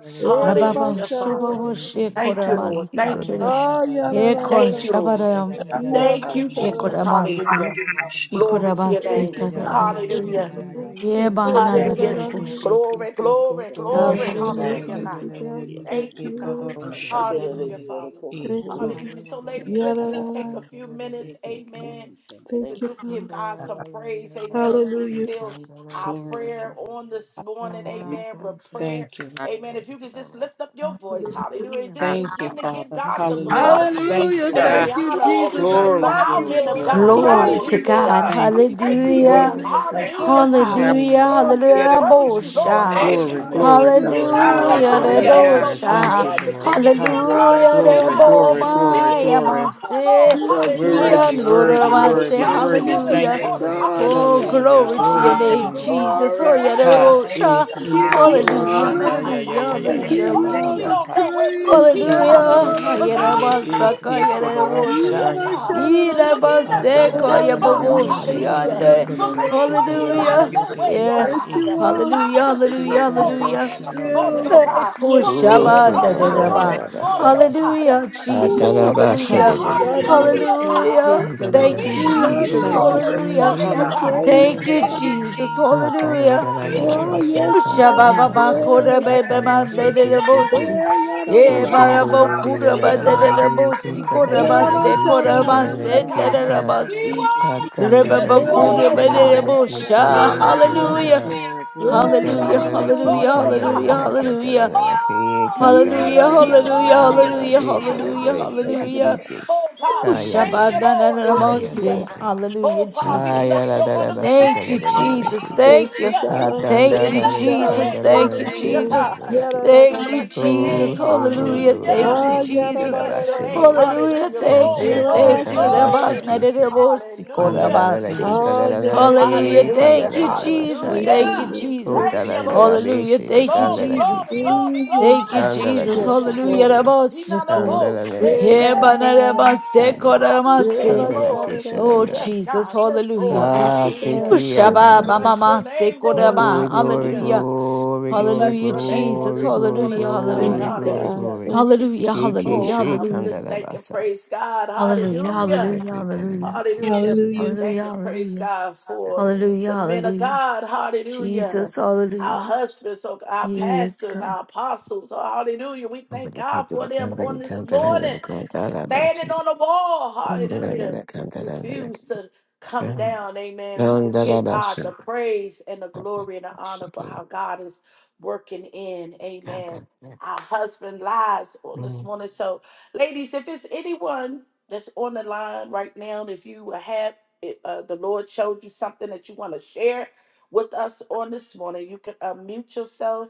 Speaker 7: pick up. Pick
Speaker 2: Lababa
Speaker 7: up,
Speaker 1: Hallelujah,
Speaker 7: rush
Speaker 1: Father.
Speaker 2: Shababa
Speaker 7: and yeah.
Speaker 10: vita
Speaker 1: Thank
Speaker 7: Pico pico
Speaker 1: you,
Speaker 2: Shekorama
Speaker 1: Lord.
Speaker 7: pico
Speaker 1: Thank you,
Speaker 7: poroshan
Speaker 2: Sitorama
Speaker 1: God.
Speaker 7: de de de de pico pico pico poroshan. Pico poroshan de de de
Speaker 10: dala
Speaker 7: de
Speaker 2: Eko
Speaker 7: de de
Speaker 1: Thank you,
Speaker 7: pico pico pico. Pico poroshan da ya ya ya ya ya ya
Speaker 1: Lord.
Speaker 7: ya
Speaker 2: Shabaram
Speaker 7: ya ya
Speaker 10: Thank
Speaker 7: ya la la poco.
Speaker 1: Thank
Speaker 7: Pico
Speaker 1: you, Jesus.
Speaker 2: Ekoramasi
Speaker 1: Hallelujah.
Speaker 7: poroshan da ya
Speaker 1: Glory to your
Speaker 2: Ikoramasi
Speaker 1: name.
Speaker 7: ya ya ya ya ya
Speaker 2: Tatamasi
Speaker 7: ya
Speaker 1: Hallelujah.
Speaker 7: ya ya ya papa.
Speaker 2: Yeba Nana
Speaker 1: Hallelujah.
Speaker 7: Pico
Speaker 2: Kush
Speaker 7: pico
Speaker 1: Glory,
Speaker 7: pico
Speaker 1: glory,
Speaker 2: Ye
Speaker 1: glory.
Speaker 7: poroshan
Speaker 2: Papa
Speaker 7: do ya ya
Speaker 1: Hallelujah,
Speaker 7: ya
Speaker 5: you.
Speaker 1: God.
Speaker 7: ya ya ya
Speaker 1: Thank you,
Speaker 7: pico
Speaker 1: God.
Speaker 8: Lord.
Speaker 7: poroshan da
Speaker 1: Hallelujah,
Speaker 7: ya.
Speaker 1: Father.
Speaker 8: Thank
Speaker 7: Pico.
Speaker 8: you,
Speaker 1: Hallelujah.
Speaker 8: God.
Speaker 1: So, ladies, let's just take
Speaker 8: Yarara.
Speaker 1: a few minutes,
Speaker 7: Mm.
Speaker 1: amen, and
Speaker 8: Thank
Speaker 1: to
Speaker 3: Thank
Speaker 8: you,
Speaker 3: you.
Speaker 1: just
Speaker 8: God.
Speaker 1: give God some praise, amen, as we
Speaker 8: Hallelujah.
Speaker 1: seal our
Speaker 7: Glory to
Speaker 1: prayer
Speaker 7: you.
Speaker 1: on
Speaker 7: Lord.
Speaker 1: this morning, amen, with prayer,
Speaker 7: Thank you, Lord.
Speaker 1: amen. If you could just lift up your voice, hallelujah, and just
Speaker 7: Thank you,
Speaker 1: begin to give
Speaker 7: Father.
Speaker 1: God the
Speaker 5: Hallelujah.
Speaker 7: Hallelujah.
Speaker 1: glory
Speaker 7: Thank
Speaker 8: Hallelujah.
Speaker 7: you,
Speaker 1: and the
Speaker 7: Lord.
Speaker 8: Thank you,
Speaker 1: honor
Speaker 5: Glory
Speaker 8: Jesus.
Speaker 5: to
Speaker 8: I
Speaker 1: for
Speaker 7: Glory,
Speaker 8: love
Speaker 1: our
Speaker 8: you,
Speaker 7: glory,
Speaker 1: men of
Speaker 8: Lord. I
Speaker 7: glory.
Speaker 1: God,
Speaker 2: Glory
Speaker 8: praise
Speaker 2: to
Speaker 5: glory
Speaker 8: you,
Speaker 5: to
Speaker 1: hallelujah.
Speaker 10: you.
Speaker 8: Lord.
Speaker 2: God.
Speaker 5: God.
Speaker 7: Thank
Speaker 1: We
Speaker 7: you,
Speaker 8: I
Speaker 1: thank
Speaker 10: Thank
Speaker 1: you,
Speaker 8: adore
Speaker 2: Hallelujah.
Speaker 1: Lord,
Speaker 6: Hallelujah.
Speaker 7: Jesus.
Speaker 8: you. I
Speaker 5: Thank
Speaker 1: hallelujah,
Speaker 8: exalt you. I
Speaker 1: God.
Speaker 2: Hallelujah.
Speaker 8: extol
Speaker 7: Hallelujah.
Speaker 1: Father,
Speaker 8: you,
Speaker 2: Hallelujah.
Speaker 1: we
Speaker 8: oh God.
Speaker 1: praise you, Lord.
Speaker 2: Rabosha.
Speaker 8: Oh
Speaker 5: thank you,
Speaker 7: Glory,
Speaker 8: God,
Speaker 1: Hallelujah.
Speaker 8: you're a
Speaker 7: glory,
Speaker 8: good
Speaker 5: Jesus.
Speaker 1: We
Speaker 7: glory,
Speaker 8: God. You're
Speaker 7: glory,
Speaker 8: an
Speaker 2: Hallelujah.
Speaker 1: magnify your
Speaker 7: glory,
Speaker 8: awesome
Speaker 5: Hallelujah.
Speaker 1: name,
Speaker 8: God.
Speaker 6: Hallelujah.
Speaker 1: oh
Speaker 7: glory.
Speaker 8: You're a
Speaker 1: God.
Speaker 7: Thank
Speaker 2: Rabosha.
Speaker 7: you, Lord.
Speaker 1: We
Speaker 8: wonderful
Speaker 1: give
Speaker 8: God.
Speaker 7: Ha.
Speaker 1: you the
Speaker 8: You're a
Speaker 2: Hallelujah.
Speaker 1: glory,
Speaker 7: Glory,
Speaker 5: Hallelujah.
Speaker 8: magnificent
Speaker 1: God.
Speaker 7: glory,
Speaker 8: God.
Speaker 1: We
Speaker 5: Glory.
Speaker 1: give
Speaker 7: glory,
Speaker 1: you
Speaker 2: Rabomaya.
Speaker 1: the
Speaker 7: glory.
Speaker 5: Glory.
Speaker 1: honor, Lord.
Speaker 2: Manse.
Speaker 8: You're a great
Speaker 5: Glory.
Speaker 1: Hallelujah.
Speaker 7: Worthy,
Speaker 8: God.
Speaker 2: Yanura
Speaker 7: worthy,
Speaker 1: God,
Speaker 8: You're a
Speaker 1: we
Speaker 2: Manse.
Speaker 7: worthy,
Speaker 1: trust you
Speaker 7: worthy.
Speaker 1: on this
Speaker 7: Thank
Speaker 2: Hallelujah.
Speaker 8: magnificent
Speaker 7: you,
Speaker 5: Thank you.
Speaker 1: morning.
Speaker 7: Lord.
Speaker 8: God.
Speaker 2: Oh,
Speaker 8: And
Speaker 1: Hallelujah.
Speaker 8: oh
Speaker 7: Hallelujah.
Speaker 8: God,
Speaker 2: glory
Speaker 8: I
Speaker 2: to your
Speaker 7: Glory
Speaker 8: give
Speaker 7: to
Speaker 8: you
Speaker 7: your
Speaker 2: name,
Speaker 1: Oh,
Speaker 5: Hallelujah.
Speaker 7: name.
Speaker 1: God, if
Speaker 2: Jesus.
Speaker 1: it
Speaker 5: We
Speaker 8: glory.
Speaker 2: Oh,
Speaker 1: had
Speaker 2: yeah,
Speaker 5: bless your
Speaker 1: not
Speaker 7: Ha.
Speaker 8: I
Speaker 5: name,
Speaker 1: been for
Speaker 7: E.
Speaker 2: Rabosha.
Speaker 5: God.
Speaker 1: you,
Speaker 8: give
Speaker 7: Iko
Speaker 1: Lord,
Speaker 8: you
Speaker 1: on
Speaker 7: doro
Speaker 1: our
Speaker 2: Hallelujah.
Speaker 8: honor.
Speaker 7: shanda
Speaker 5: Hallelujah.
Speaker 1: side,
Speaker 7: ya ya
Speaker 2: Hallelujah.
Speaker 7: ya
Speaker 1: God.
Speaker 7: ya
Speaker 8: I
Speaker 5: Thank
Speaker 7: ya
Speaker 2: Hallelujah.
Speaker 8: give
Speaker 7: ya
Speaker 5: you.
Speaker 7: ba
Speaker 8: you
Speaker 5: Thank you.
Speaker 1: Father,
Speaker 7: ba
Speaker 8: all
Speaker 1: we
Speaker 7: ba
Speaker 2: Hallelujah.
Speaker 8: the
Speaker 1: don't
Speaker 7: ha.
Speaker 1: know where we would
Speaker 8: praise.
Speaker 1: be, God.
Speaker 2: Hallelujah.
Speaker 5: Thank
Speaker 1: But
Speaker 2: Yere
Speaker 1: God,
Speaker 7: Ekodoroshandaya,
Speaker 5: you,
Speaker 1: we
Speaker 7: e-
Speaker 5: Jesus.
Speaker 1: thank
Speaker 2: basaka, Yerabasaka
Speaker 1: you.
Speaker 5: Father.
Speaker 8: You
Speaker 2: yerebosha.
Speaker 8: are
Speaker 1: Hallelujah,
Speaker 8: my
Speaker 7: ekodoroshandaya, ya- ya.
Speaker 1: God.
Speaker 8: shadow,
Speaker 1: For
Speaker 8: Lord.
Speaker 1: being a
Speaker 7: Ata da
Speaker 1: good,
Speaker 7: da
Speaker 2: Yerabaseka
Speaker 1: good
Speaker 7: da
Speaker 8: Oh
Speaker 7: da da
Speaker 8: Lord,
Speaker 7: ya
Speaker 1: father.
Speaker 5: Thank
Speaker 8: you
Speaker 7: pe
Speaker 8: are
Speaker 7: pe
Speaker 8: good
Speaker 7: e
Speaker 1: Hallelujah
Speaker 8: God.
Speaker 2: yeboboshiande.
Speaker 8: You
Speaker 1: for
Speaker 8: are
Speaker 6: Mm,
Speaker 1: making
Speaker 8: wonderful
Speaker 7: ekodoroshandaya,
Speaker 1: ways
Speaker 7: ya
Speaker 8: God.
Speaker 7: da
Speaker 1: out
Speaker 7: da
Speaker 1: of
Speaker 2: Hallelujah.
Speaker 5: you
Speaker 7: ya
Speaker 1: no
Speaker 5: for
Speaker 7: pe
Speaker 1: way,
Speaker 7: pe
Speaker 1: oh
Speaker 5: your
Speaker 7: pe
Speaker 2: Yeah.
Speaker 5: life.
Speaker 6: mm.
Speaker 8: Yes,
Speaker 7: e
Speaker 5: Thank
Speaker 1: God.
Speaker 8: you
Speaker 7: he.
Speaker 8: are.
Speaker 1: God,
Speaker 2: Hallelujah.
Speaker 5: you
Speaker 1: for
Speaker 5: for
Speaker 2: Hallelujah.
Speaker 5: your
Speaker 1: strength,
Speaker 5: obedience,
Speaker 1: oh
Speaker 2: Hallelujah.
Speaker 1: God, on this
Speaker 7: Ekodoroshandaya,
Speaker 10: you.
Speaker 1: morning,
Speaker 7: ya
Speaker 8: You,
Speaker 1: oh
Speaker 7: ya ya.
Speaker 2: Eh,
Speaker 1: God.
Speaker 8: you
Speaker 1: For
Speaker 8: are
Speaker 1: peace,
Speaker 2: hoshaba
Speaker 7: Aya
Speaker 2: da
Speaker 1: oh
Speaker 7: ya
Speaker 5: Father.
Speaker 7: ya
Speaker 8: magnificent
Speaker 1: God,
Speaker 7: ya
Speaker 1: on
Speaker 7: ya
Speaker 8: God.
Speaker 5: Thank
Speaker 2: deraba.
Speaker 7: ya
Speaker 1: this
Speaker 7: ya ya
Speaker 1: morning,
Speaker 7: ya
Speaker 1: oh
Speaker 7: pa
Speaker 1: God.
Speaker 7: pa.
Speaker 2: Hallelujah,
Speaker 1: God, we
Speaker 2: Jesus.
Speaker 8: Ooh,
Speaker 1: thank
Speaker 5: you,
Speaker 7: Ha
Speaker 1: you,
Speaker 2: Hallelujah.
Speaker 7: ya ya
Speaker 5: Father.
Speaker 8: love
Speaker 7: ya ya
Speaker 8: you,
Speaker 7: pe
Speaker 8: Lord.
Speaker 1: hallelujah,
Speaker 7: e
Speaker 2: Hallelujah.
Speaker 1: God, for
Speaker 2: Thank
Speaker 5: who
Speaker 2: you,
Speaker 1: being
Speaker 8: We
Speaker 1: our
Speaker 8: love
Speaker 5: is
Speaker 7: ekodoroshandaya.
Speaker 8: you,
Speaker 2: Jesus.
Speaker 5: with
Speaker 1: healer
Speaker 7: Thank
Speaker 1: on
Speaker 7: you,
Speaker 1: this
Speaker 8: Lord.
Speaker 5: us.
Speaker 7: Lord.
Speaker 2: Hallelujah.
Speaker 1: morning,
Speaker 5: Lord
Speaker 8: We
Speaker 1: oh
Speaker 5: God,
Speaker 7: Hallelujah.
Speaker 8: praise
Speaker 1: God.
Speaker 8: you,
Speaker 2: Thank
Speaker 7: Glory
Speaker 2: you,
Speaker 5: thank
Speaker 7: to
Speaker 8: God.
Speaker 7: your
Speaker 2: Jesus.
Speaker 7: name.
Speaker 1: Oh,
Speaker 2: Hallelujah.
Speaker 1: God, we
Speaker 7: Thank
Speaker 5: you,
Speaker 7: you,
Speaker 8: Oh
Speaker 1: thank you,
Speaker 7: Lord.
Speaker 8: yes, Lord.
Speaker 1: Lord,
Speaker 7: Mm.
Speaker 2: Shababa
Speaker 8: Yes.
Speaker 2: Korabe
Speaker 1: hallelujah.
Speaker 2: Bemande
Speaker 1: We
Speaker 7: Thank
Speaker 1: give
Speaker 7: you.
Speaker 2: de
Speaker 1: your name
Speaker 2: Bosi.
Speaker 7: Jesus.
Speaker 10: Kata
Speaker 8: Eh, ya
Speaker 2: E,
Speaker 8: da da
Speaker 2: Shabababakorabebemandelebosi.
Speaker 1: praise,
Speaker 8: da da.
Speaker 1: God.
Speaker 5: Father.
Speaker 1: We
Speaker 7: Glory,
Speaker 5: God,
Speaker 2: Ebarabokurabandebosi,
Speaker 7: glory,
Speaker 1: glorify
Speaker 8: Eh,
Speaker 1: you,
Speaker 8: Rabba,
Speaker 2: korabase,
Speaker 1: God,
Speaker 8: shadow, da da da
Speaker 7: glory,
Speaker 1: hallelujah,
Speaker 2: korabase,
Speaker 8: da.
Speaker 1: God.
Speaker 8: da.
Speaker 1: We
Speaker 2: tararabasi.
Speaker 1: worship you
Speaker 8: Eh,
Speaker 1: this morning,
Speaker 8: Rabba,
Speaker 1: oh
Speaker 5: glory.
Speaker 8: shadow,
Speaker 1: God.
Speaker 8: da da da da.
Speaker 1: We
Speaker 2: Rebabakurabandelebosha.
Speaker 5: Hallelujah.
Speaker 2: Hallelujah.
Speaker 7: glory,
Speaker 8: Eh,
Speaker 1: worship
Speaker 8: ya
Speaker 2: Hallelujah.
Speaker 8: da da
Speaker 7: glory.
Speaker 5: God,
Speaker 1: you
Speaker 8: da
Speaker 1: this
Speaker 10: Dandadariki,
Speaker 8: da.
Speaker 2: Hallelujah.
Speaker 1: morning,
Speaker 8: da.
Speaker 1: oh
Speaker 2: Hallelujah.
Speaker 7: Mm.
Speaker 1: God.
Speaker 10: kandaranaraki, ataranaraki,
Speaker 1: Oh
Speaker 8: Ee,
Speaker 1: God, we
Speaker 2: Hallelujah.
Speaker 8: Rabba,
Speaker 2: Hallelujah.
Speaker 1: give
Speaker 8: sha
Speaker 1: you
Speaker 8: da
Speaker 2: Hallelujah.
Speaker 8: da da
Speaker 7: Glory
Speaker 8: da.
Speaker 2: Hallelujah.
Speaker 7: to
Speaker 10: katanananananandaradi,
Speaker 1: glory,
Speaker 7: your
Speaker 5: thank
Speaker 1: God.
Speaker 5: you,
Speaker 7: name,
Speaker 2: Hallelujah.
Speaker 7: Lord.
Speaker 10: karadereki,
Speaker 5: Jesus.
Speaker 8: Thank
Speaker 1: Hallelujah.
Speaker 8: you,
Speaker 2: Hallelujah.
Speaker 8: God.
Speaker 10: shikite,
Speaker 1: Oh God,
Speaker 2: Oh,
Speaker 1: we
Speaker 7: Thank you,
Speaker 10: kayada,
Speaker 1: thank
Speaker 2: Shabbat,
Speaker 1: you,
Speaker 2: na,
Speaker 7: Jesus.
Speaker 2: na,
Speaker 1: Lord.
Speaker 2: na, na,
Speaker 8: Thank you,
Speaker 1: Hallelujah.
Speaker 2: Mose.
Speaker 8: Lord.
Speaker 10: kayadasi,
Speaker 2: Hallelujah,
Speaker 1: Oh God, we
Speaker 2: Jesus.
Speaker 1: bless your wonderful
Speaker 10: kayaradarabashika,
Speaker 2: Thank
Speaker 1: name,
Speaker 2: you,
Speaker 7: Thank you,
Speaker 1: Lord.
Speaker 2: Jesus.
Speaker 7: Father.
Speaker 10: karadanarakite,
Speaker 8: Thank
Speaker 2: Thank
Speaker 8: you,
Speaker 2: you.
Speaker 1: Hallelujah.
Speaker 8: God.
Speaker 1: We
Speaker 2: Thank you,
Speaker 8: Thank you,
Speaker 10: katandarari,
Speaker 1: bless your
Speaker 8: God.
Speaker 2: Jesus.
Speaker 1: name.
Speaker 8: Thank
Speaker 2: Thank you,
Speaker 8: you,
Speaker 10: kandaranaraki,
Speaker 1: Hallelujah,
Speaker 8: Lord.
Speaker 2: Jesus.
Speaker 1: God.
Speaker 10: taranaraki,
Speaker 8: Yada da
Speaker 1: We
Speaker 8: da
Speaker 2: Thank
Speaker 8: da.
Speaker 2: you,
Speaker 1: bless your
Speaker 2: Jesus.
Speaker 1: name.
Speaker 10: kuso,
Speaker 7: Mm,
Speaker 10: do,
Speaker 7: mm,
Speaker 2: Hallelujah.
Speaker 10: do, do,
Speaker 2: Thank
Speaker 1: Hallelujah.
Speaker 2: you,
Speaker 10: do,
Speaker 8: Ah,
Speaker 7: hallelujah.
Speaker 1: We
Speaker 8: yada da
Speaker 2: Jesus.
Speaker 8: da
Speaker 1: bless your
Speaker 8: da.
Speaker 10: tikarabashide,
Speaker 1: name.
Speaker 7: Father, glory
Speaker 2: Hallelujah.
Speaker 1: Hallelujah.
Speaker 8: Yada
Speaker 7: to
Speaker 2: Thank
Speaker 8: da.
Speaker 1: Glory,
Speaker 2: you.
Speaker 7: your
Speaker 1: glory,
Speaker 7: name.
Speaker 2: Thank you.
Speaker 7: Thank you.
Speaker 2: Rabat
Speaker 1: glory.
Speaker 8: Irabashada.
Speaker 10: kandarakatarabashikisi,
Speaker 2: nerebosi
Speaker 7: Glory.
Speaker 1: Hallelujah.
Speaker 10: Andalanala
Speaker 7: Thank
Speaker 2: korabati.
Speaker 10: ki
Speaker 7: you,
Speaker 8: Ah,
Speaker 7: Father.
Speaker 10: kandalanala
Speaker 8: yada da
Speaker 2: Hallelujah.
Speaker 8: da.
Speaker 10: ki
Speaker 1: Hallelujah.
Speaker 2: Thank you,
Speaker 10: kandalanala
Speaker 2: Jesus.
Speaker 8: Thank
Speaker 10: bashaya.
Speaker 8: you,
Speaker 2: Thank you,
Speaker 1: Hallelujah.
Speaker 8: Lord.
Speaker 2: Jesus.
Speaker 8: Thank
Speaker 1: Thank
Speaker 8: you,
Speaker 1: you,
Speaker 10: Kudalandala
Speaker 8: God.
Speaker 1: Lord.
Speaker 2: Hallelujah.
Speaker 10: bishi
Speaker 2: Thank you,
Speaker 1: Glory,
Speaker 10: kandala
Speaker 1: glory,
Speaker 2: Jesus.
Speaker 10: kita.
Speaker 1: glory,
Speaker 8: Mm-hmm.
Speaker 2: Thank you,
Speaker 1: glory.
Speaker 10: Kandala
Speaker 2: Jesus.
Speaker 8: Yes,
Speaker 10: kishi
Speaker 1: Hallelujah.
Speaker 8: Lord.
Speaker 2: Hallelujah.
Speaker 10: kindi.
Speaker 1: He not no
Speaker 2: Rabasikor.
Speaker 10: Kandalanala
Speaker 8: Yeah,
Speaker 1: bullshit.
Speaker 10: kita.
Speaker 8: yada da da da.
Speaker 2: Hebanarabase
Speaker 10: Kandala.
Speaker 1: God, we thank you,
Speaker 2: koramase.
Speaker 10: Kandala
Speaker 1: Lord.
Speaker 8: Irabashada da da. da da.
Speaker 2: Oh,
Speaker 1: Yes,
Speaker 10: kishalanda.
Speaker 2: Jesus.
Speaker 1: God. Yes, Lord.
Speaker 2: Hallelujah.
Speaker 8: Thank you,
Speaker 2: Ooh,
Speaker 1: Hallelujah.
Speaker 8: God.
Speaker 10: Kasiki
Speaker 8: Thank
Speaker 1: We
Speaker 8: you,
Speaker 2: Shabbat,
Speaker 10: andala
Speaker 2: ba, ma,
Speaker 8: Lord.
Speaker 1: bless
Speaker 10: bashi.
Speaker 1: your
Speaker 2: ma, se,
Speaker 1: name,
Speaker 2: ko, da,
Speaker 1: Lord.
Speaker 2: ma.
Speaker 10: Glory, glory,
Speaker 1: Hallelujah.
Speaker 2: Hallelujah.
Speaker 10: glory,
Speaker 1: We
Speaker 10: glory,
Speaker 1: bless
Speaker 2: Hallelujah,
Speaker 1: your name on
Speaker 2: Jesus.
Speaker 10: glory,
Speaker 1: this
Speaker 10: glory,
Speaker 1: morning,
Speaker 2: Hallelujah,
Speaker 1: oh
Speaker 8: Thank
Speaker 1: God.
Speaker 10: glory,
Speaker 2: hallelujah.
Speaker 8: you,
Speaker 10: glory,
Speaker 8: God.
Speaker 1: Hallelujah.
Speaker 10: glory.
Speaker 8: Thank you,
Speaker 2: Hallelujah,
Speaker 8: God.
Speaker 10: Kiki
Speaker 1: Oh
Speaker 2: hallelujah,
Speaker 10: shi
Speaker 1: God, we
Speaker 2: hallelujah.
Speaker 1: just
Speaker 10: kandala
Speaker 1: thank and
Speaker 10: basa.
Speaker 1: praise God.
Speaker 2: Hallelujah,
Speaker 1: Hallelujah.
Speaker 10: Kandalanala
Speaker 2: hallelujah,
Speaker 10: kita.
Speaker 2: hallelujah.
Speaker 10: Kandalanala kishi.
Speaker 1: Hallelujah. We
Speaker 8: Hallelujah.
Speaker 2: Hallelujah,
Speaker 1: thank and praise
Speaker 2: hallelujah.
Speaker 1: God for
Speaker 2: Hallelujah,
Speaker 1: the men of
Speaker 2: hallelujah.
Speaker 1: God. Hallelujah.
Speaker 2: Jesus,
Speaker 1: Our
Speaker 2: hallelujah.
Speaker 1: husbands, oh, our
Speaker 2: Yes,
Speaker 1: pastors,
Speaker 2: God.
Speaker 1: our apostles. oh, hallelujah. We thank God for them on this morning, standing on the wall. Hallelujah. Refuse to come down. Amen. We just give God the praise and the glory and the honor for how God is working in. Amen. Our husband lives on this morning. So, ladies, if it's anyone that's on the line right now, if you have it, uh, the Lord showed you something that you want to share with us on this morning, you can unmute yourself.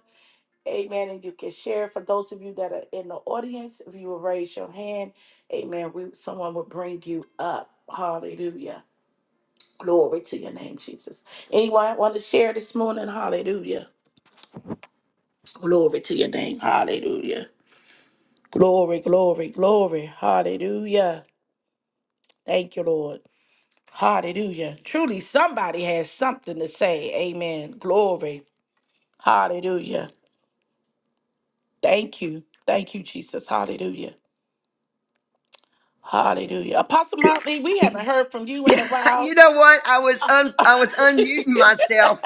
Speaker 1: Amen. And you can share for those of you that are in the audience. If you will raise your hand, amen, we, someone will bring you up. Hallelujah. Glory to your name, Jesus. Anyone want to share this morning? Hallelujah. Glory to your name. Hallelujah. Glory, glory, glory. Hallelujah. Thank you, Lord. Hallelujah. Truly, somebody has something to say. Amen. Glory. Hallelujah. Thank you. Thank you, Jesus. Hallelujah. Hallelujah. Apostle Motley, we haven't heard from you in
Speaker 9: Yeah,
Speaker 1: a while.
Speaker 9: you know what? I was un I was
Speaker 1: I
Speaker 9: unmuting
Speaker 1: didn't
Speaker 9: myself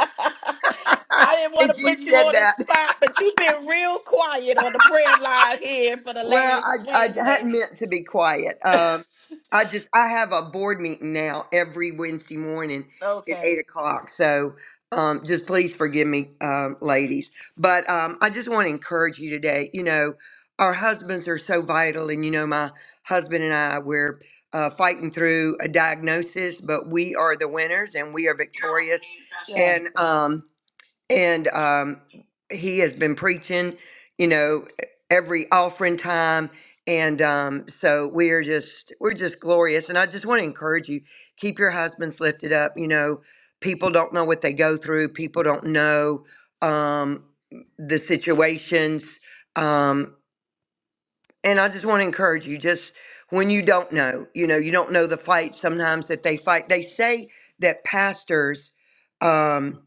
Speaker 1: want to
Speaker 9: as you
Speaker 1: put you
Speaker 9: said
Speaker 1: on the
Speaker 9: that.
Speaker 1: spot, but you've been real quiet on the prayer line here for the
Speaker 9: Well,
Speaker 1: last
Speaker 9: I, I
Speaker 1: Wednesday.
Speaker 9: hadn't meant to be quiet. Um, I just I have a board meeting now every Wednesday morning at
Speaker 1: Okay.
Speaker 9: eight o'clock. So um, just please forgive me, um, ladies. But um, I just want to encourage you today. You know, our husbands are so vital, and you know, my husband and I we're uh, fighting through a diagnosis, but we are the winners and we are victorious.
Speaker 1: Yes.
Speaker 9: And um, and um, he has been preaching, you know, e, every offering time, and um, so we're just we're just glorious. And I just want to encourage you: keep your husbands lifted up. You know, people don't know what they go through. People don't know um, the situations, um, and I just want to encourage you: just when you don't know, you know, you don't know the fight sometimes that they fight. They say that pastors. Um,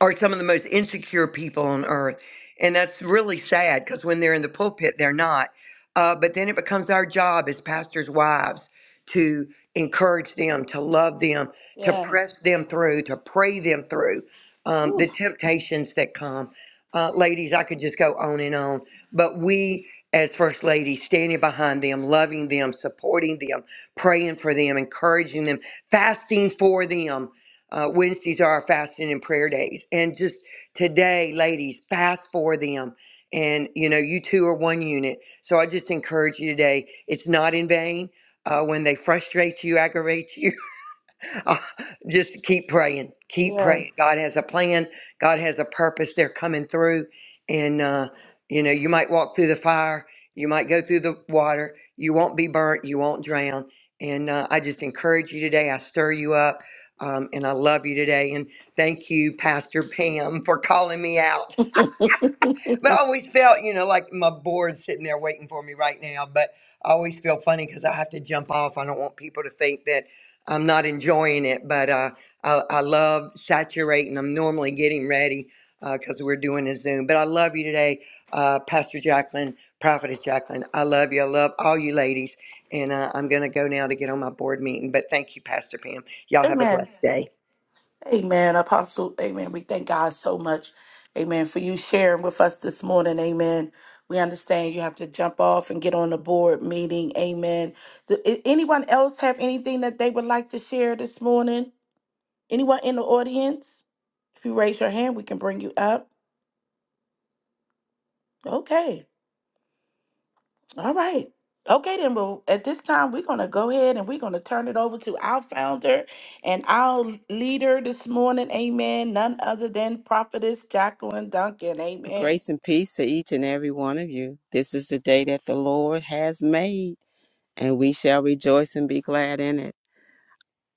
Speaker 9: are some of the most insecure people on earth. And that's really sad because when they're in the pulpit, they're not. Uh, but then it becomes our job as pastors' wives to encourage them, to love them, to
Speaker 1: Yes.
Speaker 9: press them through, to pray them through um,
Speaker 1: Ooh,
Speaker 9: the temptations that come. Uh, ladies, I could just go on and on, but we, as First ladies, standing behind them, loving them, supporting them, praying for them, encouraging them, fasting for them. Uh, Wednesdays are our fasting and prayer days. And just today, ladies, fast for them. And, you know, you two are one unit. So I just encourage you today, it's not in vain. Uh, when they frustrate you, aggravate you, uh, just keep praying. Keep praying.
Speaker 1: yes.
Speaker 9: God has a plan. God has a purpose. They're coming through. And, uh, you know, you might walk through the fire. You might go through the water. You won't be burnt. You won't drown. And uh, I just encourage you today. I stir you up. Um, and I love you today. And thank you, Pastor Pam, for calling me out but I always felt, you know, like my board's sitting there waiting for me right now. But I always feel funny because I have to jump off. I don't want people to think that I'm not enjoying it. But uh, I, I love saturating. I'm normally getting ready because we're doing a Zoom. But I love you today, uh, Pastor Jacqueline, Prophetess Jacqueline. I love you. I love all you ladies. And uh, I'm going to go now to get on my board meeting. But thank you, Pastor Pam. Y'all have a
Speaker 1: Amen.
Speaker 9: blessed day.
Speaker 1: Amen, Apostle. Amen. We thank God so much. Amen. For you sharing with us this morning. Amen. We understand you have to jump off and get on the board meeting. Amen. Do, a- anyone else have anything that they would like to share this morning? Anyone in the audience? If you raise your hand, we can bring you up. Okay. All right. Okay, then, well, at this time, we're going to go ahead and we're going to turn it over to our founder and our leader this morning. Amen. None other than Prophetess Jacqueline Duncan.
Speaker 6: Well,
Speaker 1: Amen.
Speaker 6: grace and peace to each and every one of you. This is the day that the Lord has made, and we shall rejoice and be glad in it.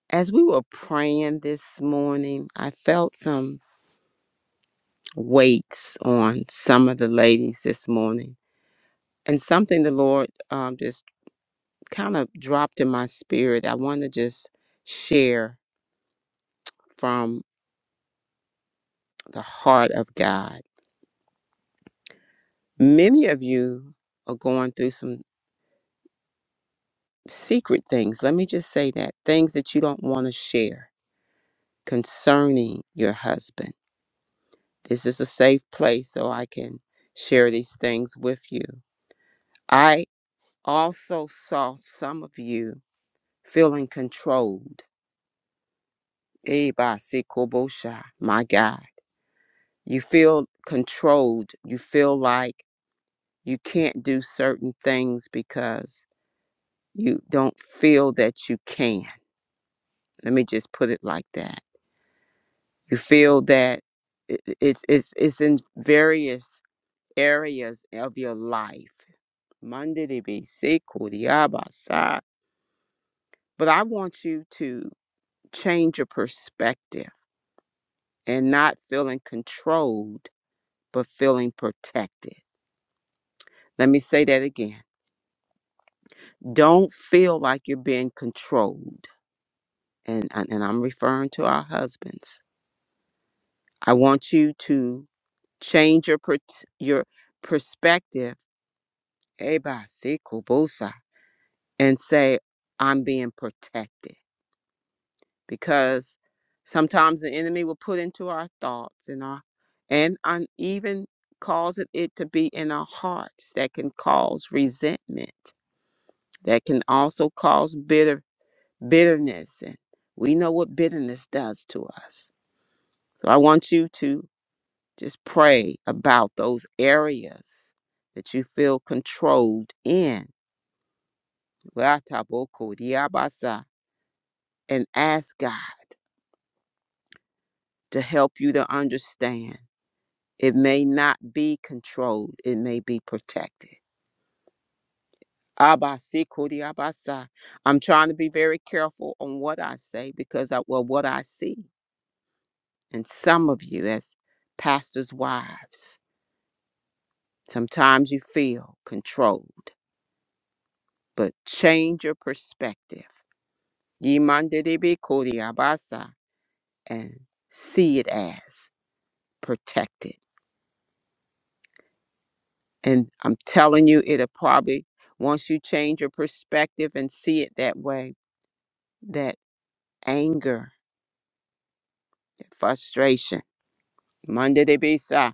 Speaker 6: As we were praying this morning, I felt some weights on some of the ladies this morning, and something the Lord um, just kind of dropped in my spirit. I want to just share from the heart of God. Many of you are going through some secret things. Let me just say that things that you don't want to share concerning your husband. This is a safe place so I can share these things with you. I also saw some of you feeling controlled. Eh, ba, si, ko, bo, sha. My God. You feel controlled. You feel like You can't do certain things because you don't feel that you can. Let me just put it like that. You feel that i- i- it's it's it's in various areas of your life. Mandidibisi, kudiabasa. But I want you to change your perspective and not feeling controlled, but feeling protected. Let me say that again. Don't feel like you're being controlled. and and and I'm referring to our husbands. I want you to change your per- your perspective, Eba si kubusa, and say I'm being protected because sometimes the enemy will put into our thoughts and our and and even cause it, it to be in our hearts that can cause resentment that can also cause bitter bitterness and we know what bitterness does to us so i want you to Just pray about those areas that you feel controlled in. Watabokodiabasa. And ask God to help you to understand it may not be controlled, it may be protected. Abasikodiabasa. I'm trying to be very careful on what I say because I, well, what I see and says pastors' wives. Sometimes you feel controlled, but change your perspective. Yimasa. and s- protected. And I'm telling you, it'll probably, once you perspective and see it that way, that anger, that frustration, Monday de Bisa,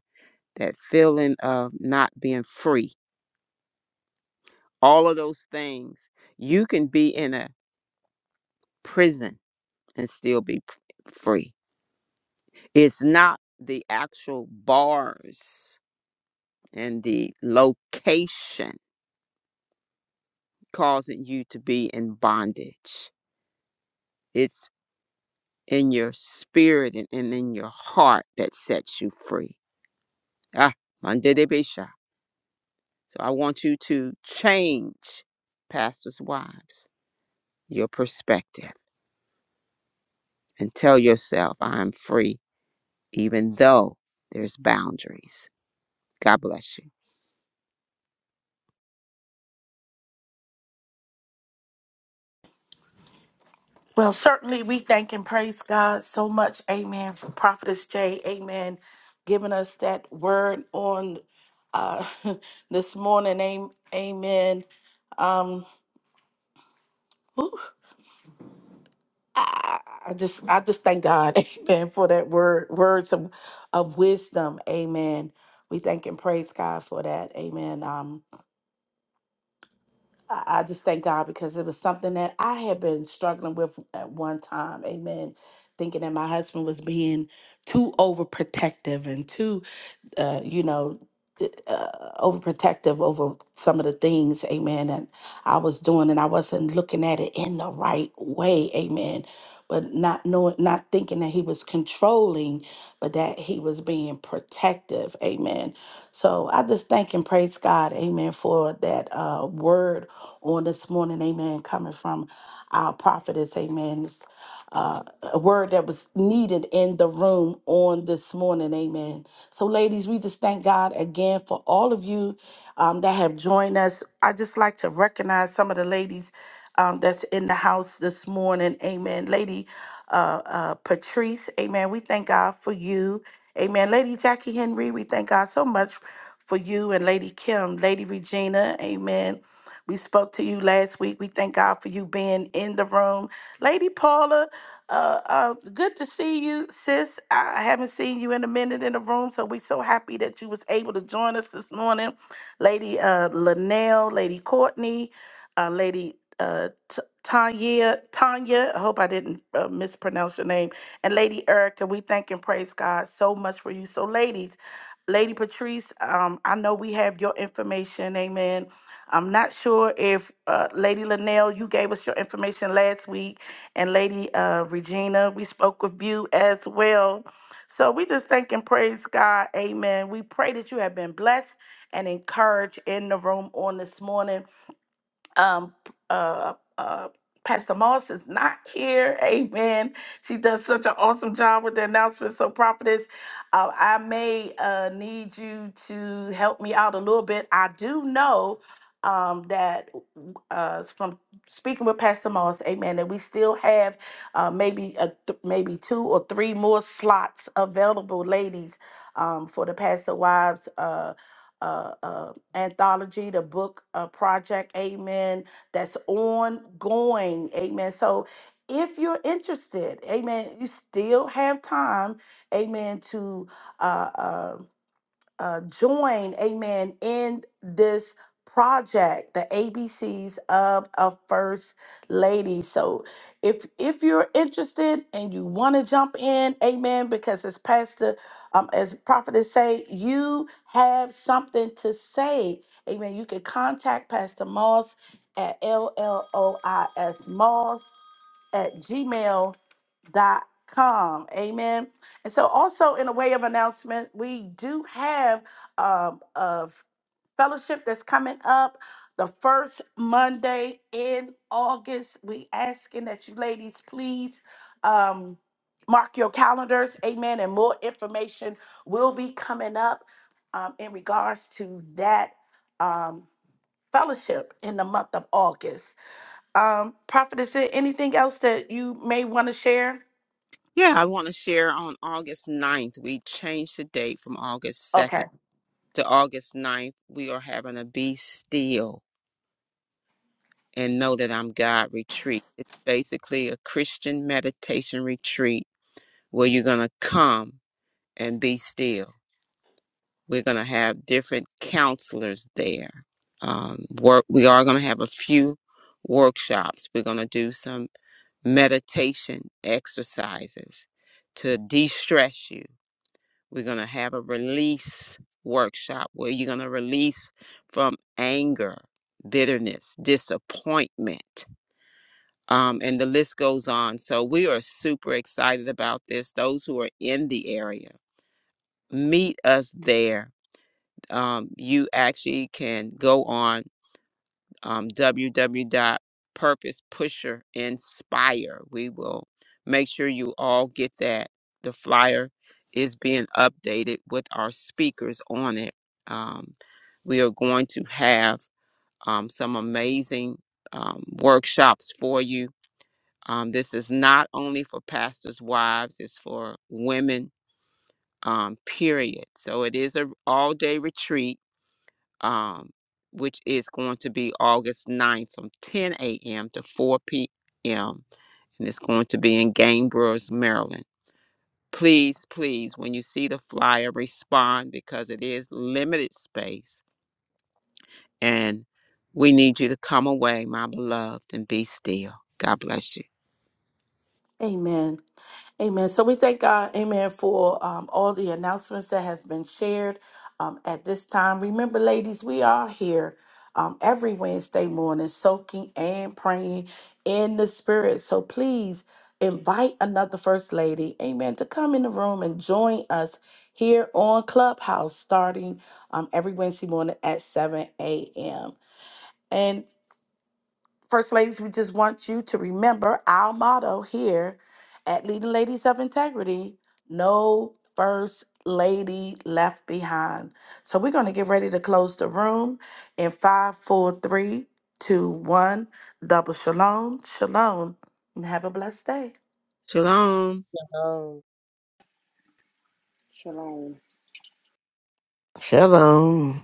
Speaker 6: that feeling of not being free, all of those things, you can be in a prison and still be p- free. It's not the actual bars and the location causing you to be in bondage. It's in your spirit and, and in your heart that sets you free. Ah, Monday de Besha. So I want you to change, pastors' wives, your perspective and tell yourself, I'm free, even though there's boundaries. God bless you.
Speaker 1: Well, certainly we thank and praise God so much. Amen. For Prophetess Jay. Amen. Giving us that word on uh, this morning. am- Amen. Um, I I just I just thank God, Amen, for that word, words of, of wisdom, Amen. We thank and praise God for that, Amen. Um, I, I just thank God because it was something that I had been struggling with at one time, Amen. Thinking that my husband was being too overprotective and too, uh, you know, uh, overprotective over some of the things, Amen, that I was doing, and I wasn't looking at it in the right way, Amen but not knowing, not thinking that he was controlling, but that he was being protective. Amen. So I just thank and praise God. Amen. For that uh, word on this morning. Amen. Coming from our prophetess. Amen. It's, Uh, a word that was needed in the room on this morning. Amen. So, ladies, we just thank God again for all of you um, that have joined us. I just like to recognize some of the ladies um, that's in the house this morning. Amen. Lady uh, uh, Patrice, amen. We thank God for you. Amen. Lady Jackie Henry, we thank God so much for you. And Lady Kim, Lady Regina, amen. We spoke to you last week. We thank God for you being in the room. Lady Paula, uh, uh, good to see you, sis. I haven't seen you in a minute in the room, so we're so happy that you was able to join us this morning. Lady uh, Linnell, Lady Courtney, uh, Lady uh, T- Tanya, Tanya, I hope I didn't uh, mispronounce your name, and Lady Erica. We thank and praise God so much for you. So, ladies, Lady Patrice, um, I know we have your information. Amen. I'm not sure if uh, Lady Linnell, you gave us your information last week, and Lady uh, Regina, we spoke with you as well. So we just thank and praise God. Amen. We pray that you have been blessed and encouraged in the room on this morning um uh uh Pastor Moss is not here. Amen. She does such an awesome job with the announcements. So, prophetess, uh, I may uh, need you to help me out a little bit. I do know um, that uh, from speaking with Pastor Moss, Amen, that we still have uh, maybe a th- maybe two or three more slots available, ladies, um, for the Pastor Wives uh, uh, uh, anthology, the book uh, project, amen, that's ongoing, amen. So if you're interested, amen, you still have time, amen, to uh, uh, uh, join, amen, in this project, the ABCs of a First Lady. So if if you're interested and you want to jump in, amen, because as Pastor, um, as prophetess say, you have something to say, amen. You can contact Pastor Moss at LLOIS Moss at gmail dot com. Amen. And so, also in a way of announcement, we do have um, of fellowship that's coming up the first Monday in August. We asking that you ladies please um, mark your calendars, amen. And more information will be coming up um, in regards to that um, fellowship in the month of August. Um, Prophet, is there anything else that you may want to share?
Speaker 6: Yeah, I want to share on August ninth, We changed the date from August 2nd
Speaker 1: Okay.
Speaker 6: to August ninth. We are having a Be Still and Know That I'm God retreat. It's basically a Christian meditation retreat where you're going to come and be still. We're going to have different counselors there. Um, work, we are going to have a few workshops. We're going to do some meditation exercises to de stress you. We're going to have a release workshop where you're going to release from anger, bitterness, disappointment um, and the list goes on. So we are super excited about this. Those who are in the area, meet us there. Um, you actually can go on um, www.purposepusher.inspire. We will make sure you all get that. The flyer is being updated with our speakers on it. Um, we are going to have um, some amazing um, workshops for you um, this is not only for pastors' wives, it's for women, um, period. So it is a all day retreat, um, which is going to be August ninth from 10 a.m. to 4 p.m. And it's going to be in Gainbrooks, Maryland. Please, please, when you see the flyer, respond because it is limited space. And we need you to come away, my beloved, and be still. God bless you.
Speaker 1: Amen. Amen. So we thank God, amen, for um, all the announcements that has been shared um, at this time. Remember, ladies, we are here um, every Wednesday morning, soaking and praying in the Spirit. So please invite another First Lady, amen, to come in the room and join us here on Clubhouse starting um, every Wednesday morning at 7 a.m. First Ladies, we just want you to remember our motto here at Leading Ladies of Integrity no First Lady left behind. So we're going to get ready to close the room in five, four, three, two, one. Double shalom, shalom, and have a blessed day.
Speaker 6: Shalom.
Speaker 3: Thank you.
Speaker 10: Shalom.